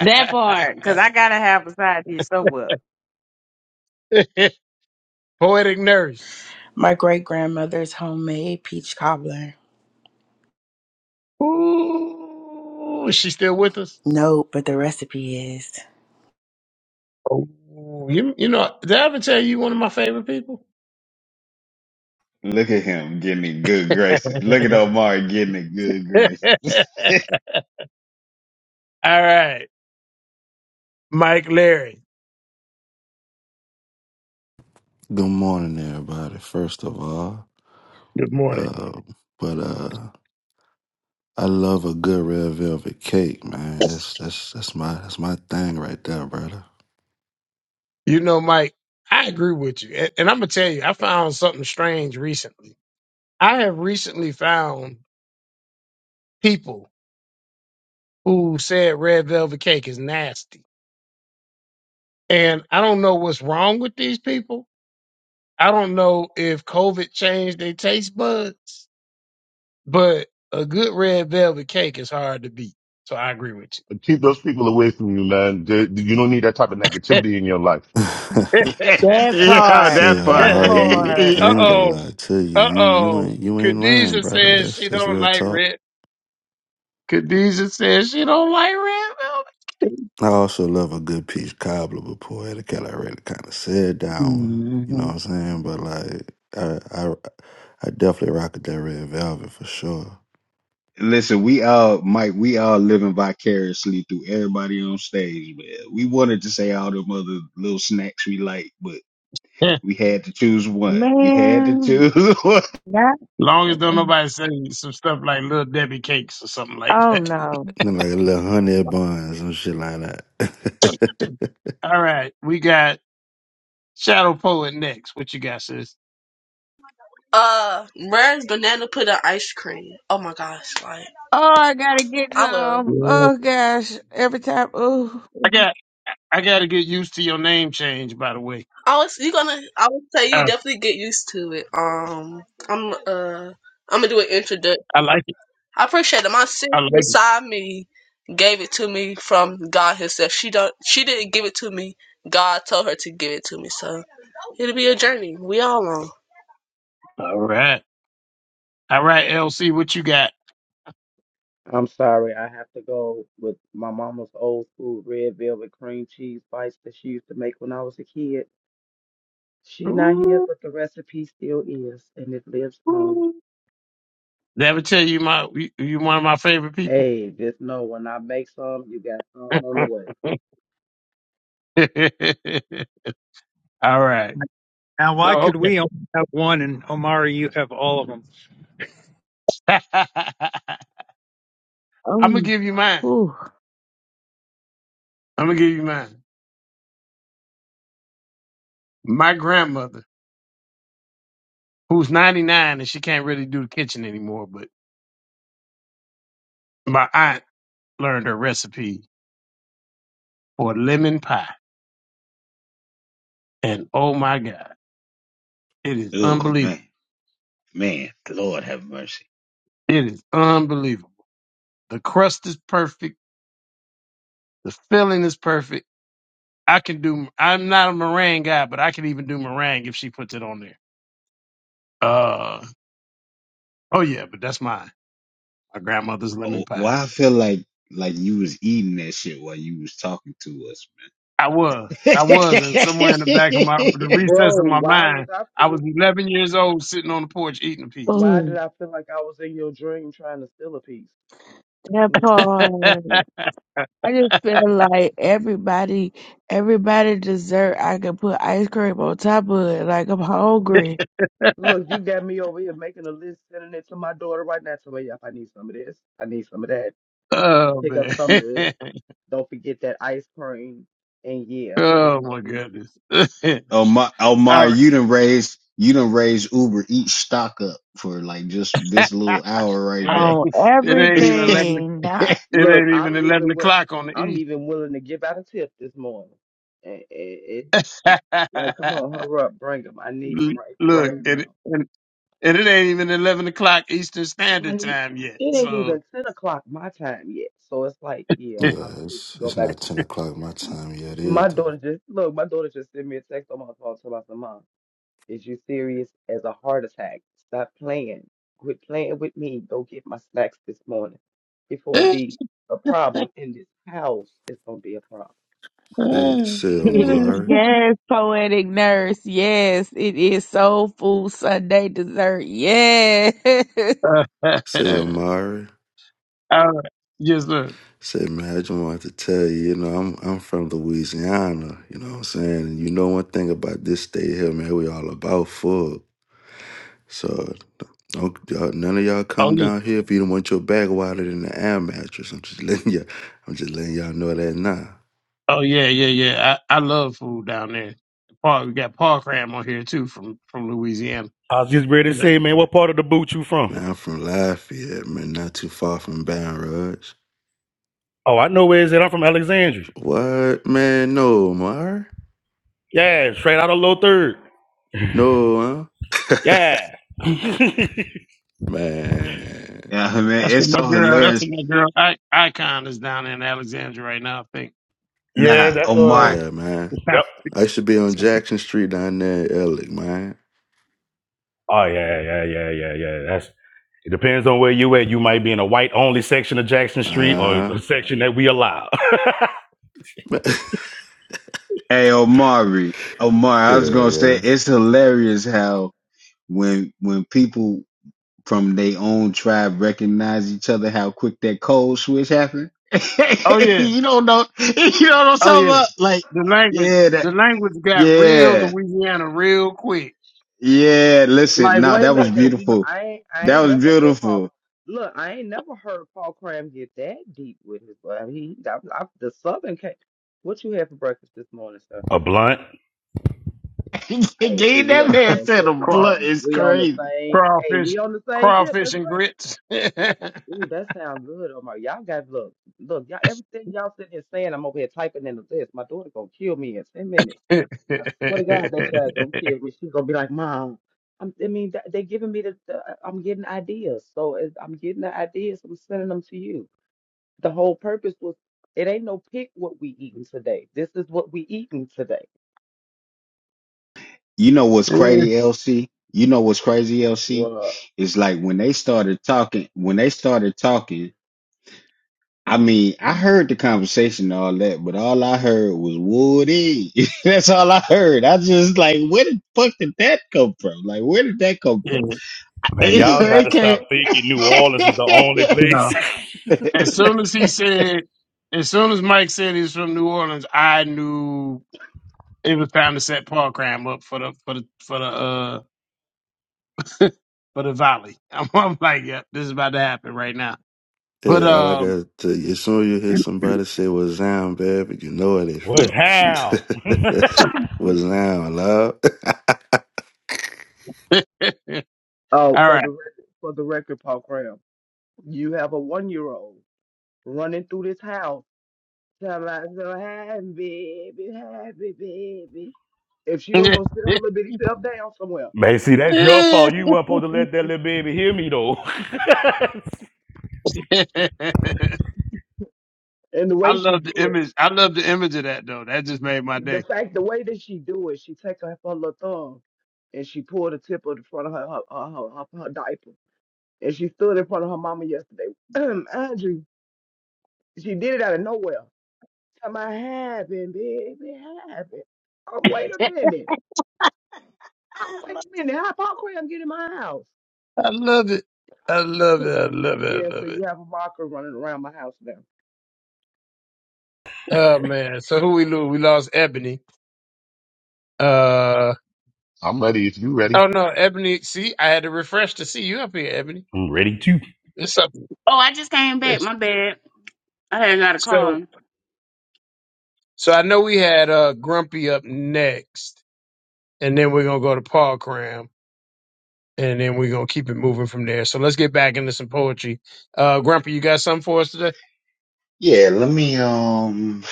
That part, cause
uh,
I gotta have a side dish somewhere.
poetic nurse.
My great grandmother's homemade peach cobbler.
Ooh, is she still with us?
No, but the recipe is.
Oh, you, you know, did I ever tell you one of my favorite people?
Look at him getting in good graces. Look at Omari getting in good
All
graces.
right, Mike Larry.
morning, everybody. First of all,
Good morning.
uh, but uh, I love a good red velvet cake, man. That's that's that's my that's my thing right there, brother.
You know, Mike, I agree with you. And, and I'm going to tell you, I found something strange recently. I have recently found people who said red velvet cake is nasty. And I don't know what's wrong with these people. I don't know if COVID changed their taste buds, but a good red velvet cake is hard to beat. So I agree with
Keep those people away from you, man. They- you don't need that type of
you.
negativity in your life.
Yeah,
That
yeah,
part.
Say,
that
That
uh
Amar,
part.
you
part.
I ain't gonna
oh.
lie to you.
Uh
You you
oh.
ain't you ain't lying,
Khadijah
brother.
says
That's
she
that's
don't
real
like
talk.
red. Khadijah says she don't like red velvet.
I also love a good peach cobbler, but poetic. I already kind of said that one. You know what
Mhm.
I'm saying? But like, I I I definitely rock with that red velvet for sure.
Listen, we all Mike, we all living vicariously through everybody on stage, man. We wanted to say all them other little snacks we like, but We had to choose one. We had to
Man,
choose one.
not.
Long as don't nobody say some stuff like Little Debbie Cakes or something like
Oh
that.
no.
Look like a little honey bun, or some shit like that.
All right, we got Shadow Poet next. What you got, sis?
Uh, where's banana pudding ice cream? Oh my gosh, like
Oh, I gotta get
I will.
um.
Yeah.
Oh gosh, every time. Oh,
I got I got to get used to your name change, by the way.
I was you gonna. I would say you
Uh,
definitely get used to it. Um, I'm uh, I'm gonna do an introduction.
I like it.
I appreciate it. My sister
I like it.
beside me gave it to me from God Himself. She don't. She didn't give it to me. God told her to give it to me. So it'll be a journey. We all on.
All right. All right, LC, what you got?
I'm sorry, I have to go with my mama's old school red velvet cream cheese bites that she used to make when I was a kid. She not here,
Ooh,
but the recipe still is, and it lives on.
ooh. Did I ever tell you my you you one of my favorite people?
Hey, just know when I make some, you got some on the way.
All right.
Now, why
No,
could we only have one and Omari, you have all of them?
okay. I'm gonna
oh,
give you mine.
oh,
I'm gonna give you mine. My grandmother who's 99 and she can't really do the kitchen anymore, but my aunt learned her recipe for lemon pie. And oh my God, it is
Oh
unbelievable.
man, man, Lord have mercy.
It is unbelievable. The crust is perfect. The filling is perfect. I can do, I'm not a meringue guy, but I can even do meringue if she puts it on there. Uh, oh yeah, but that's mine. My grandmother's lemon
Oh,
pie.
Why I feel like like you was eating that shit while you was talking to us. man.
I was, I was, and somewhere in the back of my, the recess
Bro,
of my
why was
mind,
I
I was
feel?
11 years old sitting on the porch eating a piece.
Why did
oh.
I feel like I was in your dream trying to steal a piece?
That
Mm.
part. I just feel like everybody, everybody dessert. I can put ice cream on top of it. Like I'm hungry
Look, you got me over here making a list, sending it to my daughter right now. So, yeah, I need some of this. I need some of that.
Oh
Pick up
man.
some of this. Don't forget that ice cream. And yeah,
oh my
mhm.
goodness. All
Omar, Omar,
right.
you done raised you done raised Uber each stock up for like just this little hour right now.
right.
on
It ain't even eleven o-
everything. Nah.
it
look,
ain't even
I'm even
eleven
wi-
o'clock on the
I'm
east.
even willing to give out a tip this morning. And it, like, come on, hurry up, bring them. I need them right
Look,
right
it
now.
and, and it ain't even eleven o'clock Eastern
I,
Standard Time yet.
it ain't
So
even ten o'clock my time yet, so it's like, yeah,
yeah,
I need to
it's
go
it's
back.
not
to
ten o'clock my
sleep.
time yet
My
either.
daughter just look. My daughter just sent me a text on my phone, so I said, "Mom." Is you serious as a heart attack? Stop playing. Quit playing with me. Go get my snacks this morning before it be a problem in this house. It's gonna be a problem.
Say say Amari,
yes, poetic nurse. Yes, it is soul food Sunday dessert. Yes.
say Amari,
All right. Yes, sir.
say man, I just wanted to tell you, you know, I'm I'm from Louisiana. You know what I'm saying? And you know one thing about this state here, man, we all about food. So don't, y'all, none of y'all
Oh
come
yeah.
down here if you don't want your back wider than the air mattress. I'm just letting you, I'm just letting y'all know that now.
Oh yeah, yeah, yeah. I, I love food down there. Park we got park ram on here too from from Louisiana.
I was just ready to say, man, what part of the boot you from?
Man, I'm from Lafayette, man, not too far from Baton Rouge.
Oh, I know where it's at. I'm from Alexandria.
What? Man, no, Mar?
Yeah, straight out of Low Third.
No, huh?
Yeah.
man.
yeah, man,
That's
it's
what my
so
girl. That's
hilarious.
what my girl. I, Icon is down there in Alexandria right now. I think.
Nah,
yeah, that's uh
Omar,
Yeah, man.
The time-
Yep.
I used to be
it's
on
okay.
Jackson Street down there in Ellick, man.
Oh yeah, yeah, yeah, yeah, yeah. That's it depends on where you at. You might be in a white only section of Jackson Street or
Uh-huh.
a section that we allow.
Man.
hey Omari, Omar, I was
Hell
gonna say
yeah.
it's hilarious how. when when people from their own tribe recognize each other, how quick that code switch happened.
Oh yeah.
you don't know. You know what I'm
Oh
talking
yeah.
about? Like,
The language.
yeah, that,
The language got real
yeah,
Louisiana real quick.
yeah. Listen,
Like,
no,
wait a
that was
minute, cause you know
beautiful.
I ain't, I
That
ain't
was
never heard Paul.
beautiful.
Look, I ain't never heard Paul Cram get that deep with his. But I mean, he, I, I, the Southern came. What you had for breakfast this morning, sir?
A blunt?
Hey, see,
Gave
we
that
on the
man
same
to the
tip this
Craw,
blunt
morning.
is
We on the
crazy.
same. Hey,
crawfish,
we on the same tip.
crawfish
That's
and
right.
grits. yeah.
Ooh, that sounds good, Omar. Y'all got look, look, y'all everything y'all sitting here saying, I'm over here typing in the list. My daughter gonna kill me in ten minutes. I swear to God, that child gonna kill me. She's gonna be like, Mom, I'm, I mean, th- they giving me the, the, uh, I'm getting ideas, so it- I'm getting the ideas. I'm sending them to you. The whole purpose was, it ain't no pick what we eating today. This is what we eating today.
You know what's crazy, LC? You know what's crazy, LC?
Well,
It's like when they started talking. When they started talking I mean, I heard the conversation and all that, but all I heard was Woody. That's all I heard. I just like, where the fuck did that come from? Like, where did that come from?
Man, y'all
it
gotta
came.
stop thinking New Orleans is the only
No.
place.
As soon as he said, as soon as Mike said he was from New Orleans, I knew it was time to set Paul Cram up for the for the for the uh for the volley. I'm, I'm like, yep, this is about to happen right now. But
Yeah, all I got
um,
to tell you, as soon as you hear somebody say "What's down, baby, you know where they
What's
from.
how?
That's what sound, love.
oh, for
all
the
right.
rec- for the record, Paul Graham, you have a one year old running through this house Somebody so happy, baby, happy, baby. If she don't go sit her little bitty self down somewhere,
Man, see, that's your fault. You weren't supposed to let that little baby hear me though.
and the
I
way she
love the
do it,
image. I love the image of that though. That just made my
the
day.
fact, the way that she do it, she take her, her little thumb and she pulled the tip of the front of her her, her, her, her diaper, and she stood in front of her mama yesterday. Andrew, she did it out of nowhere. Somebody happy, baby, happy. Oh, wait a minute. Oh, wait a minute. How popcorn I'm in my house?
I love it. I love it. I love it.
yeah,
I
so
love it.
you have a marker running around my house now.
Oh man. So who we lose? We lost Ebony. Uh
I'm ready if you ready.
oh no, Ebony. See, I had to refresh to see you up here, Ebony.
I'm ready
It's up.
Oh, I just came back.
It's,
My bad. I hadn't got a
so
call.
so I know we had uh Grumpy up next. and then we're gonna go to Paul Cram, and then we're gonna keep it moving from there. So let's get back into some poetry. Uh, Grumpy, you got something for us today?
yeah, let me um,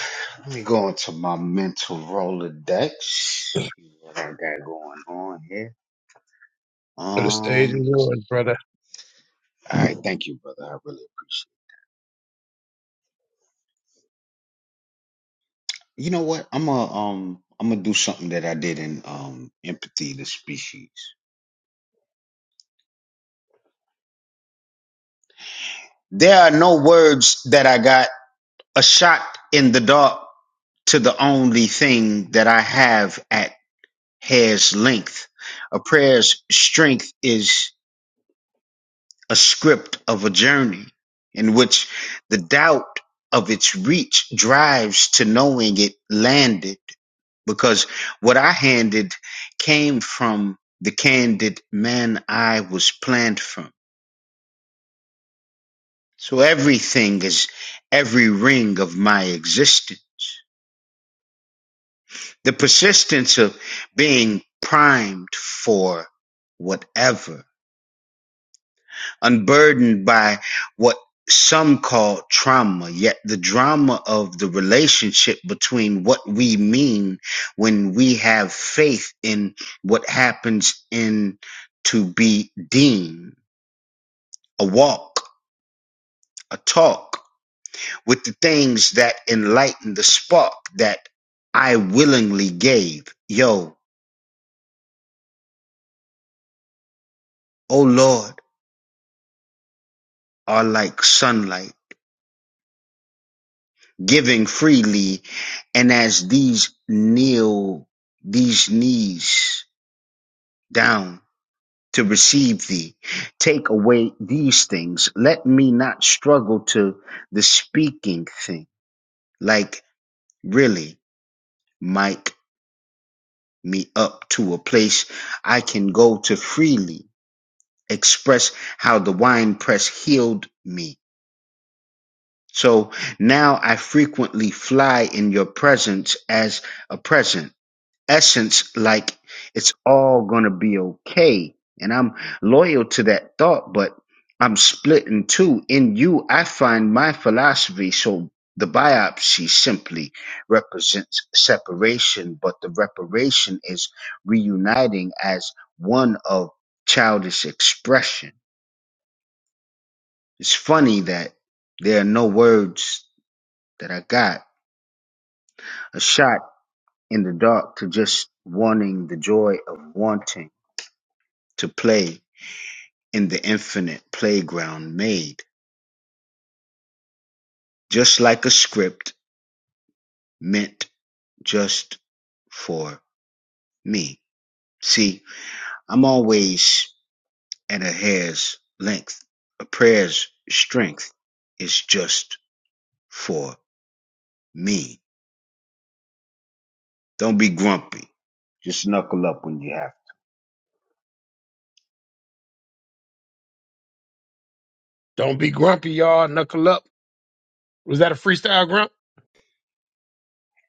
let me go into my mental Rolodex. See what I got going on here.
For the stage is
Um,
yours, brother.
all right, thank you, brother. I really appreciate. it. You know what? I'm a um, I'm gonna do something that I did in um, empathy the species. There are no words that I got. A shot in the dark to the only thing that I have at hair's length. A prayer's strength is a script of a journey in which the doubt of its reach drives to knowing it landed because what I handed came from the candid man I was planned from. So everything is every ring of my existence. The persistence of being primed for whatever, unburdened by what some call trauma, yet the drama of the relationship between what we mean when we have faith in what happens in to be deemed a walk, a talk with the things that enlighten the spark that I willingly gave. Yo, oh Lord. are like sunlight, giving freely, and as these kneel, these knees down to receive thee, take away these things. Let me not struggle to the speaking thing. Like, really, mic me up to a place I can go to freely express how the wine press healed me. So now I frequently fly in your presence as a present. essence like it's all gonna be okay. And I'm loyal to that thought, but I'm split in two. In you, I find my philosophy. So the biopsy simply represents separation, but the reparation is reuniting as one of childish expression. It's funny that there are no words that I got. A shot in the dark to just wanting the joy of wanting to play in the infinite playground made, just like a script meant just for me. See, I'm always at a hair's length. A prayer's strength is just for me. Don't be grumpy. Just knuckle up when you have. to.
Don't be grumpy, y'all. Knuckle up. Was that a freestyle grump?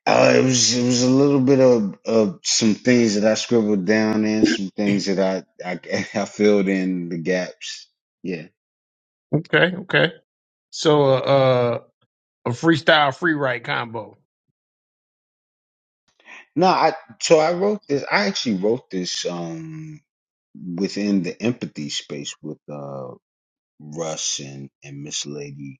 Uh, it was it was a little bit of, of some things that I scribbled down and some things that I I, I filled in the gaps. Yeah.
Okay, okay. So uh, uh a freestyle free write combo.
No, I so I wrote this. I actually wrote this um within the empathy space with uh Russ and and Miss Lady.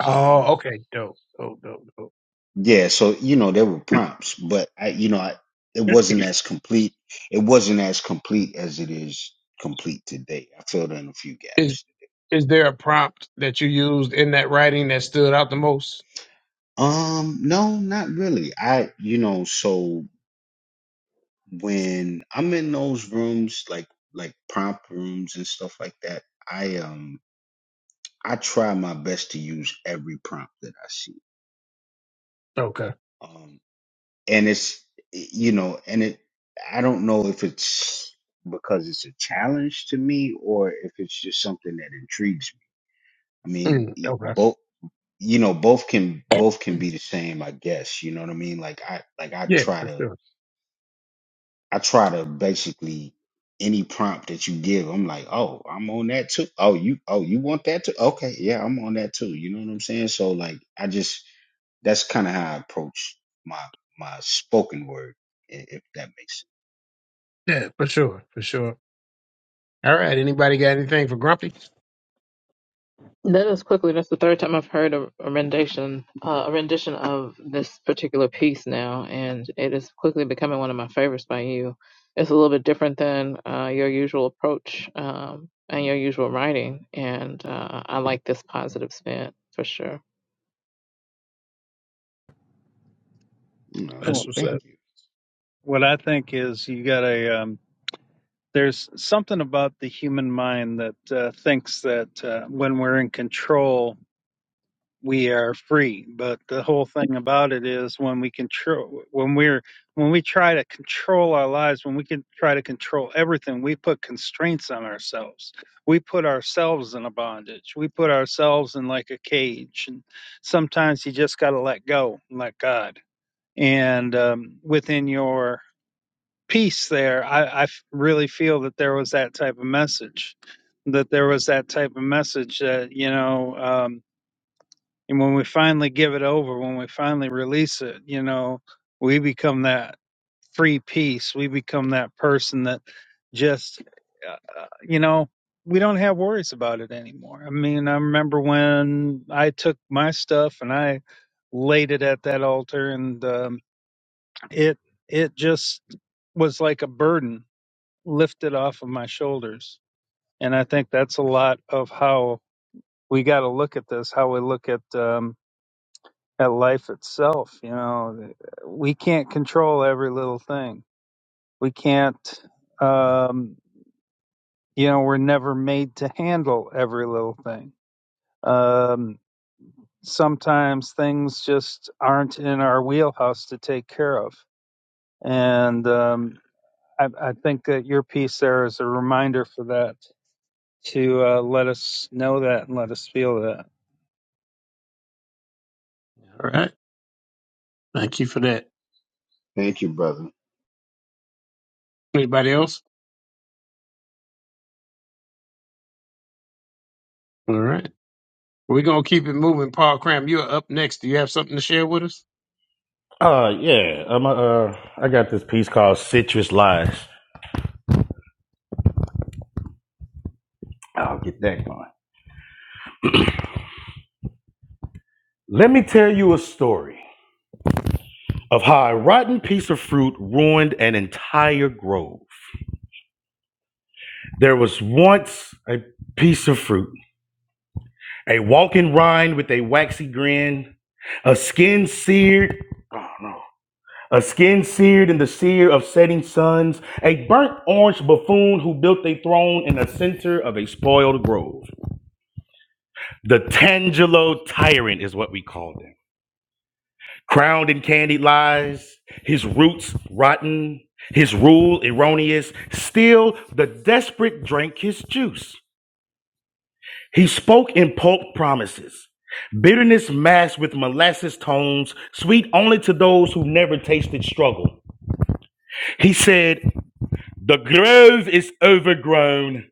Oh,
Um,
okay, dope, dope, dope, dope.
yeah, so you know there were prompts, but I you know I, it wasn't as complete. It wasn't as complete as it is complete today. I filled in a few
Is
gaps.
is there a prompt that you used in that writing that stood out the most?
Um, no, not really. I you know so when I'm in those rooms like like prompt rooms and stuff like that, I um. I try my best to use every prompt that I see.
Okay.
Um, and it's, you know, and it, I don't know if it's because it's a challenge to me or if it's just something that intrigues me. I mean,
Mm,
e-
okay.
both, you know, both can, both can
Mm,
be the same, I guess. You know what I mean? Like I, like I
Yeah,
try
for
to
sure.
I try to basically any prompt that you give, I'm like, oh, I'm on that too. Oh, you, oh, you want that too? Okay, yeah, I'm on that too. You know what I'm saying? So like, I just that's kind of how I approach my my spoken word, i- if that makes
Yeah, for sure, for sure. All right. Anybody got anything for Grumpy?
That is quickly. That's the third time I've heard a, a rendition, uh, a rendition of this particular piece now, and it is quickly becoming one of my favorites by you. It's a little bit different than uh, your usual approach um, and your usual writing, and uh, I like this positive spin for sure.
sense. No,
That's
Well,
what's
thank
up.
you,
what I think is you got a, um, there's something about the human mind that uh, thinks that uh, when we're in control we are free. But the whole thing about it is when we control, when we're, when we try to control our lives, when we can try to control everything, we put constraints on ourselves. We put ourselves in a bondage. We put ourselves in like a cage. And sometimes you just got to let go, and let God. And um, within your peace there, I, I f- really feel that there was that type of message. That there was that type of message that, you know, um, and when we finally give it over when we finally release it you know we become that free piece we become that person that just uh, uh, you know we don't have worries about it anymore i mean i remember when i took my stuff and i laid it at that altar and um, it it just was like a burden lifted off of my shoulders and i think that's a lot of how we got to look at this how we look at um, at life itself. You know, we can't control every little thing. We can't, um, you know, we're never made to handle every little thing. Um, sometimes things just aren't in our wheelhouse to take care of. And um, I, I think that your piece there is a reminder for that to uh, let us know that and let us feel that.
All right. Thank you for that.
thank you, brother.
Anybody else? All right. We're going to keep it moving. Paul Cram, you're up next. Do you have something to share with us?
Uh, yeah. i uh, I got this piece called Citrus Lies. I'll get that going. Let me tell you a story of how a rotten piece of fruit ruined an entire grove. There was once a piece of fruit, a walking rind with a waxy grin, a skin seared. Oh no. A skin seared in the sear of setting suns, a burnt orange buffoon who built a throne in the center of a spoiled grove. The Tangelo tyrant is what we called him. Crowned in candied lies, his roots rotten, his rule erroneous, still the desperate drank his juice. He spoke in pulp promises, bitterness masked with molasses tones, sweet only to those who never tasted struggle. He said, The grove is overgrown,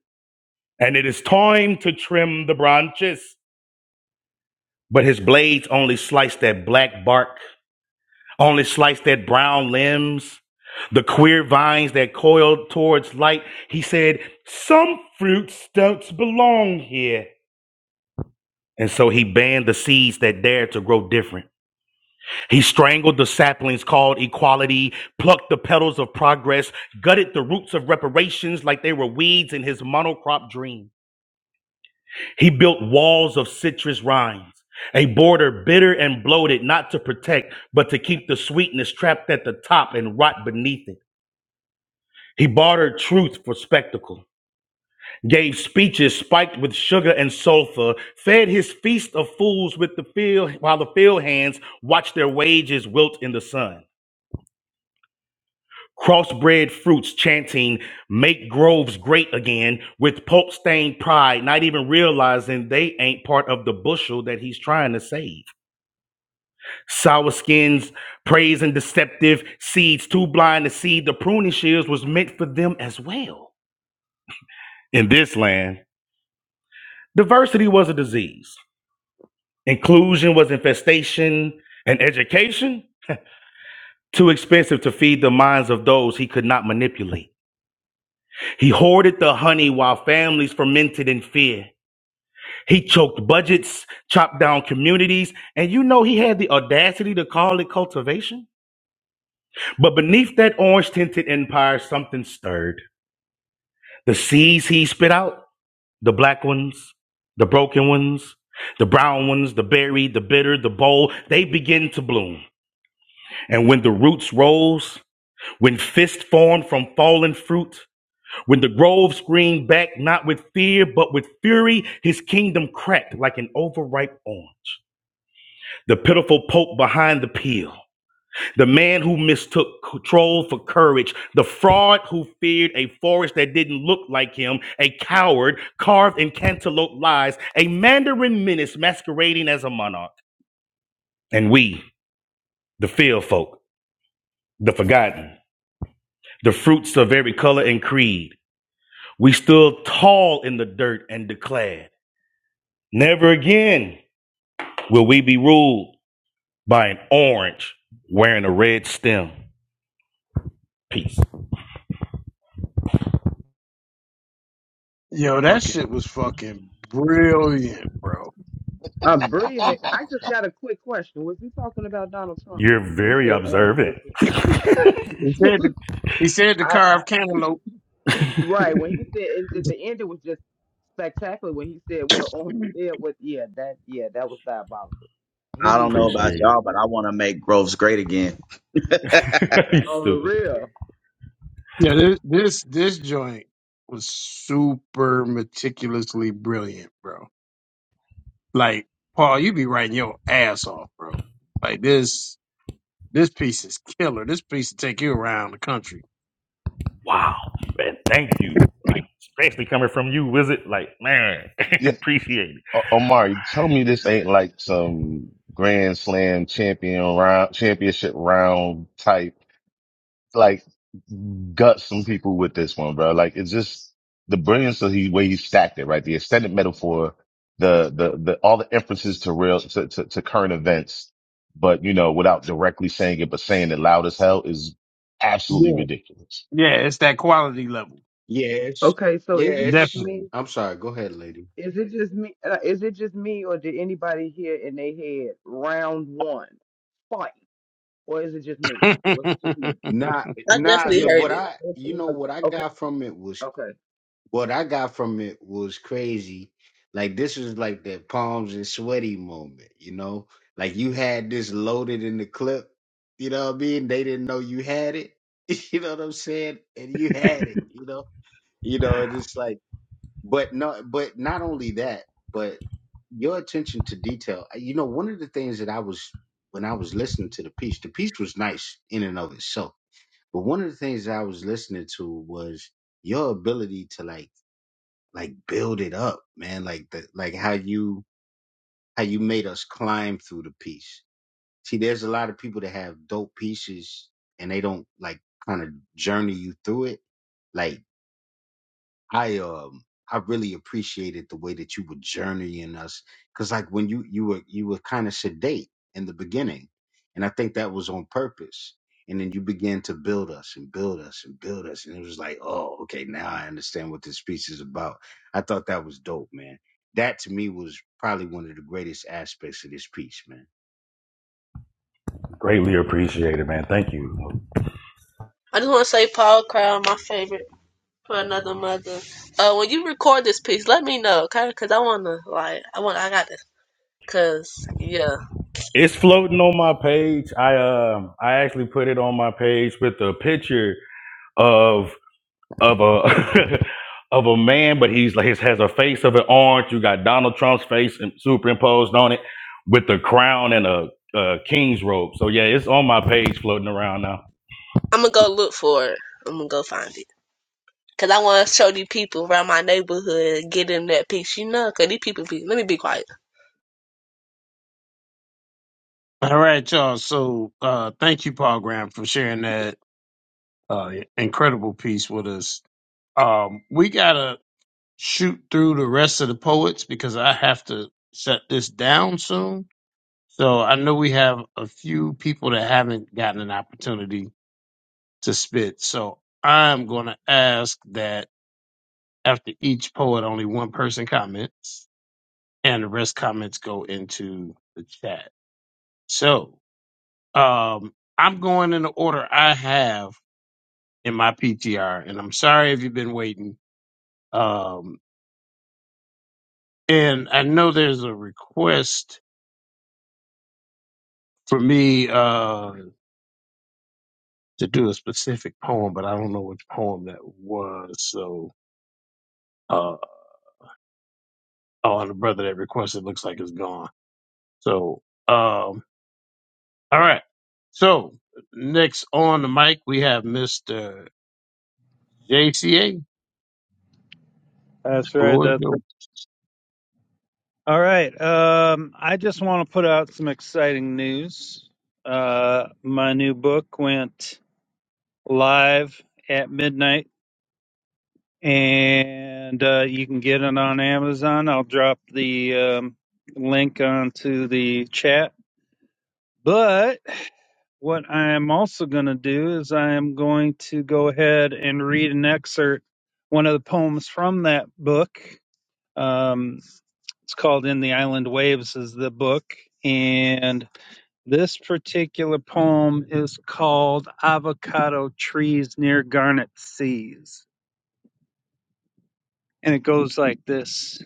and it is time to trim the branches. But his blades only sliced that black bark Only sliced that brown limbs, the queer vines that coiled towards light. He said, Some fruits don't belong here. And so he banned the seeds that dared to grow different. He strangled the saplings called equality, plucked the petals of progress, gutted the roots of reparations like they were weeds in his monocrop dream. He built walls of citrus rinds, a border bitter and bloated, not to protect, but to keep the sweetness trapped at the top and rot beneath it. He bartered truth for spectacle, gave speeches spiked with sugar and sulfur, fed his feast of fools with the field while the field hands watched their wages wilt in the sun. Crossbred fruits chanting, make groves great again with pulp stained pride, not even realizing they ain't part of the bushel that he's trying to save. Sour skins, praise and deceptive seeds, too blind to see the pruning shears was meant for them as well. In this land, Diversity was a disease. Inclusion was infestation, and education too expensive to feed the minds of those he could not manipulate. He hoarded the honey while families fermented in fear. He choked budgets, chopped down communities, and you know he had the audacity to call it cultivation. But beneath that orange tinted empire, something stirred. The seeds he spit out, the black ones, the broken ones, the brown ones, the berry, the bitter, the bold, they begin to bloom. And when the roots rose, when fists formed from fallen fruit, when the grove screamed back not with fear but with fury, his kingdom cracked like an overripe orange. The pitiful pope behind the peel, the man who mistook control for courage, the fraud who feared a forest that didn't look like him, a coward carved in cantaloupe lies, a mandarin menace masquerading as a monarch. And we, the field folk, the forgotten the fruits of every color and creed. We stood tall in the dirt and declared, Never again will we be ruled by an orange wearing a red stem. Peace.
Yo, that
Okay.
shit was fucking brilliant, bro.
A brilliant. I just got a quick question. Was you talking about Donald Trump? 'Cause
You're
When you
very
said on,
observant.
He said the, he said the
I, I
carve cantaloupe.
right when he said and at the end it was just spectacular when he said what a on said was yeah that yeah that was diabolical. He
I don't
need to
know
hear
about
Appreciate
that
y'all, but I want to make Groves great again. hey,
it. you
on the
stupid.
real.
Yeah, this this this joint was super meticulously brilliant, bro. Like Paul, you be writing your ass off, bro. Like this this piece is killer. This piece will take you around the country.
Wow, man. Thank you. Like, especially coming from you, wizard. Like, man,
Yeah.
appreciate
O- Omar, you tell
it.
me this ain't like some Grand Slam champion round, championship round type. Like, gut some people with this one, bro. Like, it's just the brilliance of the way he stacked it, right? The extended metaphor, the the the all the inferences to real to, to, to current events, but you know, without directly saying it, but saying it loud as hell is absolutely
Yeah.
ridiculous.
Yeah, it's that quality level.
Yes,
Okay, so is it just
yes.
Definitely.
me?
I'm sorry. Go ahead, lady.
Is it just me? uh, Is it just me, or did anybody hear in their head round one fight, or is it just me? Was it just me?
Not,
I
not
definitely
the,
Me-
heard
what
it.
I, you
Definitely.
know,
uh,
what I
Okay,
got from it was
okay.
What I got from it was crazy. Like this was like that palms and sweaty moment, you know? Like you had this loaded in the clip, you know what I mean? They didn't know you had it. You know what I'm saying? And you had it, you know? You know, it's just like but no but not only that, but your attention to detail. uh, You know, one of the things that I was when I was listening to the piece, the piece was nice in and of itself. But one of the things that I was listening to was your ability to like like build it up, man. Like the like how you how you made us climb through the piece. See, there's a lot of people that have dope pieces and they don't like kind of journey you through it. like. I um I really appreciated the way that you were journeying us because like when you you were you were kind of sedate in the beginning, and I think that was on purpose. And then you began to build us and build us and build us, and it was like, oh, okay, now I understand what this piece is about. I thought that was dope, man. That to me was probably one of the greatest aspects of this piece, man.
Greatly appreciated, man. Thank you.
I just want to say Paul Crown, my favorite. for another mother. Uh, when you record this piece, let me know, okay? Cause I wanna like, I want, I got this. Cause yeah,
It's floating on my page. I um I actually put it on my page with a picture of of a of a man, but he's like he has a face of an orange. You got Donald Trump's face im- superimposed on it with the crown and a, a king's robe. So yeah, it's on my page floating around now.
I'm gonna go look for it. I'm gonna go find it. Cause I want to show these people around my neighborhood, get in that piece, you know. Cause these people be, let me be quiet.
All right, y'all. So uh thank you, Paul Graham, for sharing that uh incredible piece with us. Um we gotta shoot through the rest of the poets because I have to shut this down soon. So I know we have a few people that haven't gotten an opportunity to spit. So I'm gonna ask that after each poet only one person comments. and the rest comments go into the chat. So um, I'm going in the order I have in my PTR, and I'm sorry if you've been waiting. Um, and I know there's a request for me uh, to do a specific poem, but I don't know which poem that was. So, uh, oh, and the brother that requested looks like it's gone. So, um, all right. So next on the mic we have Mr. JCA.
That's right.
Floyd.
That's All right. Um, I just want to put out some exciting news. Uh, my new book went live at midnight, and uh, you can get it on Amazon. I'll drop the um, link onto the chat. But what I am also going to do is I am going to go ahead and read an excerpt, one of the poems from that book. Um, it's called "In the Island Waves" is the book, and This particular poem is called Avocado Trees Near Garnet Seas. And it goes like this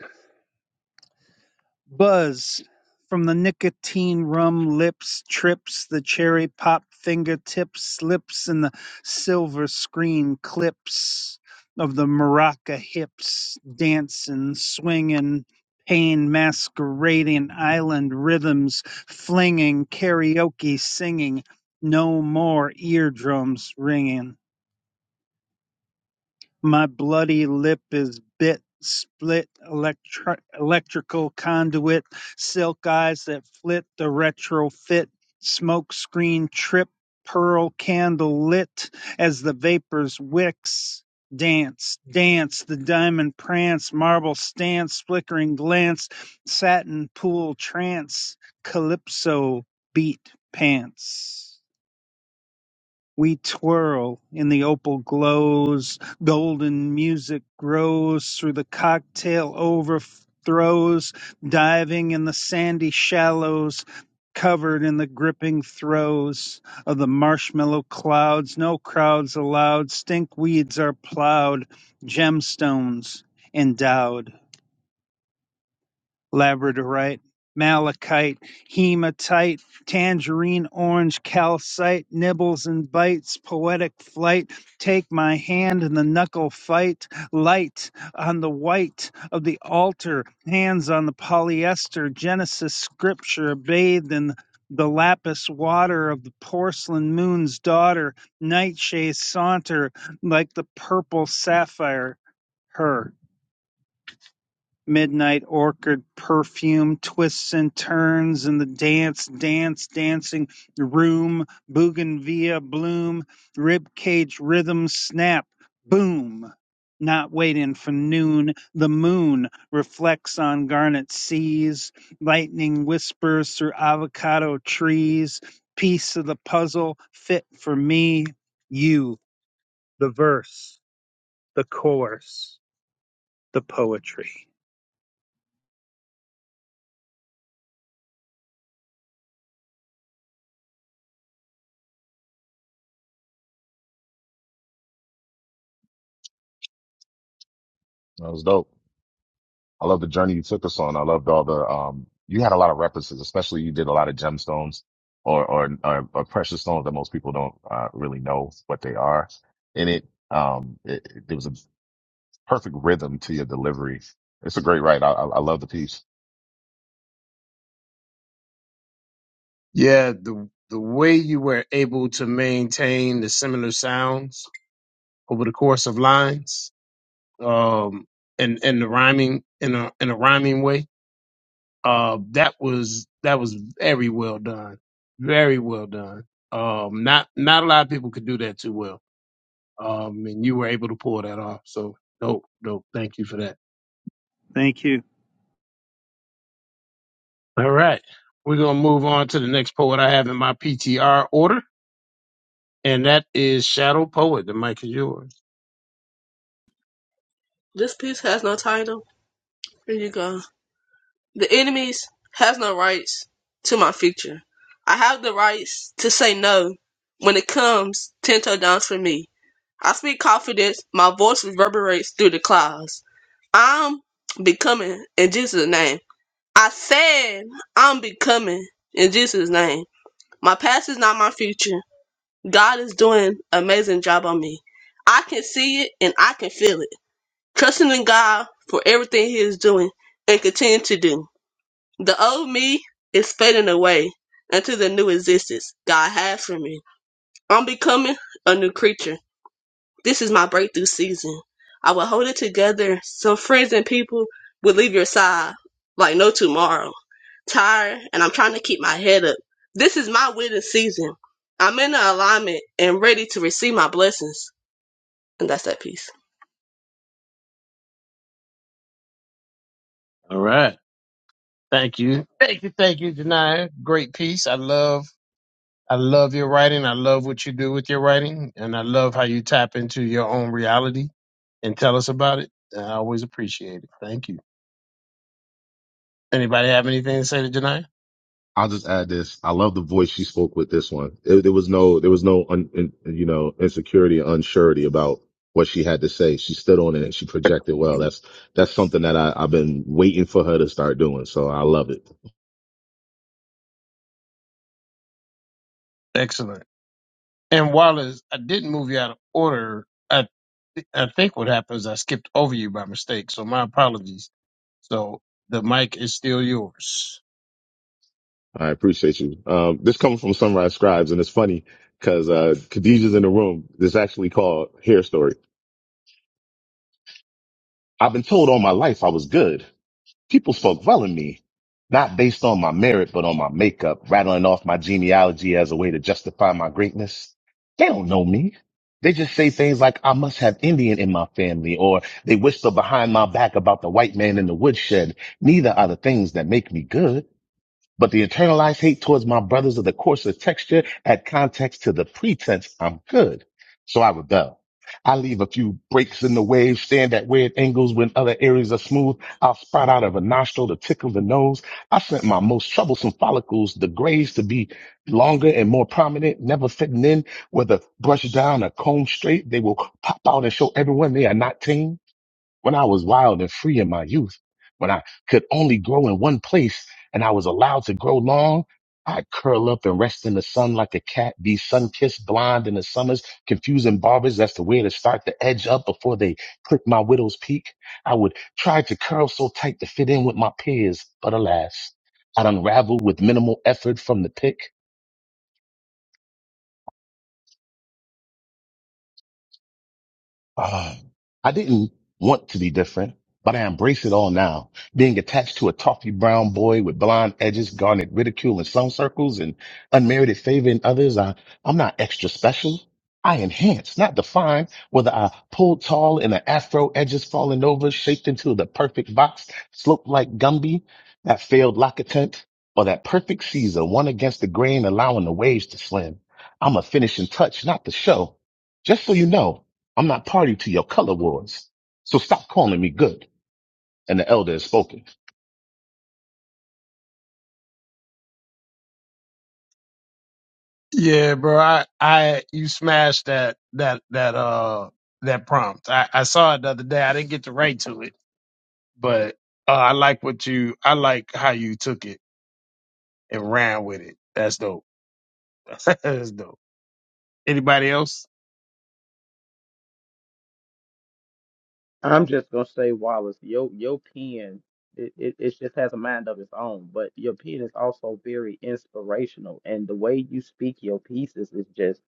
Buzz from the nicotine rum lips trips, the cherry pop fingertips slips, in the silver screen clips of the maraca hips dancing, swinging, pain masquerading, island rhythms flinging, karaoke singing, no more eardrums ringing. My bloody lip is bit split, electri- electrical conduit, silk eyes that flit, the retrofit, smoke screen trip, pearl candle lit as the vapors wicks. Dance, dance, the diamond prance, marble stance, flickering glance, satin pool trance, calypso beat pants. We twirl in the opal glows, golden music grows through the cocktail overthrows, diving in the sandy shallows, covered in the gripping throes of the marshmallow clouds. No crowds allowed, stink weeds are plowed, gemstones endowed labradorite, malachite, hematite, tangerine orange, calcite, nibbles and bites, poetic flight, take my hand in the knuckle fight, light on the white of the altar, hands on the polyester, Genesis scripture bathed in the lapis water of the porcelain moon's daughter, nightshades saunter like the purple sapphire her. Midnight Orchid perfume twists and turns in the dance, dance, dancing room. Bougainvillea bloom, ribcage rhythm snap, boom. Not waiting for noon, the moon reflects on garnet seas. Lightning whispers through avocado trees. Piece of the puzzle fit for me, you, the verse, the chorus, the poetry.
That was dope. I love the journey you took us on. I loved all the um you had a lot of references, especially you did a lot of gemstones or or or, or precious stones that most people don't uh, really know what they are. And it um it, it- there was a perfect rhythm to your delivery. It's a great write. I I, I love the piece.
Yeah, the the way you were able to maintain the similar sounds over the course of lines, um, and and the rhyming in a in a rhyming way, uh, that was that was very well done, very well done. Um, not not a lot of people could do that too well. Um, and you were able to pull that off. So dope, dope. Thank you for that.
Thank you.
All right, we're gonna move on to the next poet I have in my PTR order, and that is Shadow Poet. The mic is yours.
This piece has no title. Here you go. The enemies has no rights to my future. I have the rights to say no when it comes ten toe downs for me. I speak confidence, my voice reverberates through the clouds. I'm becoming in Jesus' name. I said I'm becoming in Jesus' name. My past is not my future. God is doing an amazing job on me. I can see it and I can feel it. Trusting in God for everything He is doing and continue to do. The old me is fading away until the new existence God has for me. I'm becoming a new creature. This is my breakthrough season. I will hold it together. Some friends and people will leave your side like no tomorrow. Tired, and I'm trying to keep my head up. This is my winning season. I'm in alignment and ready to receive my blessings. And that's that piece.
All right. Thank you. Thank you. Thank you, Janaya. Great piece. I love I love your writing. I love what you do with your writing. And I love how you tap into your own reality and tell us about it. I always appreciate it. Thank you. Anybody have anything to say to Janaya?
I'll just add this. I love the voice she spoke with this one. There, there was no, there was no, un, in, you know, insecurity or unsurety about what she had to say. She stood on it and she projected well. That's, that's something that I, I've been waiting for her to start doing. So I love it.
Excellent. And Wallace, I didn't move you out of order. I th- I think what happened is I skipped over you by mistake. So my apologies. So the mic is still yours.
I appreciate you. Um, this comes from Sunrise Scribes, and it's funny because uh, Khadijah's in the room. This is actually called Hair Story. I've been told all my life I was good. People spoke well of me, not based on my merit, but on my makeup, rattling off my genealogy as a way to justify my greatness. They don't know me. They just say things like, I must have Indian in my family, or they whisper behind my back about the white man in the woodshed. Neither are the things that make me good. But the internalized hate towards my brothers of the coarser texture add context to the pretense I'm good. So I rebel. I leave a few breaks in the wave, stand at weird angles when other areas are smooth. I'll sprout out of a nostril to tickle the nose. I sent my most troublesome follicles, the grays, to be longer and more prominent, never fitting in, whether brushed down or combed straight. They will pop out and show everyone they are not tame when I was wild and free in my youth, when I could only grow in one place and I was allowed to grow long, I'd curl up and rest in the sun like a cat, be sun kissed, blind in the summers, confusing barbers as to where to start the edge up before they clip my widow's peak. I would try to curl so tight to fit in with my peers, but alas, I'd unravel with minimal effort from the pick. Ah, I didn't want to be different, but I embrace it all now. Being attached to a toffee brown boy with blonde edges, garnet ridicule in some circles and unmerited favor in others. I, I'm not extra special. I enhance, not define, whether I pull tall and the afro edges falling over, shaped into the perfect box, sloped like Gumby, that failed locketent, or that perfect Caesar, one against the grain, allowing the waves to slim. I'm a finishing touch, not the show. Just so you know, I'm not party to your color wars. So stop calling me good. And the elder has spoken.
Yeah, bro. I, I you smashed that that that uh that prompt. I, I saw it the other day. I didn't get to write to it, but uh, I like what you. I like how you took it and ran with it. That's dope. That's dope. Anybody else?
I'm just gonna say, Wallace, your your pen it, it, it just has a mind of its own, but your pen is also very inspirational, and the way you speak your pieces is just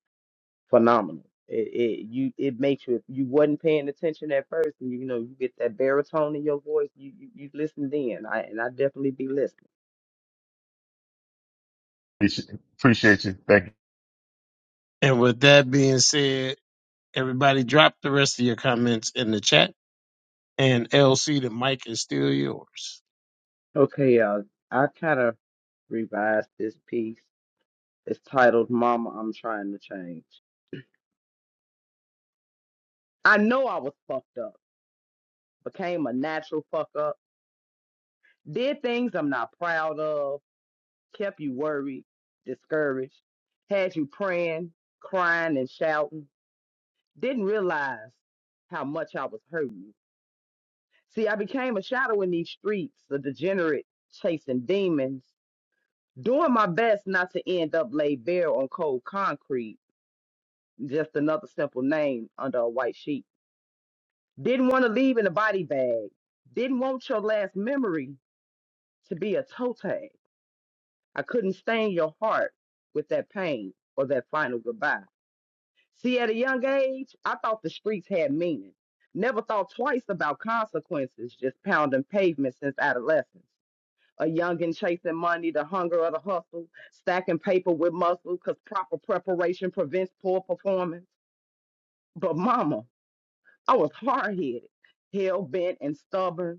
phenomenal. It, it you it makes you if you wasn't paying attention at first, and you know you get that baritone in your voice, you you, you listen then. I and I definitely be listening.
Appreciate appreciate you. Thank you.
And with that being said, everybody drop the rest of your comments in the chat. And LC, the mic is still yours.
Okay, uh, I kind of revised this piece. It's titled "Mama, I'm Trying to Change." I know I was fucked up, became a natural fuck up Did things I'm not proud of, kept you worried, discouraged, had you praying, crying, and shouting. Didn't realize how much I was hurting you. See, I became a shadow in these streets, a degenerate chasing demons, doing my best not to end up laid bare on cold concrete, just another simple name under a white sheet. Didn't want to leave in a body bag. Didn't want your last memory to be a toe tag. I couldn't stain your heart with that pain or that final goodbye. See, at a young age, I thought the streets had meaning. Never thought twice about consequences, just pounding pavement since adolescence. A youngin' chasing money, the hunger of the hustle, stacking paper with muscle, cause proper preparation prevents poor performance. But mama, I was hard headed, hell bent and stubborn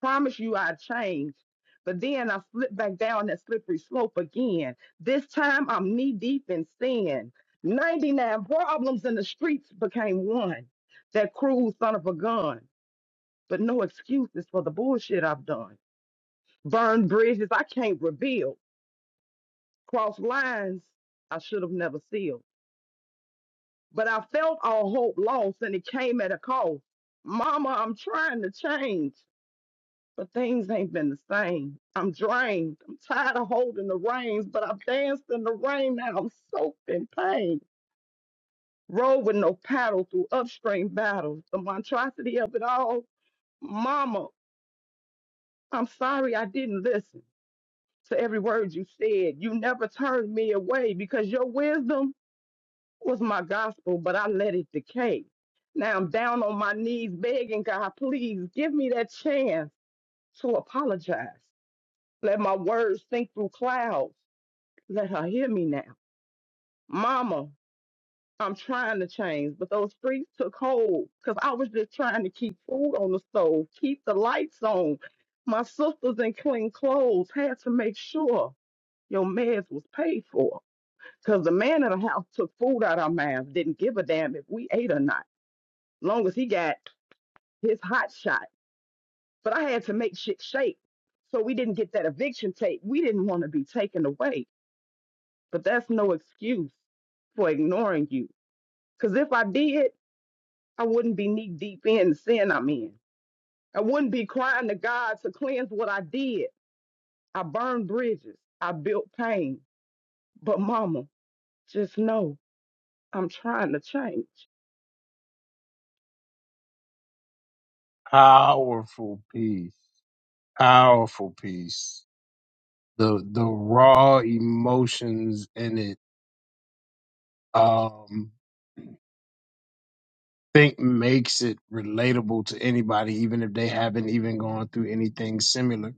promise you I changed. But then I slipped back down that slippery slope again. This time I'm knee deep in sin. 99 problems in the streets became one. That cruel son of a gun. But no excuses for the bullshit I've done. Burned bridges I can't rebuild. Crossed lines I should have never sealed. But I felt all hope lost and it came at a cost. Mama, I'm trying to change. but things ain't been the same. I'm drained. I'm tired of holding the reins, but I've danced in the rain now. I'm soaked in pain. Rode with no paddle through upstream battles. The monstrosity of it all. Mama, I'm sorry I didn't listen to every word you said. You never turned me away because your wisdom was my gospel, but I let it decay. Now I'm down on my knees begging God, please give me that chance to apologize. Let my words sink through clouds. Let her hear me now. Mama, I'm trying to change, but those streets took hold because I was just trying to keep food on the stove, keep the lights on. My sisters in clean clothes had to make sure your meds was paid for because the man in the house took food out our mouths, didn't give a damn if we ate or not, long as he got his hot shot. But I had to make shit shake so we didn't get that eviction tape. We didn't want to be taken away, but that's no excuse for ignoring you. Because if I did, I wouldn't be knee deep in the sin I'm in. I wouldn't be crying to God to cleanse what I did. I burned bridges, I built pain. But, Mama, just know I'm trying to change.
Powerful piece. Powerful piece. The the raw emotions in it um, think makes it relatable to anybody, even if they haven't even gone through anything similar.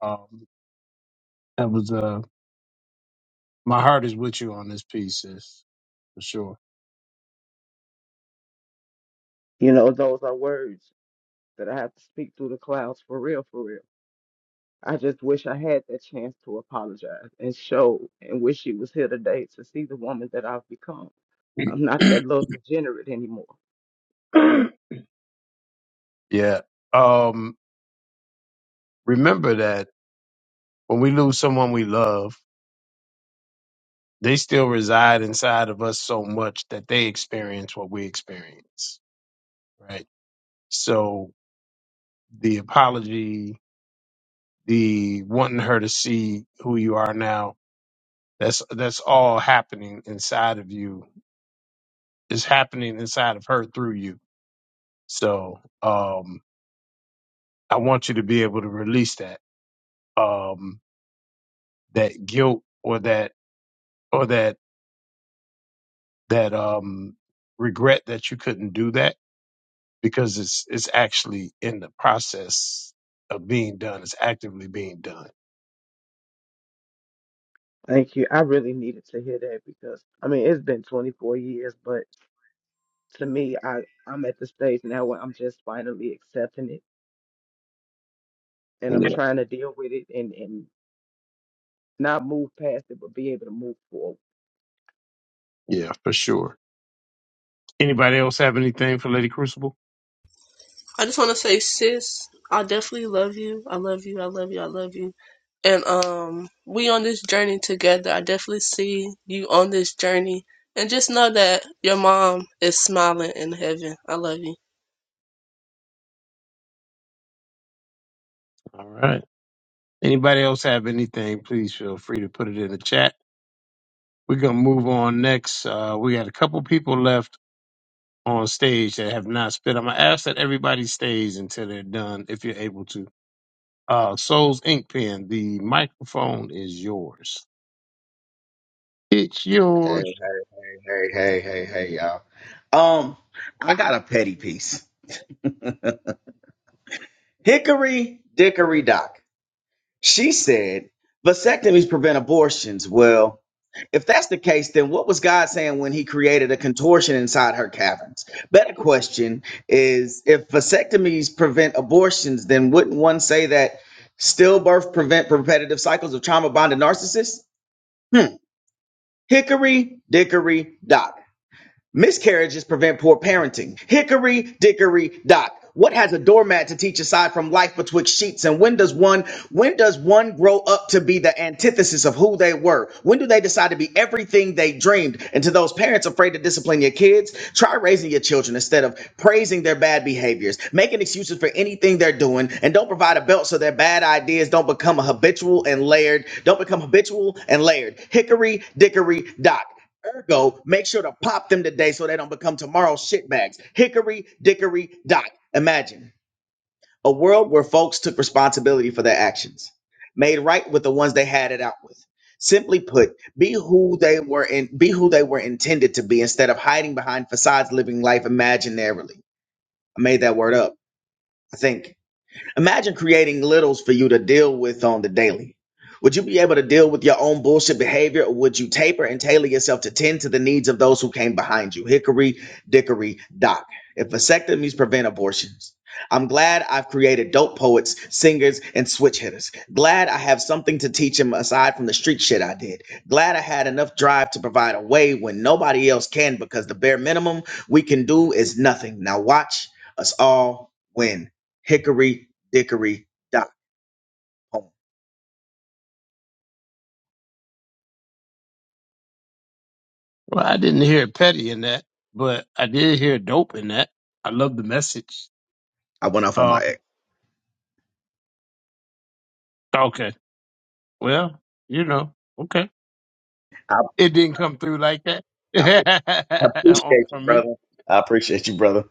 Um, that was uh, my heart is with you on this piece, sis, for sure.
You know, those are words that I have to speak through the clouds for real, for real. I just wish I had that chance to apologize and show and wish she was here today to see the woman that I've become. I'm not that little degenerate anymore.
yeah. Um, remember that when we lose someone we love, they still reside inside of us so much that they experience what we experience, right? So the apology, the wanting her to see who you are now That's that's all happening inside of you. It's happening inside of her through you. So um, I want you to be able to release that um, that guilt or that or that that um, regret that you couldn't do that because it's it's actually in the process of being done. It's actively being done.
Thank you. I really needed to hear that because I mean it's been 24 years, but to me, I I'm at the stage now where I'm just finally accepting it and I'm
Yeah,
trying to deal with it and and not move past it, but be able to move forward.
yeah, for sure. Anybody else have anything for Lady Crucible?
I just want to say, sis, I definitely love you. I love you. I love you. I love you. And um, we on this journey together. I definitely see you on this journey, and just know that your mom is smiling in heaven. I love you.
All right. Anybody else have anything? Please feel free to put it in the chat. We're gonna move on next. Uh, we got a couple people left on stage that have not spit. I'm gonna ask that everybody stays until they're done, if you're able to. Uh, Souls Ink Pen, the microphone is yours. It's
hey,
yours.
hey, hey, hey, hey, y'all. Um, I got a petty piece. Hickory Dickory Dock. She said vasectomies prevent abortions. Well, if that's the case, then what was God saying when He created a contortion inside her caverns? Better question is if vasectomies prevent abortions, then wouldn't one say that stillbirth prevent repetitive cycles of trauma bonded narcissists? Hmm. Hickory dickory dock Miscarriages prevent poor parenting. Hickory dickory dock. What has a doormat to teach aside from life betwixt sheets? And when does one when does one grow up to be the antithesis of who they were? When do they decide to be everything they dreamed? And to those parents afraid to discipline your kids, try raising your children instead of praising their bad behaviors, making excuses for anything they're doing, and don't provide a belt so their bad ideas don't become a habitual and layered, don't become habitual and layered. Hickory dickory dock. Ergo, make sure to pop them today so they don't become tomorrow's shitbags. Hickory dickory dock. Imagine a world where folks took responsibility for their actions, made right with the ones they had it out with. Simply put, be who they were in, be who they were intended to be instead of hiding behind facades living life imaginarily. I made that word up, I think. Imagine creating littles for you to deal with on the daily. Would you be able to deal with your own bullshit behavior, or would you taper and tailor yourself to tend to the needs of those who came behind you? Hickory, dickory, dock. If vasectomies prevent abortions, I'm glad I've created dope poets, singers, and switch hitters. Glad I have something to teach him aside from the street shit I did. Glad I had enough drive to provide a way when nobody else can because the bare minimum we can do is nothing. Now watch us all win. Hickory dickory dot dickory.home.
Well, I didn't hear petty in that, but I did hear dope in that. I love the message.
I went off on
Uh,
my ex.
okay. Well, you know, okay.
I,
It didn't come through like that
I, I
on-
appreciate you,
from me.
brother. I appreciate you, brother.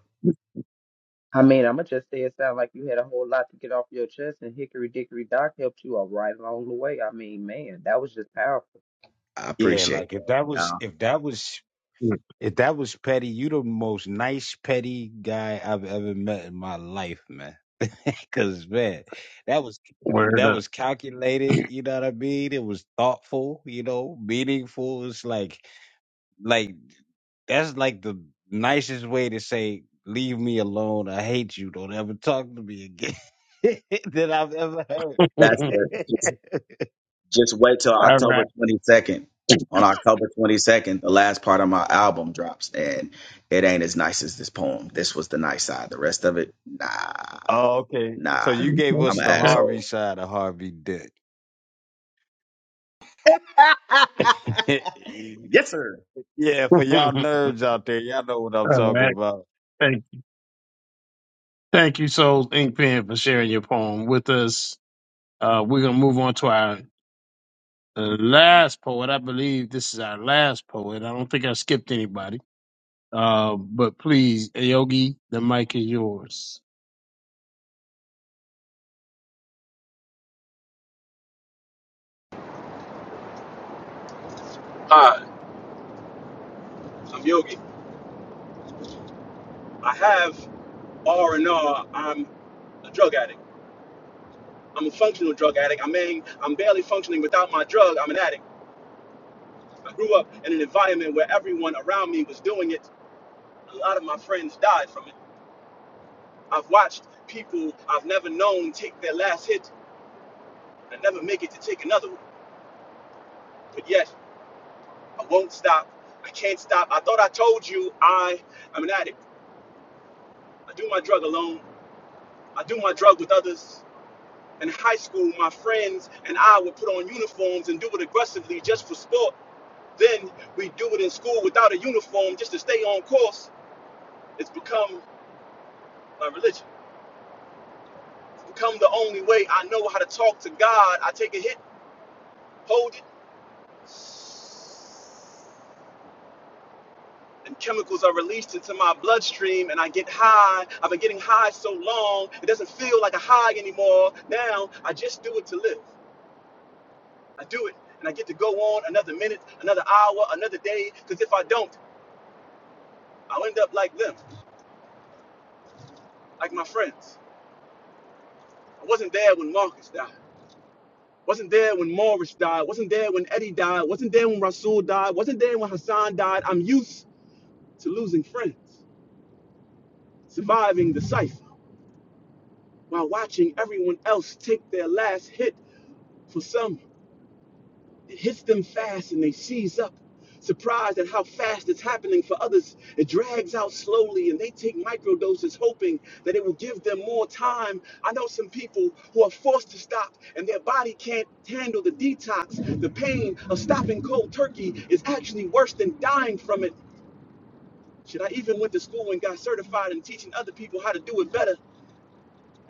I mean, I'm gonna just say it sound like you had a whole lot to get off your chest, and Hickory Dickory Dock helped you all right along the way. I mean, man, that was just powerful.
I
Yeah,
appreciate
like if that
that.
was
Uh,
if that was If that was petty, you the most nice petty guy I've ever met in my life, man. Cause man, that was
Word
that
up.
was calculated. You know what I mean? It was thoughtful. You know, meaningful. It's like like that's like the nicest way to say leave me alone. I hate you. Don't ever talk to me again that I've ever heard.
that's
All
the just just wait till October
right.
22nd. On October 22nd, the last part of my album drops, and it ain't as nice as this poem. This was the nice side. The rest of it, nah,
oh, okay.
nah.
So you gave
I'm
us
an
the Harvey
asshole.
side of Harvey Dent.
yes, sir.
Yeah, for
All
y'all nerds out there, y'all know what I'm talking
right.
about.
Thank, you. thank you, Souls Ink Pen, for sharing your poem with us. Uh, we're going to move on to our uh, last poet. I believe this is our last poet. I don't think I skipped anybody. Uh, but please, Yogi, the mic is yours.
Hi, I'm Yogi. I have R and R. I'm a drug addict. I'm a functional drug addict. I mean, I'm barely functioning without my drug. I'm an addict. I grew up in an environment where everyone around me was doing it. A lot of my friends died from it. I've watched people I've never known take their last hit and never make it to take another one. But yet, I won't stop. I can't stop. I thought I told you I am an addict. I do my drug alone. I do my drug with others. In high school, my friends and I would put on uniforms and do it aggressively just for sport. Then we do it in school without a uniform just to stay on course. It's become my religion. It's become the only way I know how to talk to God. I take a hit, hold it, and chemicals are released into my bloodstream and I get high. I've been getting high so long, it doesn't feel like a high anymore. Now I just do it to live. I do it and I get to go on another minute, another hour, another day, because if I don't, I'll end up like them, like my friends. I wasn't there when Marcus died. Wasn't there when Morris died. Wasn't there when Eddie died. Wasn't there when Rasul died. Wasn't there when Hassan died. I'm used to losing friends, surviving the cipher while watching everyone else take their last hit for some It hits them fast and they seize up, surprised at how fast it's happening for others. It drags out slowly and they take microdoses, hoping that it will give them more time. I know some people who are forced to stop and their body can't handle the detox. The pain of stopping cold turkey is actually worse than dying from it. Should I even went to school and got certified in teaching other people how to do it better?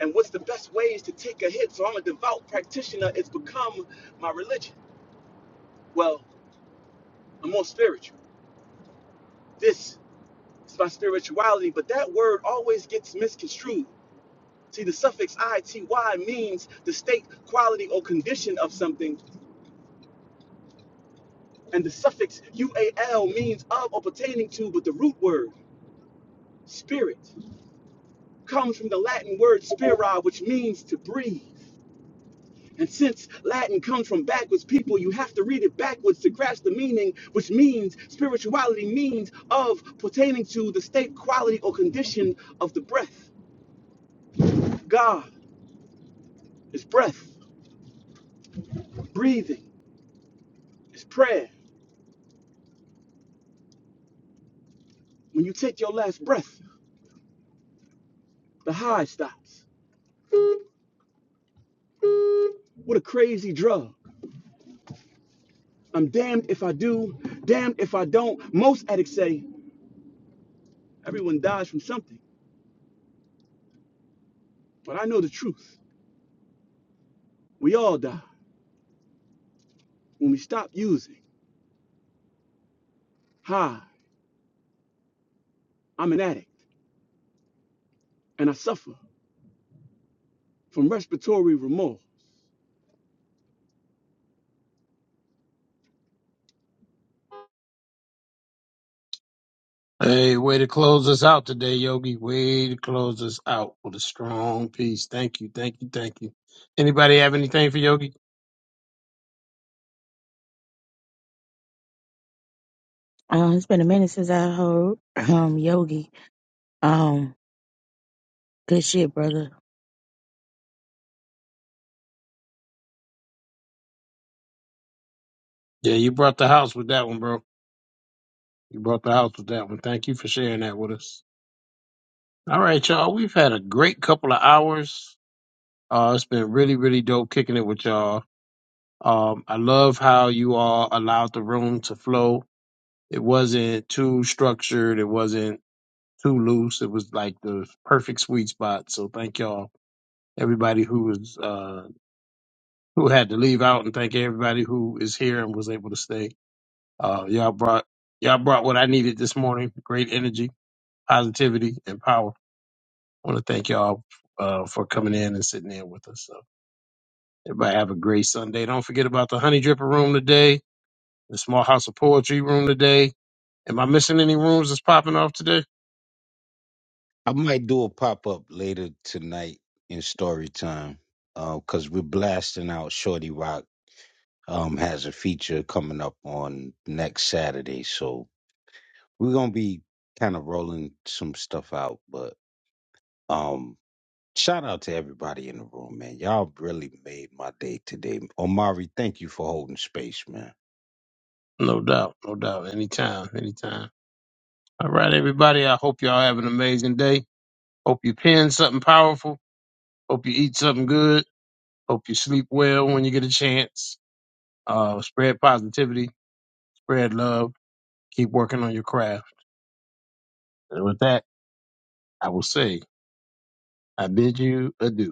And what's the best ways to take a hit? So I'm a devout practitioner. It's become my religion. Well, I'm more spiritual. This is my spirituality, but that word always gets misconstrued. See, the suffix ity means the state, quality, or condition of something, and the suffix ual means of or pertaining to, but the root word, spirit, comes from the Latin word spira, which means to breathe. And since Latin comes from backwards people, you have to read it backwards to grasp the meaning, which means spirituality means of pertaining to the state, quality, or condition of the breath. God. It's breath, breathing, it's prayer. When you take your last breath, the high stops. What a crazy drug. I'm damned if I do, damned if I don't. Most addicts say everyone dies from something, but I know the truth. We all die when we stop using. Hi, I'm an addict and I suffer from respiratory remorse.
Hey, way to close us out today, Yogi. Way to close us out with a strong piece. Thank you, thank you, thank you. Anybody have anything for Yogi?
Uh, it's been a minute since I heard um Yogi. um. Good shit, brother.
Yeah, you brought the house with that one, bro. You brought the house with that one. Thank you for sharing that with us. All right, y'all. We've had a great couple of hours. Uh, it's been really, really dope kicking it with y'all. Um, I love how you all allowed the room to flow. It wasn't too structured. It wasn't too loose. It was like the perfect sweet spot. So thank y'all, everybody who was uh, who had to leave out, and thank everybody who is here and was able to stay. Uh, y'all brought y'all brought what I needed this morning: great energy, positivity, and power. I want to thank y'all uh, for coming in and sitting in with us. So. Everybody have a great Sunday. Don't forget about the Honey Dripper Room today, the Small House of Poetry Room today. Am I missing any rooms that's popping off today?
I might do a pop up later tonight in story time because we're blasting out Shorty Rock. Um, has a feature coming up on next Saturday, so we're gonna be kind of rolling some stuff out. But um, shout out to everybody in the room, man. Y'all really made my day today. Omari, thank you for holding space, man.
No doubt, no doubt. Anytime, anytime. All right, everybody. I hope y'all have an amazing day. Hope you pin something powerful. Hope you eat something good. Hope you sleep well when you get a chance. Uh, spread positivity, spread love. Keep working on your craft. And with that, I will say, I bid you adieu.